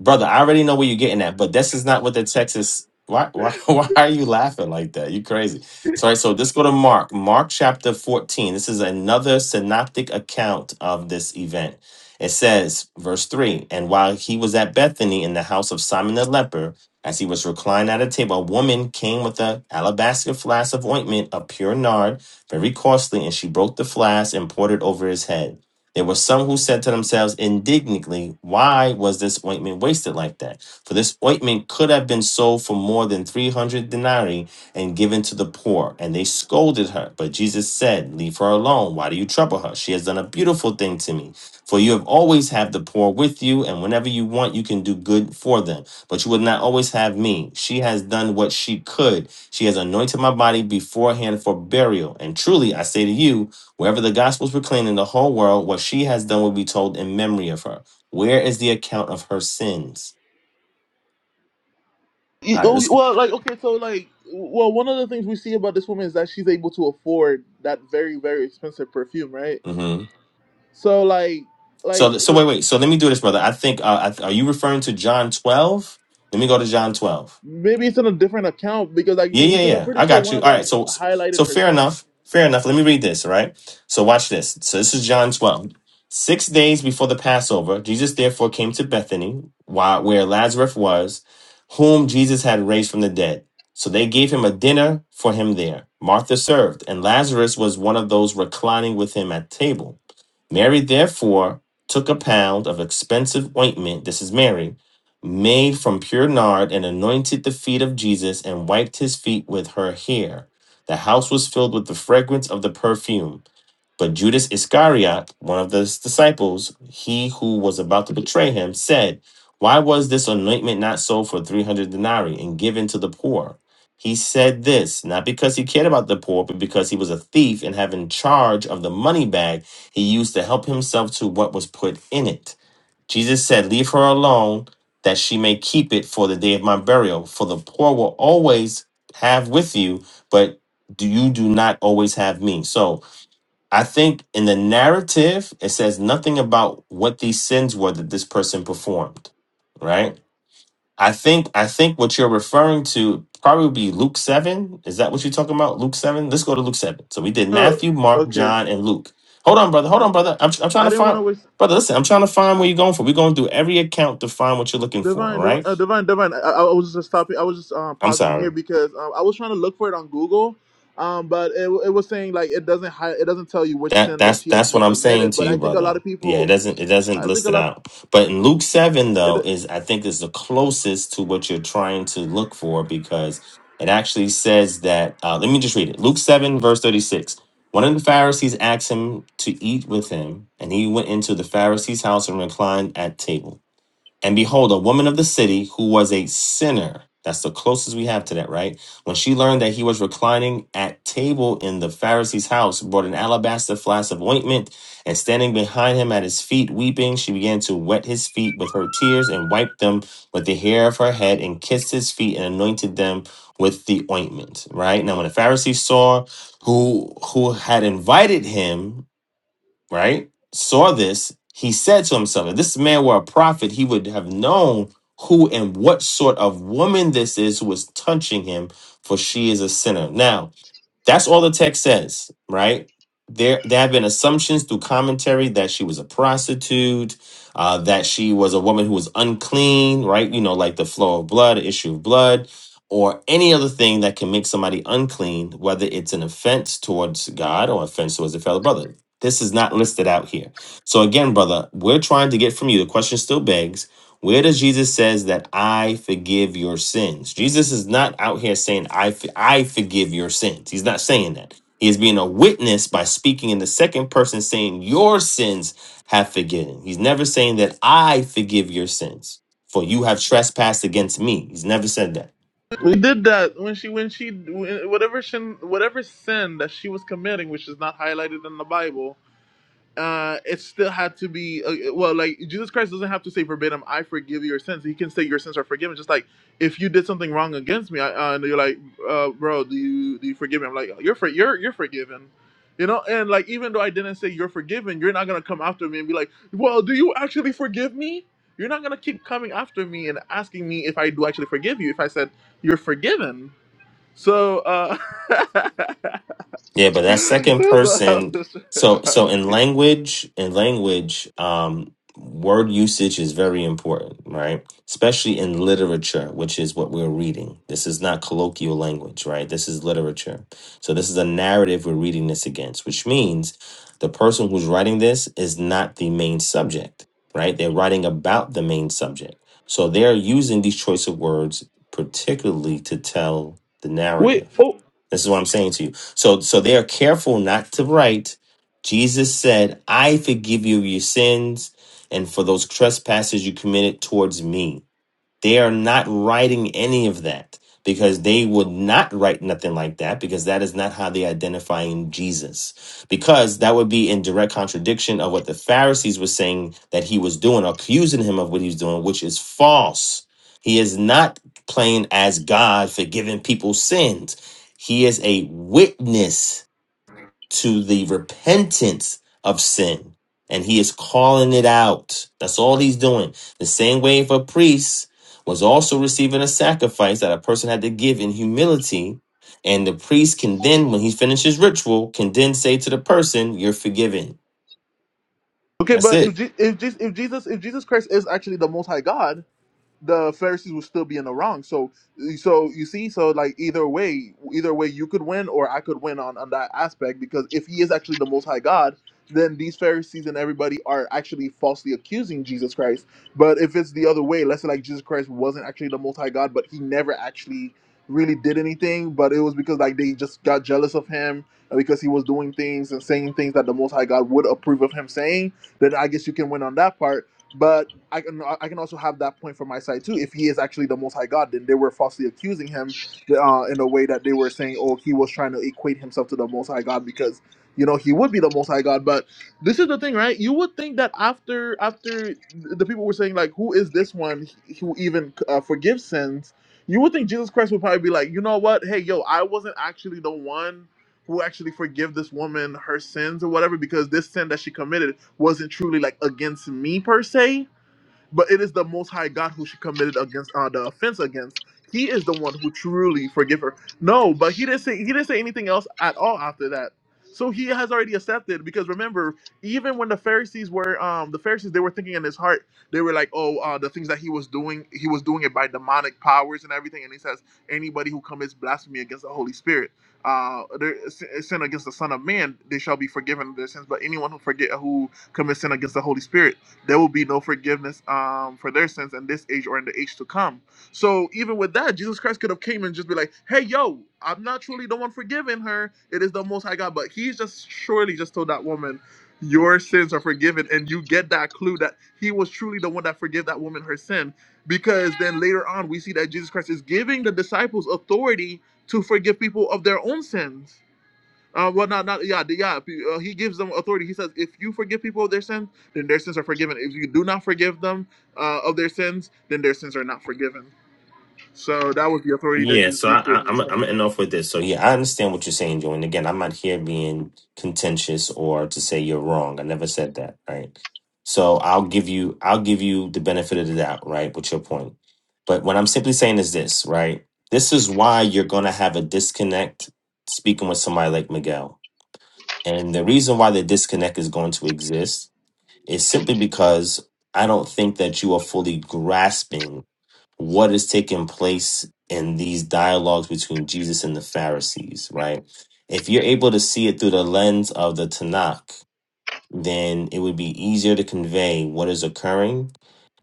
F: Brother, I already know where you're getting at, but this is not what the text is. Why, why, why are you laughing like that? You crazy. Sorry. So let's go to Mark. Mark chapter 14. This is another synoptic account of this event. It says, verse 3 And while he was at Bethany in the house of Simon the leper, as he was reclined at a table, a woman came with an alabaster flask of ointment of pure nard, very costly, and she broke the flask and poured it over his head. There were some who said to themselves indignantly, Why was this ointment wasted like that? For this ointment could have been sold for more than 300 denarii and given to the poor. And they scolded her. But Jesus said, Leave her alone. Why do you trouble her? She has done a beautiful thing to me. For you have always had the poor with you, and whenever you want, you can do good for them but you will not always have me. She has done what she could. She has anointed my body beforehand for burial. And truly, I say to you, wherever the gospel is proclaimed in the whole world, what she has done will be told in memory of her. Where is the account of her sins?
B: Y-
F: All right,
B: Oh,
F: let's.
B: well, like okay, so like, well, one of the things we see about this woman is that she's able to afford that very, very expensive perfume, right?
F: Mm-hmm.
B: So like, like,
F: So, so wait,
B: like
F: wait. So let me do this, brother. I think. Uh, I, are you referring to John twelve? Let me go to John twelve.
B: maybe it's in a different account because like
F: Yeah, yeah,
B: because I'm
F: yeah.
B: pretty
F: I
B: sure
F: got
B: one
F: you.
B: of
F: All right.
B: them
F: So,
B: highlighted
F: so
B: her
F: fair
B: sin.
F: enough. Fair enough. Let me read this. All right. So watch this. So this is John 12. Six days before the Passover, Jesus therefore came to Bethany, while, where Lazarus was, whom Jesus had raised from the dead. So they gave him a dinner for him there. Martha served, and Lazarus was one of those reclining with him at table. Mary therefore took a pound of expensive ointment, this is Mary, made from pure nard, and anointed the feet of Jesus and wiped his feet with her hair. The house was filled with the fragrance of the perfume. But Judas Iscariot, one of the disciples, he who was about to betray him, said, Why was this anointment not sold for 300 denarii and given to the poor? He said this, not because he cared about the poor, but because he was a thief and having charge of the money bag, he used to help himself to what was put in it. Jesus said, Leave her alone, that she may keep it for the day of my burial. For the poor will always have with you, but do you do not always have me. So, I think in the narrative, it says nothing about what these sins were that this person performed, right? I think I think what you're referring to probably be Luke seven. Is that what you're talking about? Luke seven. Let's go to Luke seven. So we did
B: Oh,
F: Matthew, Mark,
B: okay.
F: John, and Luke. Hold on, brother. Hold
B: I
F: on, brother. I'm I'm trying
B: I
F: to
B: didn't want
F: find
B: to waste.
F: brother. Listen, I'm trying to find where you're going for. We're going through every account to find what you're looking for.
B: Divine,
F: All
B: div-
F: right.
B: uh, divine, divine. I, I was just stopping. I was just um,
F: I'm
B: pausing
F: sorry.
B: here because um, I was trying to look for it on Google, um, but it, it was saying like it doesn't hi- it doesn't tell you which
F: That
B: sin that
F: that's
B: she
F: that's
B: actually
F: what I'm saying
B: committed.
F: to
B: But I
F: you,
B: think a
F: brother.
B: lot of
F: Yeah, it
B: people,
F: doesn't it doesn't
B: I think
F: list
B: a
F: it
B: lot.
F: out. But in Luke seven
B: It,
F: though is I think is the closest to what you're trying to look for because it actually says that uh, let me just read it. Luke seven verse thirty six. One of the Pharisees asked him to eat with him, and he went into the Pharisee's house and reclined at table. And behold, a woman of the city who was a sinner, that's the closest we have to that, right? When she learned that he was reclining at table in the Pharisee's house, brought an alabaster flask of ointment, and standing behind him at his feet, weeping, she began to wet his feet with her tears and wiped them with the hair of her head and kissed his feet and anointed them with the ointment, right? Now, when the Pharisees saw who who had invited him, right, saw this, he said to himself, if this man were a prophet, he would have known who and what sort of woman this is who is touching him, for she is a sinner. Now, that's all the text says, right? There, there have been assumptions through commentary that she was a prostitute, uh, that she was a woman who was unclean, right? You know, like the flow of blood, issue of blood, or any other thing that can make somebody unclean, whether it's an offense towards God or offense towards a fellow brother. This is not listed out here. So again, brother, we're trying to get from you. The question still begs where does Jesus says that I forgive your sins? Jesus is not out here saying I f- I forgive your sins. He's not saying that. He is being a witness by speaking in the second person saying your sins have forgiven. He's never saying that I forgive your sins for you have trespassed against me. He's never said that.
B: we did that when she when she whatever sin whatever sin that she was committing, which is not highlighted in the Bible. uh, it still had to be uh, uh, well, like Jesus Christ doesn't have to say verbatim, "I forgive your sins." He can say your sins are forgiven. Just like if you did something wrong against me, I, uh, and you're like, uh, "Bro, do you do you forgive me?" I'm like, "You're for, you're you're forgiven." You know, and like even though I didn't say you're forgiven, you're not gonna come after me and be like, "Well, do you actually forgive me?" You're not gonna keep coming after me and asking me if I do actually forgive you. If I said you're forgiven, so uh, that's
F: Yeah, but
B: what
F: that
B: I
F: second
B: was
F: person,
B: just- trying to
F: so so
B: highlight.
F: in language, in language, um, word usage is very important, right? Especially in literature, which is what we're reading. This is not colloquial language, right? This is literature. So this is a narrative we're reading this against, which means the person who's writing this is not the main subject, right? They're writing about the main subject. So they're using these choice of words particularly to tell the
B: Wait,
F: narrative.
B: oh,
F: This is what I'm saying to you so so they are careful not to write. Jesus said, "I forgive you your sins and for those trespasses you committed towards me." They are not writing any of that because they would not write nothing like that because that is not how they identifying Jesus. Because that would be in direct contradiction of what the Pharisees were saying that he was doing, accusing him of what he was doing, which is false. He is not playing as God, forgiving people's sins. He is a witness to the repentance of sin. And he is calling it out. That's all he's doing. The same way if a priest was also receiving a sacrifice that a person had to give in humility. And the priest can then, when he finishes ritual, can then say to the person, You're forgiven.
B: Okay,
F: That's
B: but
F: it.
B: if Je- if, Je- if Jesus if Jesus Christ is actually the Most High God, the Pharisees would still be in the wrong. So, so you see, so like either way, either way, you could win or I could win on on that aspect because if he is actually the Most High God, then these Pharisees and everybody are actually falsely accusing Jesus Christ. But if it's the other way, let's say like Jesus Christ wasn't actually the Most High God, but he never actually really did anything, but it was because like they just got jealous of him uh, because he was doing things and saying things that the Most High God would approve of him saying. Then I guess you can win on that part. But I can I can also have that point from my side too. If he is actually the Most High God, then they were falsely accusing him uh, in a way that they were saying, oh, he was trying to equate himself to the Most High God because you know he would be the Most High God. But this is the thing, right? You would think that after after the people were saying like, who is this one who even uh, forgives sins? You would think Jesus Christ would probably be like, you know what? Hey, yo, I wasn't actually the one who actually forgive this woman her sins or whatever because this sin that she committed wasn't truly like against me per se but it is the Most High God who she committed against uh, the offense against. He is the one who truly forgive her. No, but he didn't say he didn't say anything else at all after that. So he has already accepted because remember, even when the Pharisees were um the Pharisees, they were thinking in his heart, they were like, oh, uh, the things that he was doing, he was doing it by demonic powers and everything. And he says, anybody who commits blasphemy against the Holy Spirit, uh, their sin sin against the Son of Man, they shall be forgiven their sins. But anyone who forget who commits sin against the Holy Spirit there will be no forgiveness um, for their sins in this age or in the age to come. So even with that, Jesus Christ could have came and just be like, "Hey, yo, I'm not truly the one forgiving her. It is the Most High God." But He's just surely just told that woman, "Your sins are forgiven," and you get that clue that He was truly the one that forgave that woman her sin. Because then later on, we see that Jesus Christ is giving the disciples authority to forgive people of their own sins uh, well, not not yeah the- yeah. if you- Uh, he gives them authority. He says, if you forgive people of their sins, then their sins are forgiven. If you do not forgive them uh, of their sins, then their sins are not forgiven. So that was the authority that
F: Yeah,
B: Jesus
F: so I,
B: gives to
F: I, I'm I'm
B: administration.
F: end off with this. So yeah, I understand what you're saying, Joe. And again, I'm not here being contentious or to say you're wrong. I never said that, right? So I'll give you I'll give you the benefit of the doubt, right, with your point. But what I'm simply saying is this, right? This is why you're gonna have a disconnect speaking with somebody like Miguel. And the reason why the disconnect is going to exist is simply because I don't think that you are fully grasping what is taking place in these dialogues between Jesus and the Pharisees, right? If you're able to see it through the lens of the Tanakh, then it would be easier to convey what is occurring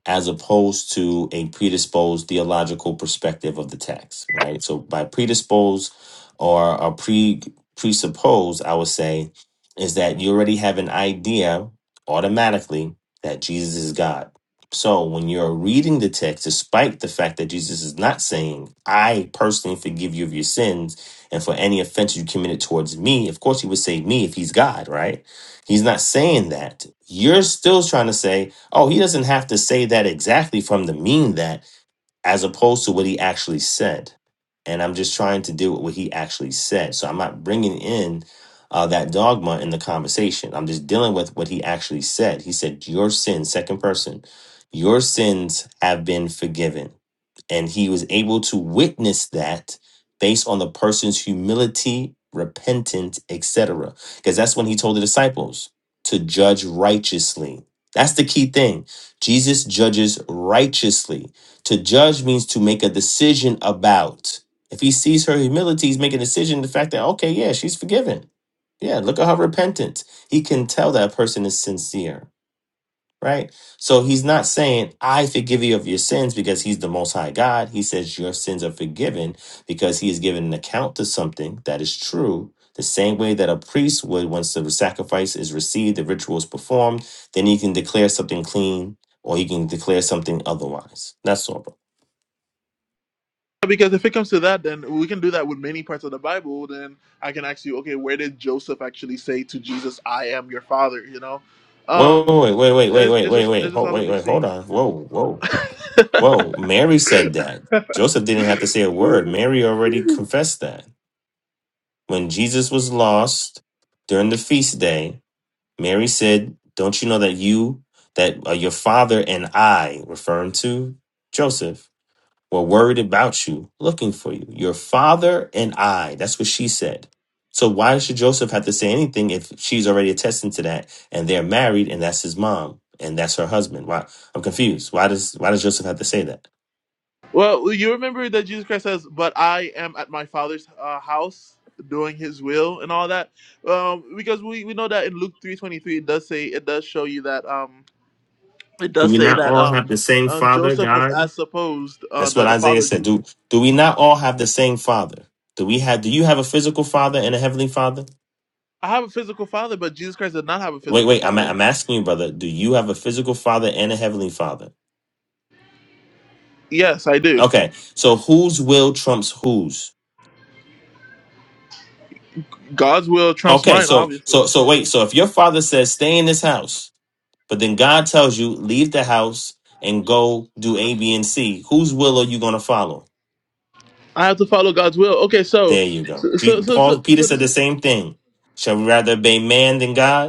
F: as opposed to a predisposed theological perspective of the text, right? So by predisposed or a pre presupposed, I would say, is that you already have an idea automatically that Jesus is God. So when you're reading the text, despite the fact that Jesus is not saying, I personally forgive you of your sins and for any offense you committed towards me, of course he would say me if he's God, right? He's not saying that. You're still trying to say, Oh, he doesn't have to say that exactly from the mean that, as opposed to what he actually said. And I'm just trying to deal with what he actually said. So I'm not bringing in uh, that dogma in the conversation. I'm just dealing with what he actually said. He said, Your sins, second person, your sins have been forgiven and he was able to witness that based on the person's humility, repentance, etc. Because that's when he told the disciples to judge righteously. That's the key thing. Jesus judges righteously. To judge means to make a decision about. If he sees her humility, he's making a decision. The fact that, okay, yeah, she's forgiven. Yeah, look at her repentance. He can tell that person is sincere right? So he's not saying, I forgive you of your sins because he's the most high God. He says, Your sins are forgiven because he is giving an account to something that is true. The same way that a priest would, once the sacrifice is received, the ritual is performed, then he can declare something clean or he can declare something otherwise. That's all, bro.
B: Because if it comes to that, then we can do that with many parts of the Bible. Then I can ask you, okay, where did Joseph actually say to Jesus, "I am your father"? You know,
F: Wait,
B: um,
F: wait, wait, wait,
B: it's,
F: wait, wait,
B: it's
F: wait,
B: just it's
F: wait,
B: just
F: hold,
B: all of
F: wait,
B: these
F: wait,
B: things.
F: hold on. Whoa, whoa, whoa. Mary said that. Joseph didn't have to say a word. Mary already confessed that. When Jesus was lost during the feast day, Mary said, Don't you know that you, that uh, your father and I, referring to Joseph, were worried about you, looking for you? Your father and I. That's what she said. So why should Joseph have to say anything if she's already attesting to that and they're married and that's his mom and that's her husband? Why I'm confused. Why does why does Joseph have to say that?
B: Well, you remember that Jesus Christ says, "But I am at my Father's uh, house, doing His will, and all that," um, because we, we know that in Luke three twenty three, it does say it does show you that um, it
F: Do
B: does
F: we
B: say
F: not
B: that
F: all
B: um,
F: have the same
B: um,
F: father,
B: Joseph was
F: God?
B: as supposed uh,
F: That's
B: the
F: what
B: the
F: Isaiah
B: father. of
F: said.
B: Jesus.
F: Do do we not all have the same father? Do we have do you have a physical father and a heavenly father?
B: I have a physical father, but Jesus Christ did not have a
F: Wait,
B: physical
F: wait, I'm
B: father.
F: I'm asking you, brother, do you have a physical father and a heavenly father?
B: Yes, I do.
F: Okay. So whose will trumps whose?
B: God's will trumps
F: Okay,
B: mine,
F: so
B: obviously.
F: so so wait, so if your father says stay in this house, but then God tells you leave the house and go do A, B, and C, whose will are you gonna follow?
B: I have to follow God's will. Okay, so
F: There you go.
B: so so
F: Je-
B: so, so
F: Paul Peter
B: so
F: said
B: this
F: the
B: is.
F: same thing. Shall we rather obey man than God?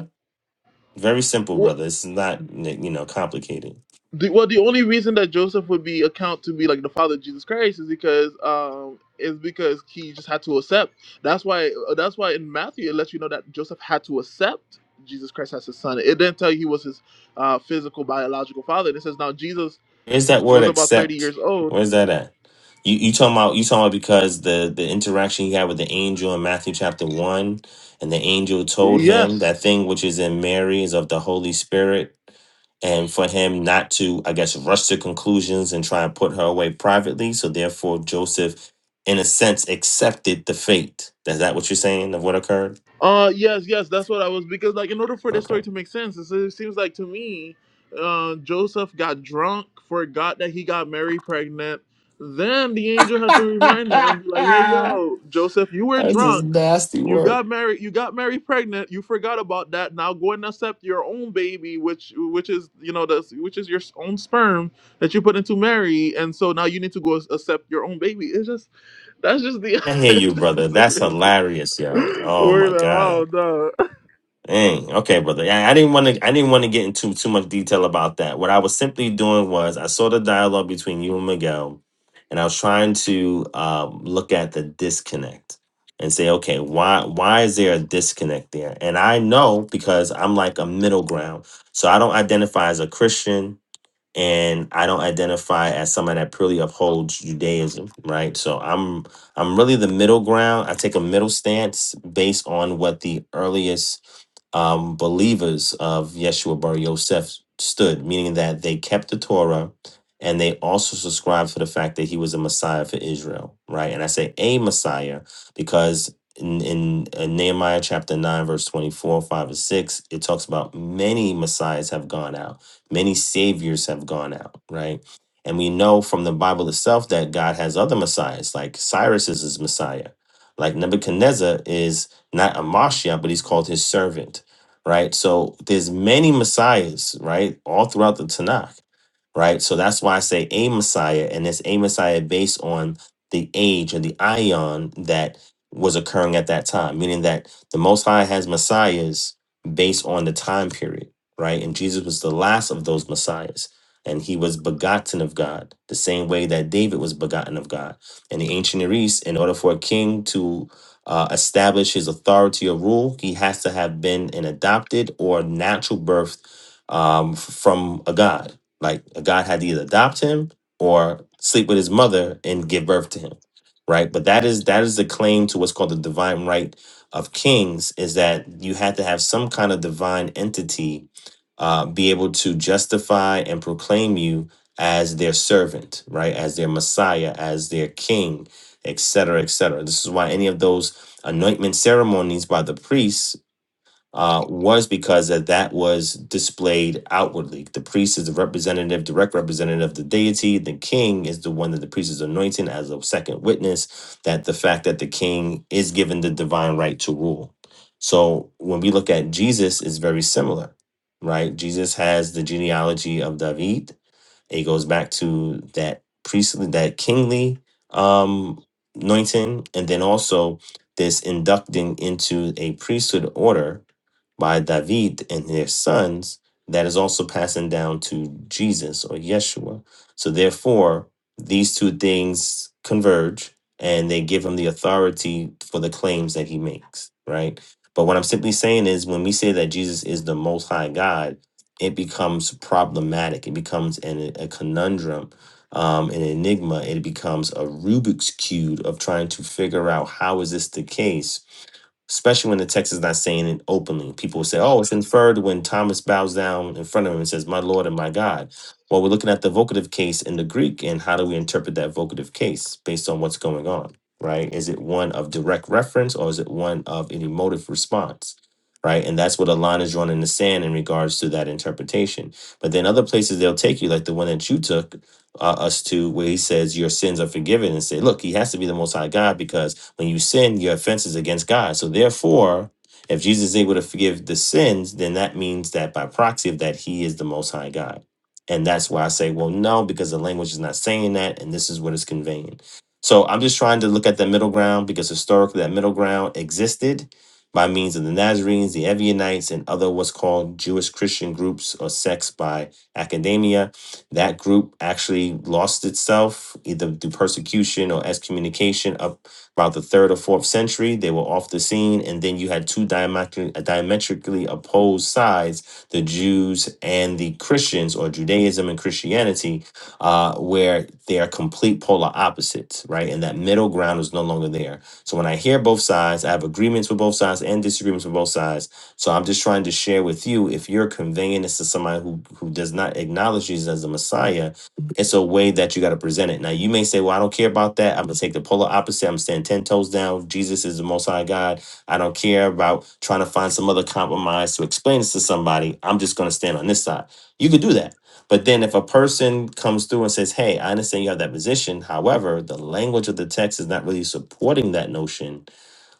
F: Very simple, brother. It's not like, you know complicated.
B: The, well, the only reason that Joseph would be account to be like the father of Jesus Christ is because um is because he just had to accept. That's why uh, that's why in Matthew it lets you know that Joseph had to accept Jesus Christ as his son. It didn't tell you he was his uh, physical biological father. It says now Jesus
F: Where's that word
B: was about thirty
F: accept?
B: years old.
F: Where's that at? You you talking about you talking about because the the interaction he had with the angel in Matthew chapter one, and the angel told him
B: Yes,
F: that thing which is in Mary is of the Holy Spirit, and for him not to I guess rush to conclusions and try and put her away privately. So therefore, Joseph, in a sense, accepted the fate. Is that what you're saying of what occurred?
B: Uh, yes, yes, that's what I was because like in order for this
F: Okay.
B: story to make sense, it se- seems like to me, uh, Joseph got drunk, forgot that he got Mary pregnant. Then the angel had to remind him and be like, "Hey, yo, Joseph, you were
F: That's just
B: drunk.
F: nasty
B: You
F: work.
B: got married. You got Mary pregnant. You forgot about that. Now go and accept your own baby, which which is you know the which is your s- own sperm that you put into Mary, and so now you need to go ac- accept your own baby. It's just that's just the
F: I hear
B: it
F: you,
B: just
F: brother.
B: doesn't
F: That's
B: really
F: hilarious, yo. Oh
B: work
F: my
B: that
F: god.
B: out. no.
F: Dang. Okay, brother. Yeah, I didn't want to. I didn't want to get into too much detail about that. What I was simply doing was I saw the dialogue between you and Miguel, and I was trying to um, look at the disconnect and say, okay, why why is there a disconnect there? And I know because I'm like a middle ground, so I don't identify as a Christian. and I don't identify as someone that purely upholds Judaism, right? So I'm I'm really the middle ground. I take a middle stance based on what the earliest um, believers of Yeshua Bar Yosef stood, meaning that they kept the Torah and they also subscribed to the fact that he was a Messiah for Israel, right? And I say a Messiah because in, in uh, Nehemiah chapter 9, verse 24, 5, and 6, it talks about many Messiahs have gone out, many Saviors have gone out, right? And we know from the Bible itself that God has other Messiahs, like Cyrus is his Messiah, like Nebuchadnezzar is not a Mashiach, but he's called his servant right? So there's many messiahs, right, all throughout the Tanakh right? So that's why I say a Messiah, and it's a Messiah based on the age or the ion that was occurring at that time, meaning that the Most High has Messiahs based on the time period, right? And Jesus was the last of those Messiahs, and he was begotten of God, the same way that David was begotten of God. In the ancient Near East, in order for a king to uh, establish his authority or rule, he has to have been an adopted or natural birth um, f- from a god like God had to either adopt him or sleep with his mother and give birth to him, right? But that is that is the claim to what's called the divine right of kings is that you had to have some kind of divine entity uh, be able to justify and proclaim you as their servant, right? As their Messiah, as their king, etc., etc. This is why any of those anointment ceremonies by the priests uh, was because that that was displayed outwardly. The priest is the representative, direct representative of the deity. The king is the one that the priest is anointing as a second witness that the fact that the king is given the divine right to rule. So when we look at Jesus, it's very similar, right? Jesus has the genealogy of David it goes back to that priestly, that kingly um, anointing, and then also this inducting into a priesthood order by David and their sons that is also passing down to Jesus or Yeshua. So therefore, these two things converge and they give him the authority for the claims that he makes, right? But what I'm simply saying is when we say that Jesus is the most high God, it becomes problematic. It becomes an, a conundrum, um, an enigma. It becomes a Rubik's cube of trying to figure out how is this the case especially when the text is not saying it openly. People will say, oh, it's inferred when Thomas bows down in front of him and says, my Lord and my God. Well, we're looking at the vocative case in the Greek, and how do we interpret that vocative case based on what's going on, right? Is it one of direct reference or is it one of an emotive response? Right. And that's what a line is drawn in the sand in regards to that interpretation. But then other places they'll take you, like the one that you took uh, us to, where he says, Your sins are forgiven, and say, Look, he has to be the Most High God because when you sin, your offense is against God. So therefore, if Jesus is able to forgive the sins, then that means that by proxy of that, he is the most high God. And that's why I say, well, no, because the language is not saying that, and this is what it's conveying. So I'm just trying to look at that middle ground because historically that middle ground existed by means of the Nazarenes, the Ebionites, and other what's called Jewish Christian groups or sects by academia that group actually lost itself either through persecution or excommunication up about the third or fourth century, they were off the scene, and then you had two diametri- diametrically opposed sides the Jews and the Christians, or Judaism and Christianity, uh, where they are complete polar opposites, right? And that middle ground is no longer there. So when I hear both sides, I have agreements with both sides and disagreements with both sides. So I'm just trying to share with you if you're conveying this to somebody who, who does not acknowledge Jesus as the Messiah it's a way that you got to present it. Now you may say, "Well, I don't care about that. I'm gonna take the polar opposite. I'm staying ten toes down. Jesus is the Most High God. I don't care about trying to find some other compromise to explain this to somebody. I'm just gonna stand on this side." You could do that, but then if a person comes through and says, "Hey, I understand you have that position. However, the language of the text is not really supporting that notion."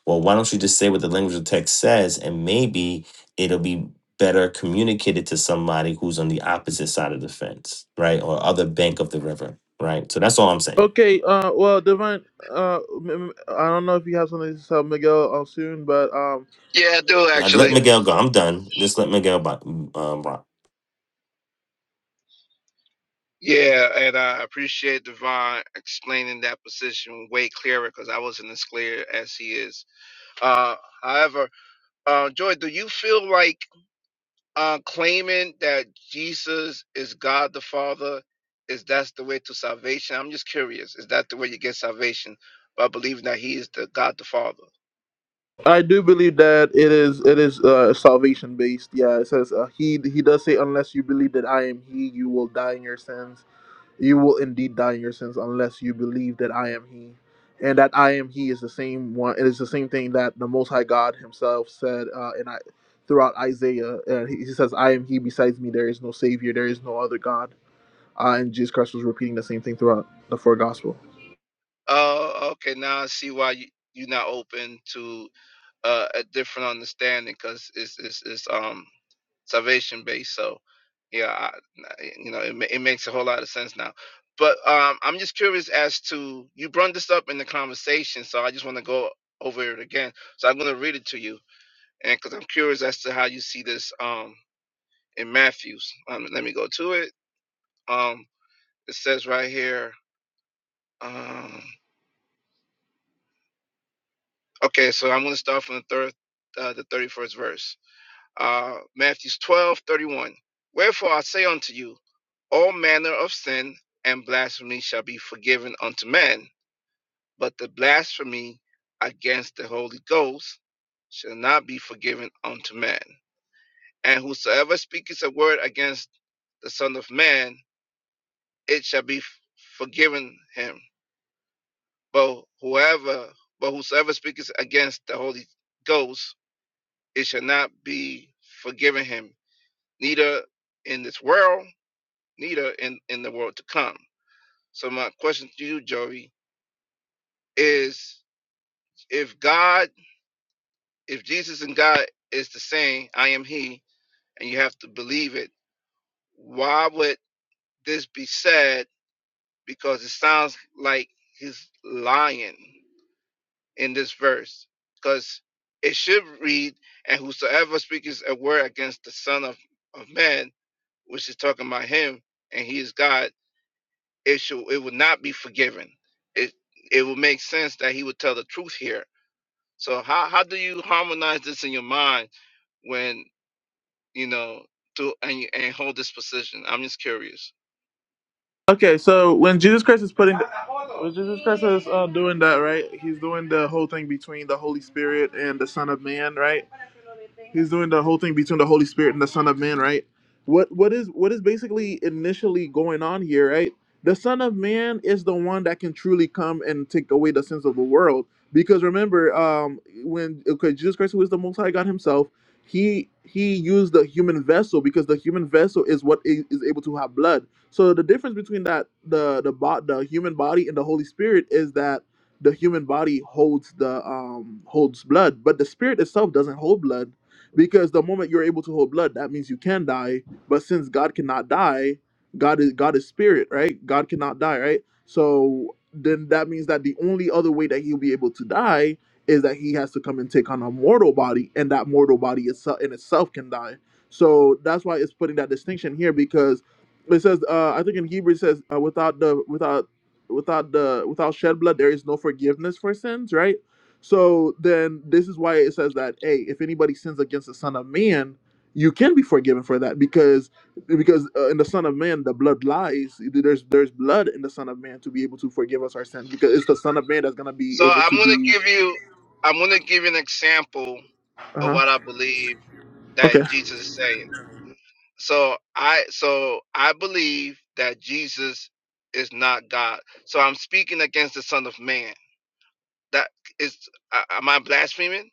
F: Well, why don't you just say what the language of the text says, and maybe it'll be better communicated to somebody who's on the opposite side of the fence, right? Or other bank of the river, right? So that's all I'm saying.
B: Okay, uh, well, Divine, uh, m- m- I don't know if you have something to tell Miguel uh, soon, but um,
E: Yeah, I do
F: Now, Let
E: actually.
B: okay,
F: Miguel go. I'm done. Just let Miguel bo- um, rock.
E: Yeah, and I appreciate Devon explaining that position way clearer because I wasn't as clear as he is. Uh, however, uh, Joy, do you feel like uh, claiming that Jesus is God the Father is that's the way to salvation? I'm just curious. Is that the way you get salvation by believing that He is the God the Father?
B: I do believe that it is it is uh salvation based. Yeah, it says uh, he he does say unless you believe that I am he, you will die in your sins. You will indeed die in your sins unless you believe that I am he, and that I am he is the same one. It is the same thing that the Most High God Himself said, uh, and I throughout Isaiah, and he, he says, "I am he. Besides me, there is no savior. There is no other God." uh, and Jesus Christ was repeating the same thing throughout the four gospel.
E: Oh, okay. Now I see why you, you're not open to uh, a different understanding because it's, it's it's um salvation based. So yeah, I, you know, it, it makes a whole lot of sense now. But um, I'm just curious as to you brought this up in the conversation, so I just want to go over it again. So I'm going to read it to you, and because I'm curious as to how you see this um, in Matthew's. Um, let me go to it. Um, it says right here. Um, okay, so I'm going to start from the third, uh, the 31st verse. Uh, Matthews 12, thirty one. Wherefore I say unto you, all manner of sin and blasphemy shall be forgiven unto men, but the blasphemy against the Holy Ghost shall not be forgiven unto men. And whosoever speaketh a word against the Son of Man, it shall be f- forgiven him. But whoever, but whosoever speaketh against the Holy Ghost, it shall not be forgiven him, neither in this world, neither in, in the world to come. So my question to you, Joey, is if God, if Jesus and God is the same, I am He, and you have to believe it, why would this be said? Because it sounds like he's lying in this verse. Because it should read, and whosoever speaks a word against the Son of, of Man, which is talking about him, and he is God, it should it would not be forgiven. It it would make sense that he would tell the truth here. So how how do you harmonize this in your mind when you know to and you- and hold this position? I'm just curious.
B: Okay, so when Jesus Christ is putting, when Jesus Christ is uh, doing that, right? He's doing the whole thing between the Holy Spirit and the Son of Man, right? He's doing the whole thing between the Holy Spirit and the Son of Man, right? What what is what is basically initially going on here, right? The Son of Man is the one that can truly come and take away the sins of the world. Because remember, um, when okay, Jesus Christ, who is the Most High God Himself, he he used the human vessel because the human vessel is what i- is able to have blood. So the difference between that the the bo- the human body and the Holy Spirit is that the human body holds the um holds blood, but the spirit itself doesn't hold blood because the moment you're able to hold blood, that means you can die. But since God cannot die, God is God is spirit, right? God cannot die, right? So then that means that the only other way that he'll be able to die is that he has to come and take on a mortal body, and that mortal body itself in itself can die. So that's why it's putting that distinction here because it says, uh, I think in Hebrew it says, uh, without the without without the without shed blood there is no forgiveness for sins, right? So then this is why it says that, hey, if anybody sins against the Son of Man, you can be forgiven for that because because uh, in the Son of Man the blood lies. There's there's blood in the Son of Man to be able to forgive us our sins because it's the Son of Man that's gonna be
E: So
B: able
E: I'm
B: to
E: gonna
B: be.
E: give you I'm gonna give you an example
B: Uh
E: of
B: huh.
E: what I believe
B: Okay.
E: that Jesus is saying. So I so I believe that Jesus is not God. So I'm speaking against the Son of Man. That is, I- am I blaspheming?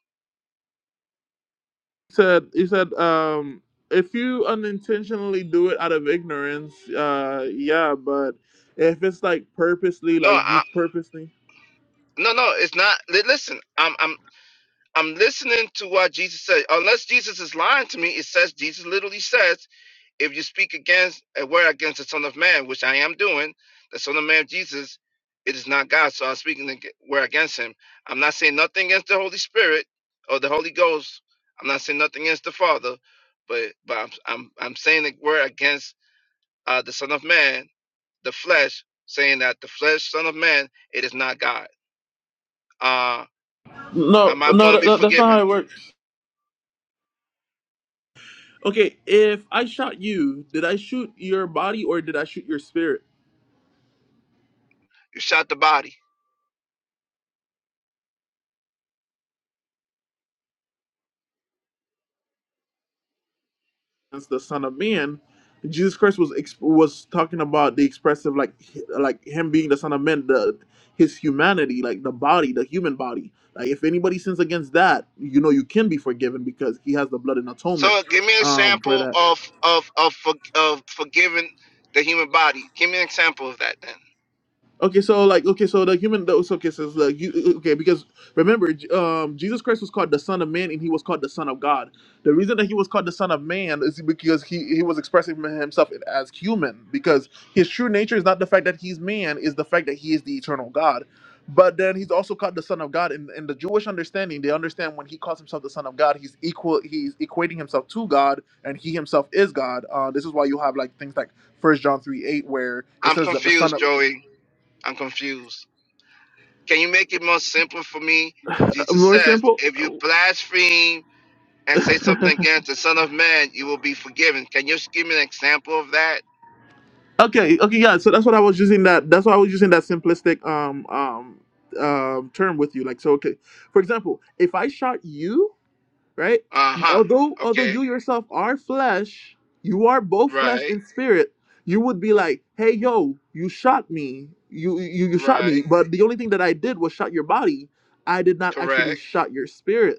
B: He said he said um if you unintentionally do it out of ignorance, uh yeah, but if it's like purposely,
E: No,
B: like you purposely.
E: No, no, it's not. li- Listen, I'm I'm I'm listening to what Jesus said. Unless Jesus is lying to me, it says Jesus literally says, if you speak against a word against the Son of Man, which I am doing, the Son of Man Jesus, it is not God. So I'm speaking ag- word against him. I'm not saying nothing against the Holy Spirit or the Holy Ghost. I'm not saying nothing against the Father, but but I'm I'm I'm saying the word against uh, the Son of Man the flesh, saying that the flesh, son of man, it is not God. Uh,
B: No,
E: Am I
B: no,
E: going to
B: that,
E: be
B: that- that's not how
E: forgiven?
B: it works. Okay, if I shot you, did I shoot your body or did I shoot your spirit?
E: You shot the body.
B: As the Son of Man, Jesus Christ was ex- was talking about the expressive, like h- like him being the Son of Man, the his humanity, like the body, the human body. Like if anybody sins against that, you know you can be forgiven because he has the blood and atonement
E: So give me an
B: um, for
E: example
B: that.
E: of of of for, of forgiving the human body. Give me an example of that. Then
B: Okay, so like, okay, so the human, those okay, so it's like, you, okay, because remember, J- um, Jesus Christ was called the Son of Man, and he was called the Son of God. The reason that he was called the Son of Man is because he he was expressing himself as human, because his true nature is not the fact that he's man, is the fact that he is the eternal God. But then he's also called the Son of God, and in in the Jewish understanding, they understand when he calls himself the Son of God, he's equal, he's equating himself to God, and he himself is God. Uh, this is why you have like things like First John three eight, where it
E: I'm
B: says that the Son
E: confused,
B: of
E: Joey. I'm confused. Can you make it more simple for me? Jesus
B: More
E: says,
B: simple.
E: if you blaspheme and say
B: okay,
E: something against the Son of Man, you will be forgiven. Can you just give me an example of that?
B: okay, yeah. So that's what I was using that. That's why I was using that simplistic um um um term with you. Like so, okay. For example, if I shot you, right?
E: Uh
B: You,
E: huh.
B: although although you
E: Okay.
B: yourself are flesh, you are both flesh
E: Right.
B: and spirit. You would be like, hey, yo, you shot me. You you you shot
E: Right.
B: me. But the only thing that I did was shot your body. I did not
E: Correct.
B: actually shot your spirit.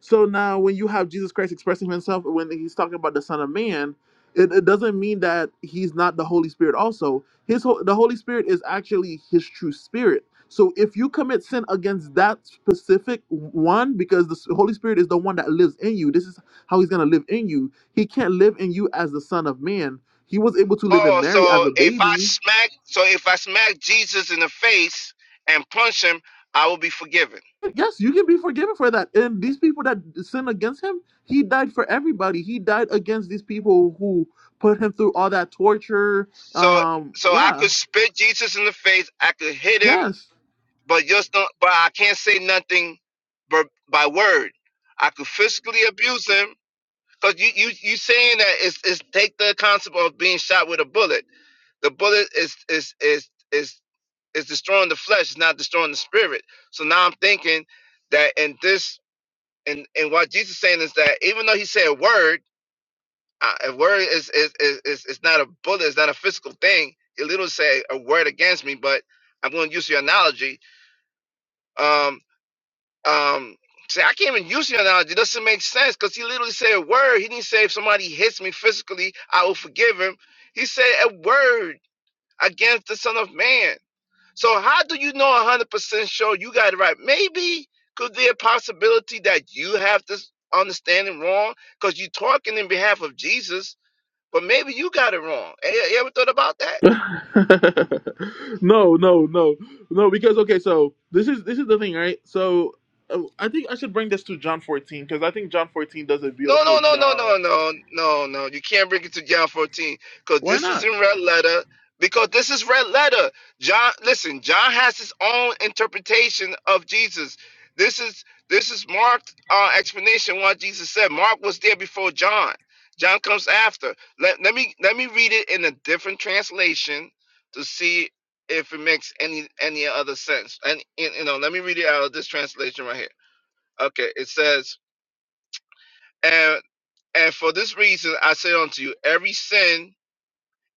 B: So now, when you have Jesus Christ expressing himself, when he's talking about the Son of Man, it, it doesn't mean that he's not the Holy Spirit. Also, his ho- the Holy Spirit is actually his true spirit. So if you commit sin against that specific one, because the s- Holy Spirit is the one that lives in you, this is how he's gonna live in you. He can't live in you as the Son of Man. He was able to live in
E: Oh,
B: Mary as
E: so
B: a
E: if I
B: baby,
E: smack, so if I smack Jesus in the face and punch him, I will be forgiven.
B: Yes, you can be forgiven for that. And these people that sin against him, he died for everybody. He died against these people who put him through all that torture.
E: So,
B: Um,
E: so I
B: yeah,
E: could spit Jesus in the face, I could hit him,
B: yes.
E: but just don't, but I can't say nothing, but by word, I could physically abuse him. Cause you you you saying that is is take the concept of being shot with a bullet. The bullet is is is is is destroying the flesh. It's not destroying the spirit. So now I'm thinking that in this and and what Jesus is saying is that even though he said word, uh, a word is is, is is is not a bullet, it's not a physical thing. It literally say a word against me, but I'm going to use your analogy. Um, um, say I can't even use your analogy. It doesn't make sense because he literally said a word. He didn't say if somebody hits me physically, I will forgive him. He said a word against the Son of Man. So how do you know 100% sure you got it right? Maybe could there be a possibility that you have this understanding wrong because you're talking in behalf of Jesus, but maybe you got it wrong. Eh, You ever thought about that?
B: no, no, no, no. Because okay, so this is this is the thing, right? So uh, I think I should bring this to John 14 because I think John 14 does a
E: No,
B: beautiful
E: no, no, no,
B: job.
E: no, no, no, no. You can't bring it to John 14 because
B: Why
E: this is
B: not?
E: in red letter. Because this is red letter. John, listen, John has his own interpretation of Jesus. This is this is Mark's uh, explanation why Jesus said Mark was there before John. John comes after. Let, let me let me read it in a different translation to see if it makes any any other sense. And you know, let me read it out of this translation right here. Okay, it says. and. And for this reason I say unto you, every sin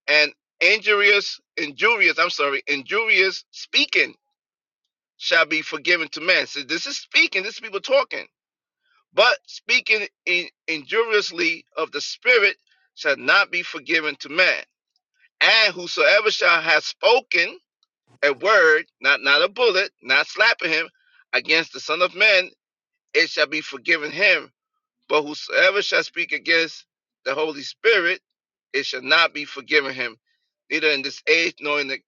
E: and injurious, injurious, I'm sorry, injurious speaking shall be forgiven to men. So this is speaking, this is people talking. But speaking in, injuriously of the Spirit shall not be forgiven to man. And whosoever shall have spoken a word, not not a bullet, not slapping him, against the Son of Man, it shall be forgiven him But whosoever shall speak against the Holy Spirit, it shall not be forgiven him, neither in this age nor in the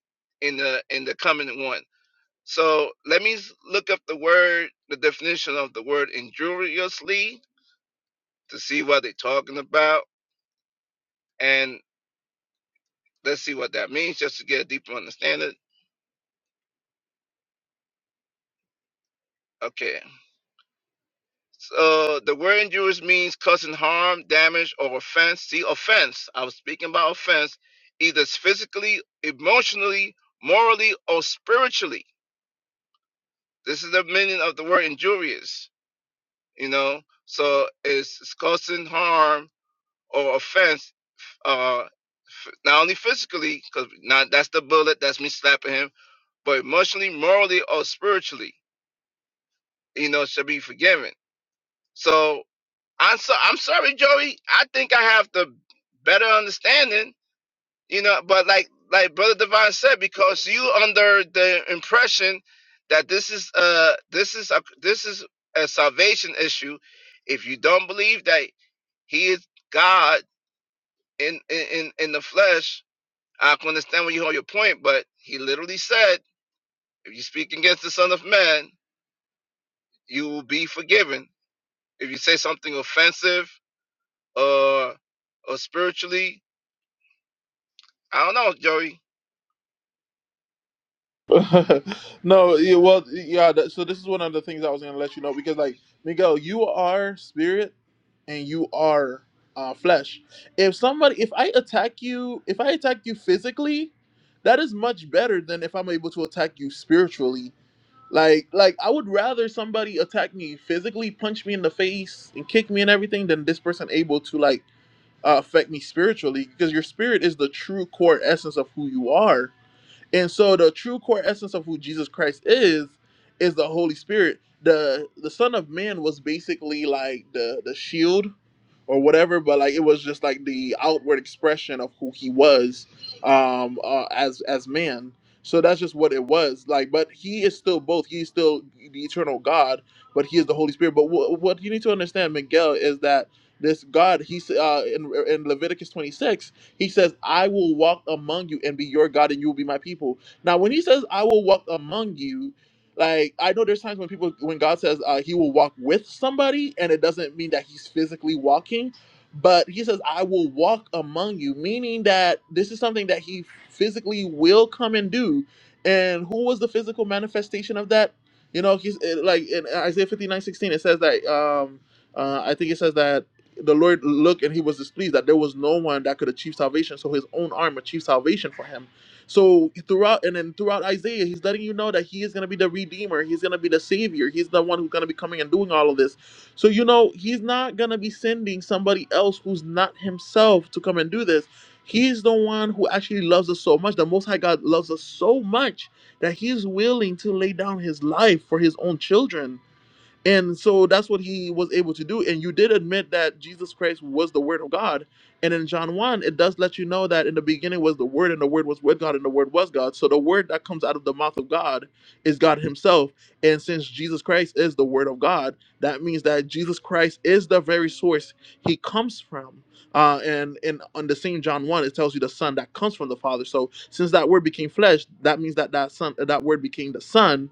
E: in the in the coming one. So let me s- look up the word, the definition of the word injuriously to see what they're talking about, and let's see what that means, just to get a deeper understanding. Okay, Uh, the word injurious means causing harm, damage, or offense. See, offense. I was speaking about offense, either physically, emotionally, morally, or spiritually. This is the meaning of the word injurious. You know, so it's, it's causing harm or offense. Uh, f- not only physically, because not that's the bullet, that's me slapping him, but emotionally, morally, or spiritually. You know, should be forgiven. So I'm so I'm sorry, Joey. I think I have the better understanding, you know. But like like Brother Divine said, because you under the impression that this is uh this is a this is a salvation issue. If you don't believe that He is God in in in the flesh, I can understand where you hold your point. But He literally said, if you speak against the Son of Man, you will be forgiven. If you say something offensive or or spiritually I don't know, Joey.
B: no, yeah, well, yeah. That, so this is one of the things I was gonna let you know because, like, Miguel, you are spirit and you are uh, flesh. If somebody, if I attack you, if I attack you physically, that is much better than if I'm able to attack you spiritually. Like, like I would rather somebody attack me physically, punch me in the face, and kick me and everything, than this person able to like uh, affect me spiritually because your spirit is the true core essence of who you are and so the true core essence of who Jesus Christ is is the Holy Spirit. The the Son of Man was basically like the the shield or whatever, but like it was just like the outward expression of who he was um uh, as as man. So that's just what it was. Like but he is still both. He's still the eternal God, but he is the Holy Spirit. But wh- what you need to understand Miguel is that this God he's uh in in Leviticus 26 he says, I will walk among you and be your God, and you will be my people. Now, when he says, I will walk among you, like I know there's times when people, when God says uh, he will walk with somebody, and it doesn't mean that he's physically walking, but he says, I will walk among you, meaning that this is something that he physically will come and do. And who was the physical manifestation of that? You know, he's eh, like in Isaiah 59:16. it says that, um, uh, I think it says that the Lord looked and he was displeased that there was no one that could achieve salvation. So his own arm achieved salvation for him. So throughout and then throughout Isaiah, he's letting you know that he is gonna be the redeemer, he's gonna be the savior, he's the one who's gonna be coming and doing all of this. So you know, he's not gonna be sending somebody else who's not himself to come and do this. He's the one who actually loves us so much. The Most High God loves us so much that He's willing to lay down His life for His own children and so that's what he was able to do. And you did admit that Jesus Christ was the Word of God. And in John 1, it does let you know that in the beginning was the Word, and the Word was with God, and the Word was God. So the Word that comes out of the mouth of God is God Himself. And since Jesus Christ is the Word of God, that means that Jesus Christ is the very source He comes from. Uh, and in on the same John 1, it tells you the Son that comes from the Father. So since that Word became flesh, that means that that Son, that Word became the Son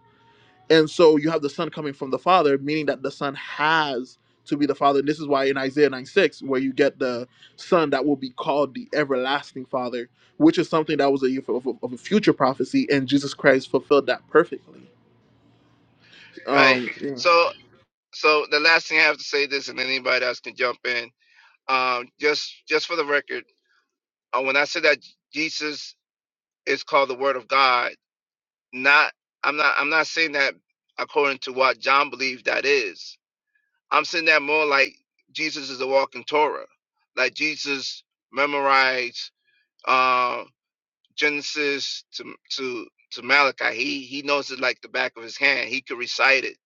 B: and so you have the son coming from the father, meaning that the son has to be the father. And This is why in Isaiah 9 6, where you get the son that will be called the everlasting father, which is something that was a, of, of a future prophecy, and Jesus Christ fulfilled that perfectly.
E: Right.
B: Um, yeah.
E: So so the last thing I have to say this, and anybody else can jump in. Um, just just for the record, uh, when I said that Jesus is called the Word of God, not I'm not I'm not saying that according to what John believed that is. I'm saying that more like Jesus is a walking Torah, like Jesus memorized uh, Genesis to to to Malachi. He he knows it like the back of his hand. He could recite it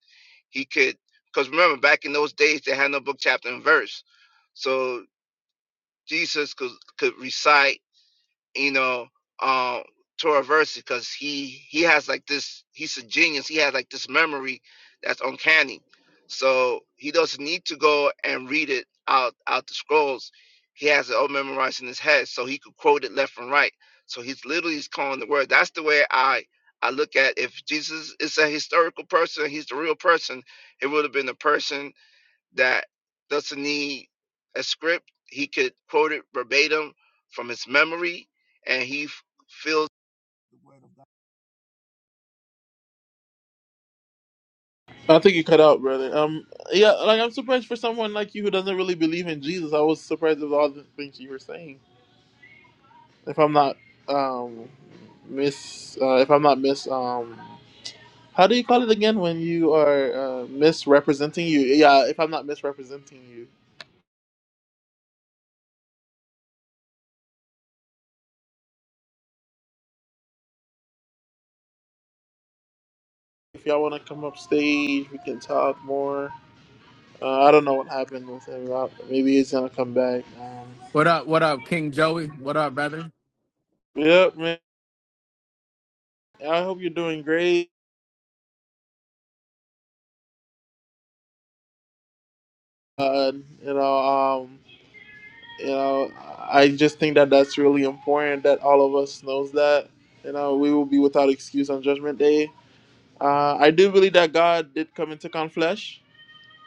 E: He could, because remember, back in those days, they had no book, chapter, and verse. So Jesus could, could recite you know, um, Tora Verse because he he has like this. He's a genius. He has like this memory that's uncanny. So he doesn't need to go and read it out out the scrolls. He has it all memorized in his head, so he could quote it left and right. So he's literally he's calling the word. That's the way I I look at. If Jesus is a historical person, he's the real person. It would have been a person that doesn't need a script. He could quote it verbatim from his memory, and he f- feels
B: I think you cut out, brother. Um, yeah, like I'm surprised for someone like you who doesn't really believe in Jesus. I was surprised with all the things you were saying. If I'm not um, miss, uh, if I'm not miss, um, How do you call it again when you are uh, misrepresenting you? Yeah, if I'm not misrepresenting you. If y'all want to come up stage, we can talk more. Uh, I don't know what happened with him. Uh, Maybe he's gonna come back. Um,
G: What up? What up, King Joey? What up, brother?
B: yep, man. I hope you're doing great. Uh, you know, um, you know, I just think that that's really important that all of us knows that. You know, we will be without excuse on Judgment Day. Uh, I do believe that God did come and take on flesh.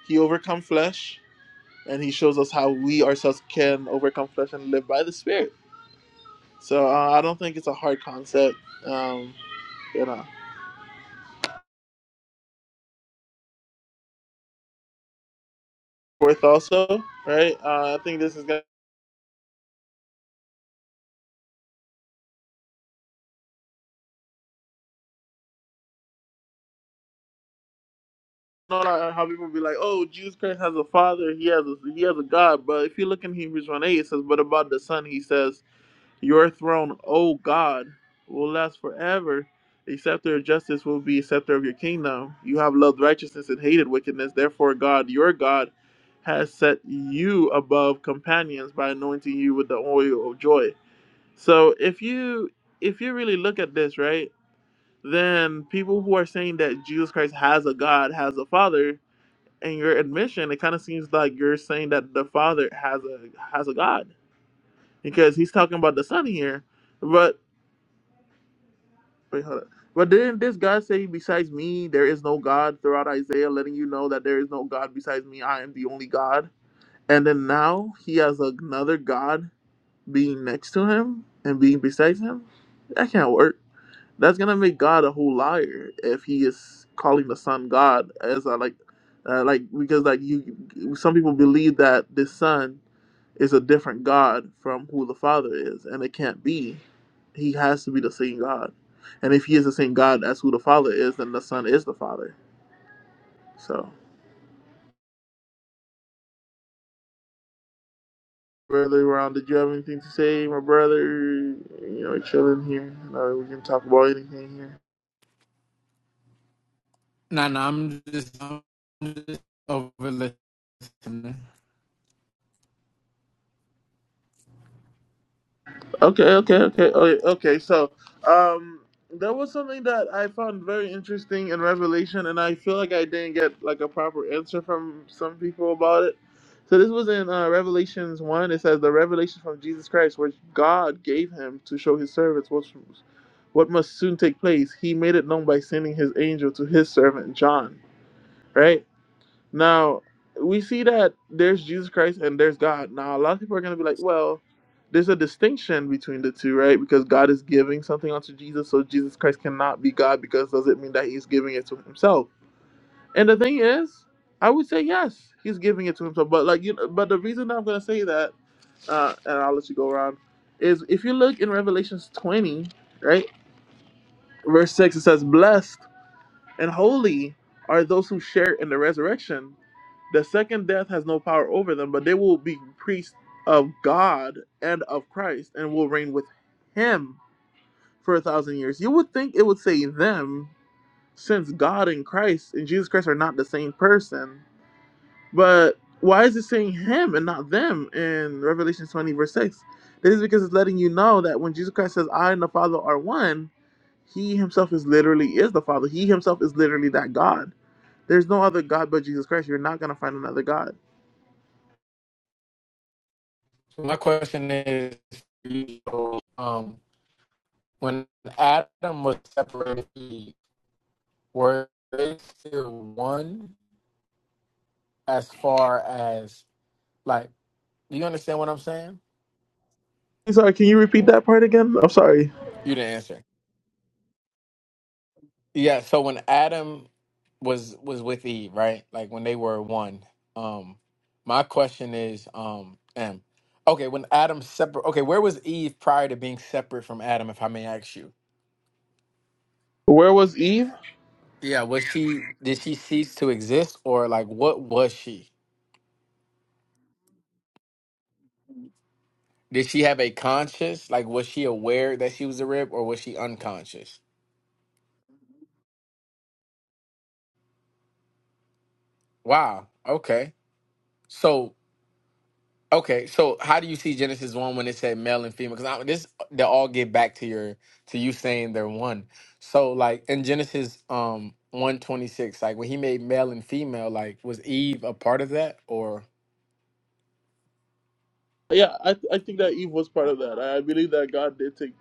B: He overcome flesh and he shows us how we ourselves can overcome flesh and live by the spirit so uh, i don't think it's a hard concept um you know fourth also right uh, i think this is gonna you know, like how people be like oh jesus christ has a father he has a he has a god but if you look in hebrews 1 8 it says but about the son he says Your throne, O God, will last forever. The scepter of justice will be a scepter of your kingdom. You have loved righteousness and hated wickedness. Therefore, God, your God, has set you above companions by anointing you with the oil of joy. So, if you if you really look at this, right, then people who are saying that Jesus Christ has a God, has a Father, in your admission, it kind of seems like you're saying that the Father has a has a God because He's talking about the Son here. But Wait, hold up. But didn't this guy say, besides me, there is no God throughout Isaiah, letting you know that there is no God besides me? I am the only God. And then now he has another God being next to him and being beside him? That can't work. That's going to make God a whole liar if he is calling the son God as a, like, uh, like because like you, some people believe that the son is a different God from who the Father is, and it can't be. He has to be the same God, and if he is the same God as who the Father is, then the Son is the Father. So, brother Ron, did you have anything to say, my brother? You know, we're chilling here. Uh, we can talk about anything here.
G: Nah, nah, I'm just, I'm just over listening.
B: Okay, okay, okay, okay. okay. So, um, there was something that I found very interesting in Revelation, and I feel like I didn't get like a proper answer from some people about it. So this was in uh, Revelations one. It says the revelation from Jesus Christ, which God gave him to show His servants what what must soon take place. He made it known by sending His angel to His servant John. Right. Now we see that there's Jesus Christ and there's God. Now a lot of people are going to be like, well, there's a distinction between the two, right? Because God is giving something unto Jesus, so Jesus Christ cannot be God because does it mean that he's giving it to himself? And the thing is, I would say yes, he's giving it to himself. But like you, know, but the reason I'm going to say that, uh, and I'll let you go around, is if you look in Revelations 20, right, verse six, it says, "Blessed." And holy are those who share in the resurrection. The second death has no power over them, but they will be priests of God and of Christ and will reign with him for a thousand years. You would think it would say them, since God and Christ and Jesus Christ are not the same person. But why is it saying him and not them in Revelation 20, verse 6? This is because it's letting you know that when Jesus Christ says, I and the Father are one, he himself is literally is the Father. He himself is literally that God there's no other God but Jesus Christ. You're not gonna find another God.
G: So my question is, so, um, when Adam was separated, were they still one as far as like? Do you understand what I'm saying?
B: I'm sorry, can you repeat that part again? I'm sorry.
G: You didn't answer. Yeah, so when Adam was was with Eve, right? Like when they were one. Um my question is um M. Okay, when Adam separate Okay, where was Eve prior to being separate from Adam if I may ask you?
B: Where was Eve?
G: Yeah, was she did she cease to exist or like what was she? Did she have a conscious? Like was she aware that she was a rib or was she unconscious? Wow. Okay. So Okay, so how do you see Genesis one when it said male and female? Because this they all get back to your to you saying they're one. So like in Genesis um one twenty six, like when he made male and female, like was Eve a part of that or
B: Yeah, I, th- I think that Eve was part of that. I, believe that God did take,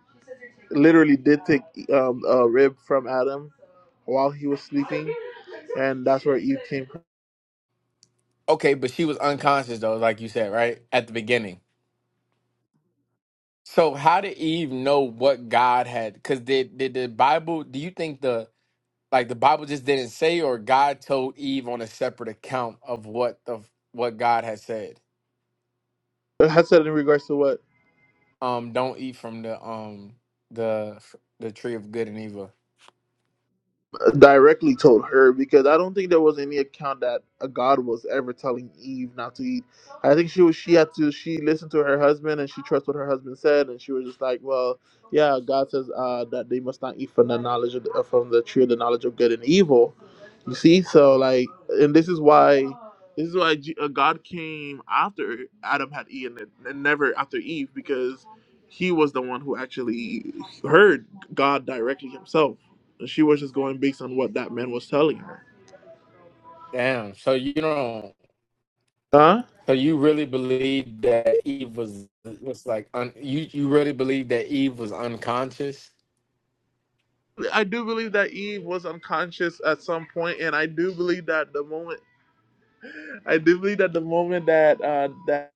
B: literally did take um, a rib from Adam while he was sleeping, and that's where Eve came. from.
G: okay? But she was unconscious though, like you said right at the beginning. So how did Eve know what God had? Because did did the Bible? Do you think the like the Bible just didn't say, or God told Eve on a separate account of what the what God had said?
B: It has said in regards to what?
G: Um, don't eat from the um the the tree of good and evil.
B: directly told her because I don't think there was any account that a God was ever telling Eve not to eat. I think she was she had to she listened to her husband and she trusted what her husband said and she was just like, well, yeah, God says uh, that they must not eat from the knowledge of the, uh, from the tree of the knowledge of good and evil. You see, so like, and this is why this is why G- uh, God came after Adam had eaten it and never after Eve because he was the one who actually heard God directly himself she was just going based on what that man was telling her.
G: Damn. So you don't.
B: Huh?
G: So you really believe that Eve was was like un, you you really believe that Eve was unconscious?
B: I do believe that Eve was unconscious at some point, and I do believe that the moment, I do believe that the moment that uh, that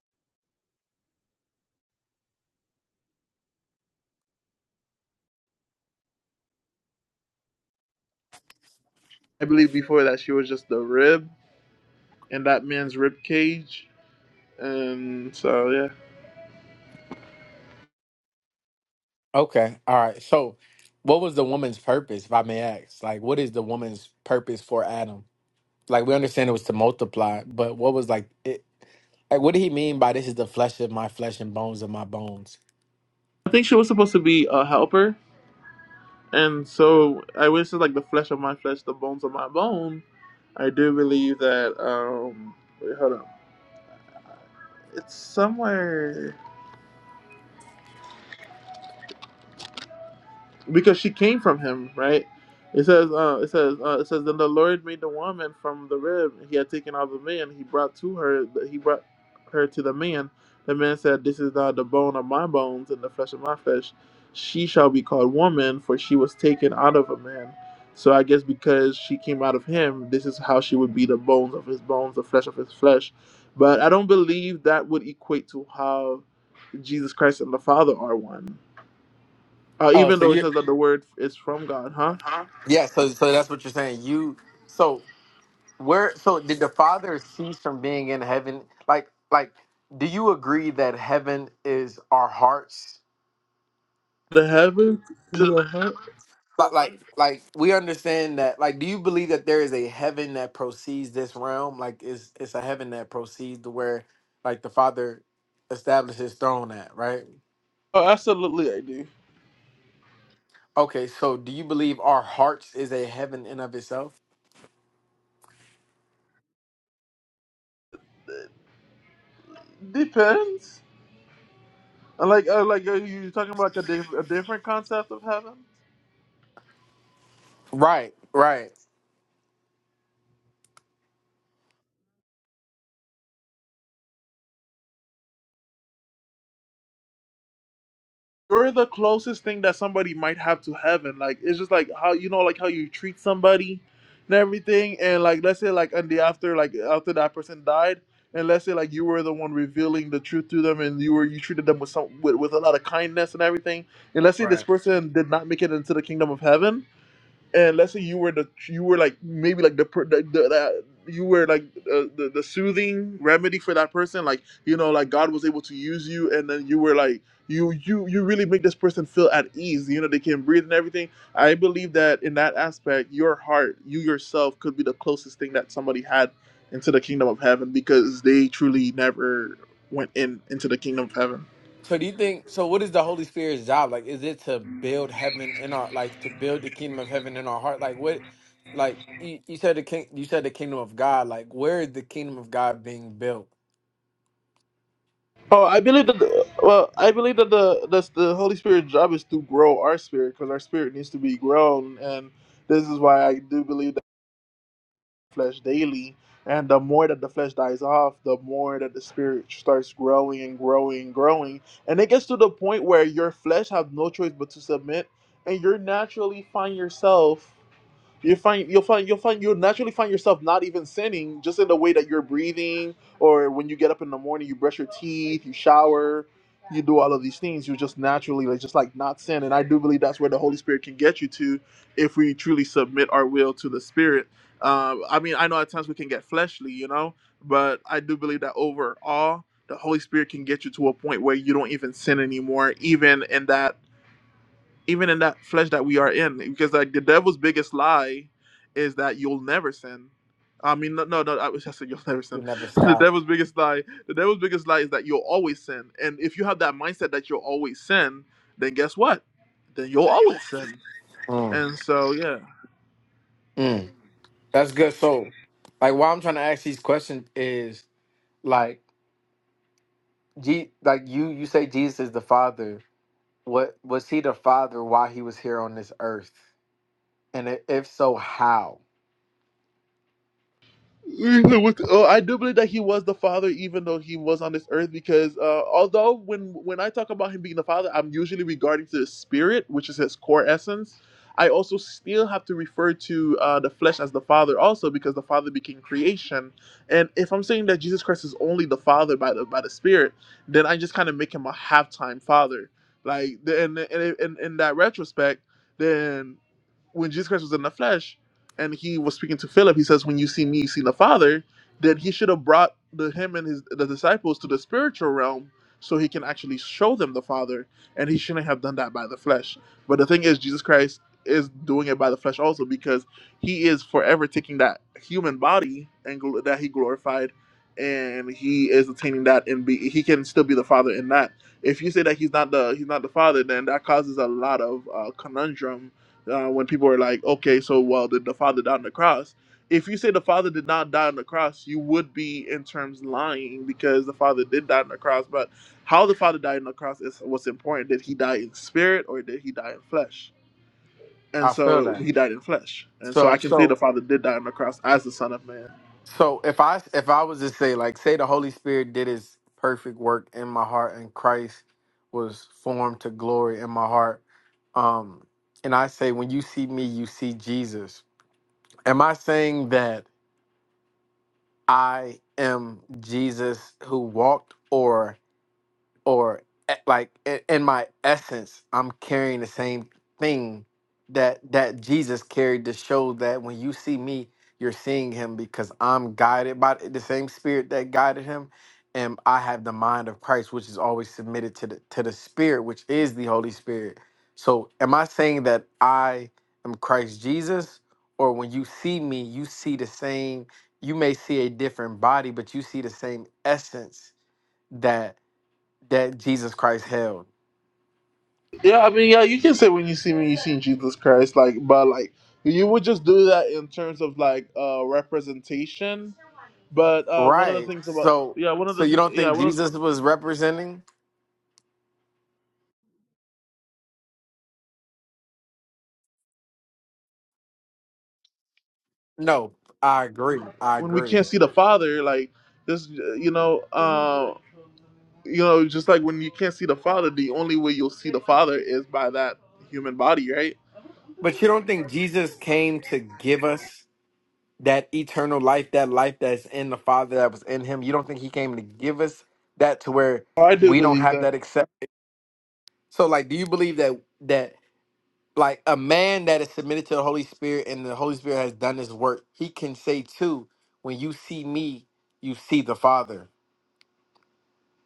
B: I believe before that she was just the rib and that man's rib cage, and so yeah,
G: Okay. All right. So what was the woman's purpose, if I may ask? Like what is the woman's purpose for Adam? Like we understand it was to multiply, but what was like it like what did he mean by this is the flesh of my flesh and bones of my bones?
B: I think she was supposed to be a helper, and so I wish it's like the flesh of my flesh, the bones of my bone. I do believe that. um Wait, hold on. It's somewhere. because she came from him, right? It says, uh, it says, uh, it says, then the Lord made the woman from the rib he had taken out of the man. He brought to her, he brought her to the man. The man said, "This is now the bone of my bones and the flesh of my flesh. She shall be called woman, for she was taken out of a man." So I guess because she came out of him, this is how she would be the bones of his bones, the flesh of his flesh. But I don't believe that would equate to how Jesus Christ and the Father are one uh,
G: Oh,
B: even
G: so
B: though it
G: you
B: says that the word is from God, huh?
G: yeah, so so that's what you're saying. You so where so did the father cease from being in heaven like like do you agree that heaven is our hearts
B: The heavens and the heart.
G: like like like we understand that like do you believe that there is a heaven that proceeds this realm like it's it's a heaven that proceeds to where like the father established his throne at right
B: Oh, absolutely, I do.
G: okay so do you believe our hearts is a heaven in of itself
B: Depends. And like, uh, like uh, you're talking about like a, diff- a different concept of heaven.
G: right right
B: You're the closest thing that somebody might have to heaven. Like, it's just like how you know, like how you treat somebody and everything. And like, let's say, like, and the after, like after that person died, and let's say, like, you were the one revealing the truth to them, and you were you treated them with some with, with a lot of kindness and everything. And let's say this
G: Right.
B: person did not make it into the kingdom of heaven and let's say you were the you were like maybe like the per- the, the that you were like the, the the soothing remedy for that person like you know like god was able to use you and then you were like you you you really make this person feel at ease you know they can breathe and everything i believe that in that aspect your heart you yourself could be the closest thing that somebody had into the kingdom of heaven because they truly never went in into the kingdom of heaven
G: So do you think so what is the Holy Spirit's job? Like is it to build heaven in our like to build the kingdom of heaven in our heart? Like what like you, you said the king you said the kingdom of God, like where is the kingdom of God being built?
B: Oh, I believe that. The, well, I believe that the that's the Holy Spirit's job is to grow our spirit because our spirit needs to be grown, and this is why I do believe that flesh daily. And the more that the flesh dies off, the more that the spirit starts growing and growing and growing, and it gets to the point where your flesh have no choice but to submit, and you naturally find yourself. You find you'll find you'll find you'll naturally find yourself not even sinning, just in the way that you're breathing, or when you get up in the morning, you brush your teeth, you shower, you do all of these things. you just naturally like just like not sin, and I do believe that's where the Holy Spirit can get you to, if we truly submit our will to the Spirit. Um, I mean, I know at times we can get fleshly, you know, but I do believe that overall, the Holy Spirit can get you to a point where you don't even sin anymore, even in that even in that flesh that we are in because like the devil's biggest lie is that you'll never sin i mean no no no i was just said you'll never
G: You
B: sin
G: never
B: the
G: stop.
B: devil's biggest lie the devil's biggest lie is that you'll always sin and if you have that mindset that you'll always sin then guess what then you'll always sin
G: Mm.
B: and so yeah
G: Mm. That's good. So like why I'm trying to ask these questions is like G like you you say Jesus is the Father. What was he the Father while he was here on this earth? And i- if so, how?
B: You know what- Oh, I do believe that he was the father, even though he was on this earth. Because uh, although when when I talk about him being the father, I'm usually regarding to the spirit, which is his core essence. I also still have to refer to uh, the flesh as the father, also because the father became creation. And if I'm saying that Jesus Christ is only the father by the by the spirit, then I just kind of make him a half time father. Like, the- and and in in that retrospect, then when Jesus Christ was in the flesh and he was speaking to Philip, he says, When you see me, you see the Father, then he should have brought the him and his the disciples to the spiritual realm so he can actually show them the Father. And he shouldn't have done that by the flesh. But the thing is, Jesus Christ is doing it by the flesh also because he is forever taking that human body and gl- that he glorified and he is attaining that and be he can still be the father in that if you say that he's not the he's not the father then that causes a lot of uh, conundrum uh, when people are like, okay, so well, did the Father die on the cross? If you say the Father did not die on the cross, you would be in terms lying because the Father did die on the cross. But how the Father died on the cross is what's important. Did he die in spirit or did he die in flesh? And
G: I feel
B: so
G: that.
B: he died in flesh. And so I
G: So
B: can say
G: so
B: the Father did die on the cross as the Son of Man.
G: So if I if I was to say like say the Holy Spirit did his perfect work in my heart and Christ was formed to glory in my heart um and I say when you see me you see Jesus am I saying that I am Jesus who walked or? or e- like i- in my essence i'm carrying the same thing that that jesus carried to show that when you see me you're seeing him because i'm guided by the same spirit that guided him and i have the mind of christ which is always submitted to the to the spirit which is the holy spirit so am i saying that i am christ jesus or when you see me you see the same you may see a different body but you see the same essence that that Jesus Christ held.
B: Yeah, I mean, yeah, you can say when you see me, you seen Jesus Christ, like, but like you would just do that in terms of like uh representation. But uh one of the
G: Right.
B: things about
G: So
B: yeah, one of
G: so
B: the
G: you
B: things
G: don't
B: yeah,
G: think
B: one of
G: Jesus was representing? No, I agree. I
B: when we
G: agree.
B: can't see the father like this, you know uh you know just like when you can't see the father the only way you'll see the father is by that human body right
G: But you don't think Jesus came to give us that eternal life, that life that's in the Father that was in him? You don't think he came to give us that to where
B: oh, i do
G: we don't
B: believe
G: have
B: that
G: that accept? So like do you believe that that like a man that is submitted to the Holy Spirit and the Holy Spirit has done his work, he can say too, when you see me, you see the Father.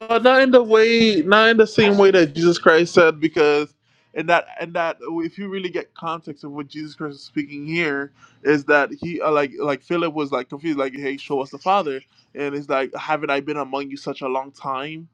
B: uh, not in the way not in the same way that jesus christ said because and that and that if you really get context of what jesus christ is speaking here is that he uh, like like philip was like confused like hey show us the father and it's like haven't i been among you such a long time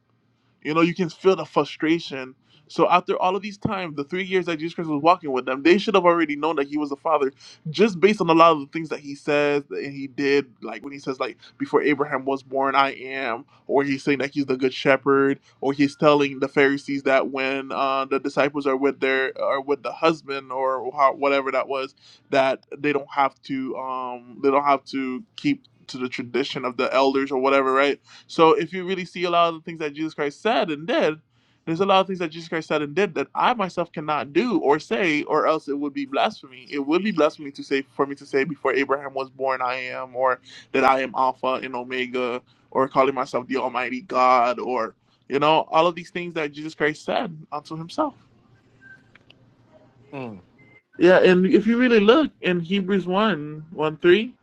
B: You know, you can feel the frustration. So after all of these times, the three years that Jesus Christ was walking with them, they should have already known that he was the Father, just based on a lot of the things that he says and he did, like when he says, like, before Abraham was born, I am, or he's saying that he's the good shepherd, or he's telling the Pharisees that when uh, the disciples are with their are with the husband or how, whatever that was, that they don't have to um they don't have to keep to the tradition of the elders or whatever, right? So if you really see a lot of the things that Jesus Christ said and did, there's a lot of things that Jesus Christ said and did that I myself cannot do or say, or else it would be blasphemy. It would be blasphemy to say for me to say before Abraham was born, I am, or that I am Alpha and Omega, or calling myself the Almighty God, or you know, all of these things that Jesus Christ said unto himself.
G: Mm.
B: Yeah, and if you really look in Hebrews one one 3,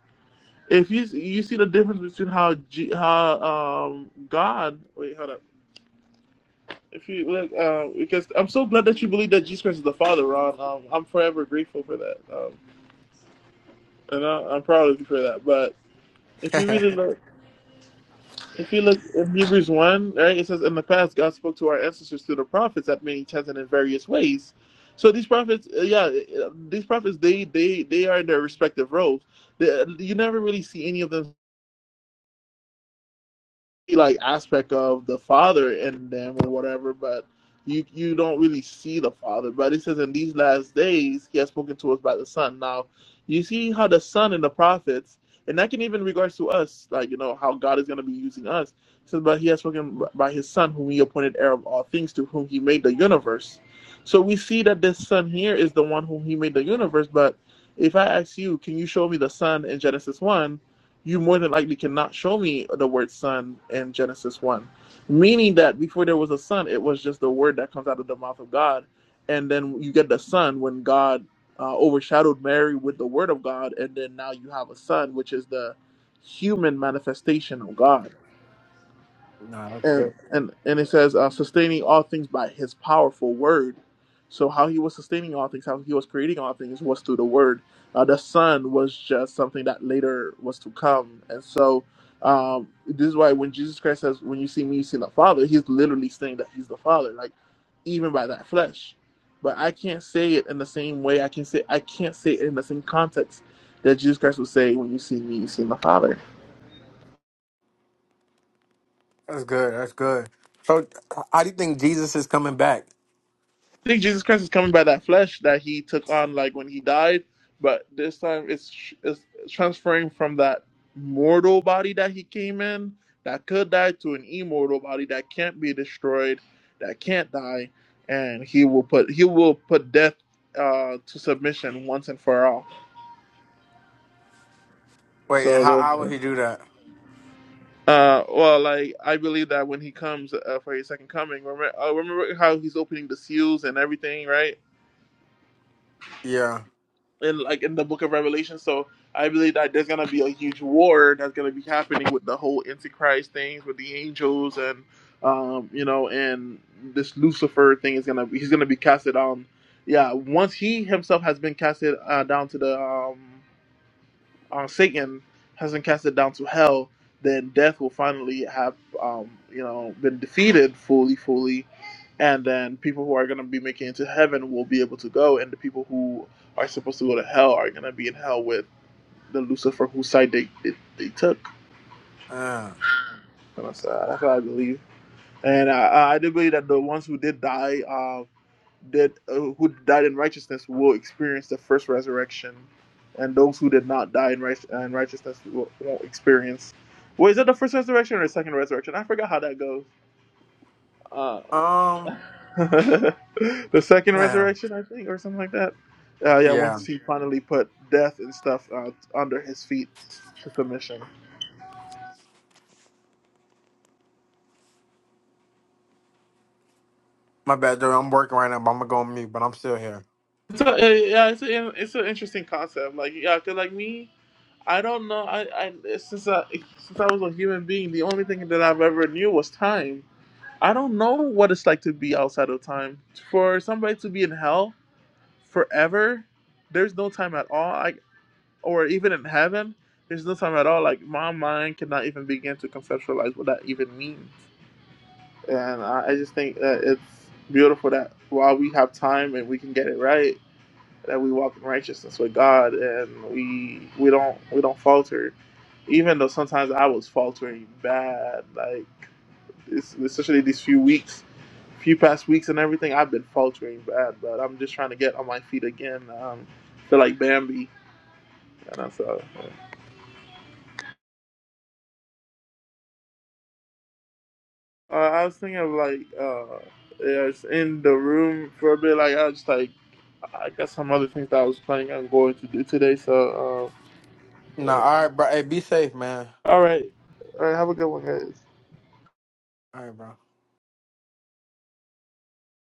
B: if you you see the difference between how G, how um God wait hold up If you look, um, because I'm so glad that you believe that Jesus Christ is the Father, Ron. Um, I'm forever grateful for that, um, and I, I'm proud of you for that. But if you really look, if you look in Hebrews one, right, it says, "In the past, God spoke to our ancestors through the prophets at many times and in various ways." So these prophets, uh, yeah, uh, these prophets, they they they are in their respective roles. They, you never really see any of them like aspect of the father in them or whatever, but you you don't really see the father. But it says in these last days he has spoken to us by the son. Now you see how the son and the prophets, and that can even regards to us, like you know how God is going to be using us. It says, but he has spoken by his son, whom he appointed heir of all things, to whom he made the universe. So we see that this son here is the one whom he made the universe. But if I ask you, can you show me the son in Genesis one? you more than likely cannot show me the word son in Genesis 1. Meaning that before there was a son, it was just the word that comes out of the mouth of God. And then you get the son when God uh, overshadowed Mary with the word of God. And then now you have a son, which is the human manifestation of God
G: Nah, that's
B: and
G: good.
B: and and it says uh, sustaining all things by his powerful word so how he was sustaining all things how he was creating all things was through the word uh, the son was just something that later was to come and so um, this is why when jesus christ says when you see me you see the father he's literally saying that he's the father like even by that flesh but i can't say it in the same way i can say i can't say it in the same context that jesus christ would say when you see me you see the father
G: That's good. That's good. So, h- how do you think Jesus is coming back?
B: I think Jesus Christ is coming by that flesh that he took on, like when he died. But this time, it's it's transferring from that mortal body that he came in, that could die, to an immortal body that can't be destroyed, that can't die, and he will put he will put death uh, to submission once and for all.
G: Wait, and
B: So
G: how, how would
B: then,
G: he do that?
B: uh, well, like I believe that when he comes uh, for his second coming, remember, uh, remember how he's opening the seals and everything, right?
G: Yeah.
B: in like in the book of Revelation. So I believe that there's gonna be a huge war that's gonna be happening with the whole Antichrist things with the angels and um, you know, and this Lucifer thing is gonna he's gonna be casted on. Yeah, once he himself has been casted uh, down to the um uh, Satan has been casted down to hell, then death will finally have um, you know been defeated fully, fully, and then people who are going to be making it to heaven will be able to go, and the people who are supposed to go to hell are going to be in hell with the Lucifer whose side they they, they took.
G: Uh,
B: And that's, uh, that's what I believe, and uh, I I do believe that the ones who did die. uh, that uh, who died in righteousness will experience the first resurrection, and those who did not die in, right- in righteousness will, won't experience. Wait, is that the first resurrection or the second resurrection? I forgot how that goes. Uh,
G: um.
B: the second
G: Yeah.
B: resurrection, I think, or something like that. Uh, yeah,
G: Yeah.
B: once he finally put death and stuff uh, under his feet to submission.
G: My bad, dude. I'm working right now, but I'm gonna go on mute. But I'm still here.
B: So uh, yeah, it's a, it's an interesting concept. Like yeah, 'cause, like me. I don't know. I, I since I since I was a human being, the only thing that I've ever knew was time. I don't know what it's like to be outside of time. For somebody to be in hell forever, there's no time at all. I, or even in heaven, there's no time at all. Like my mind cannot even begin to conceptualize what that even means. And I, I just think that it's beautiful that while we have time and we can get it right, that we walk in righteousness with God and we we don't we don't falter. Even though sometimes I was faltering bad, like this, especially these few weeks, few past weeks and everything, I've been faltering bad. But I'm just trying to get on my feet again. Um, feel like Bambi, and that's all. Uh, I was thinking of like uh, yeah, it's in the room for a bit. Like I was just like I got some other things that I was planning on going to do today. So um,
G: Nah.
B: yeah.
G: All right, bro. Hey, be safe, man.
B: all right, all right. Have a good one, guys.
G: All right, bro.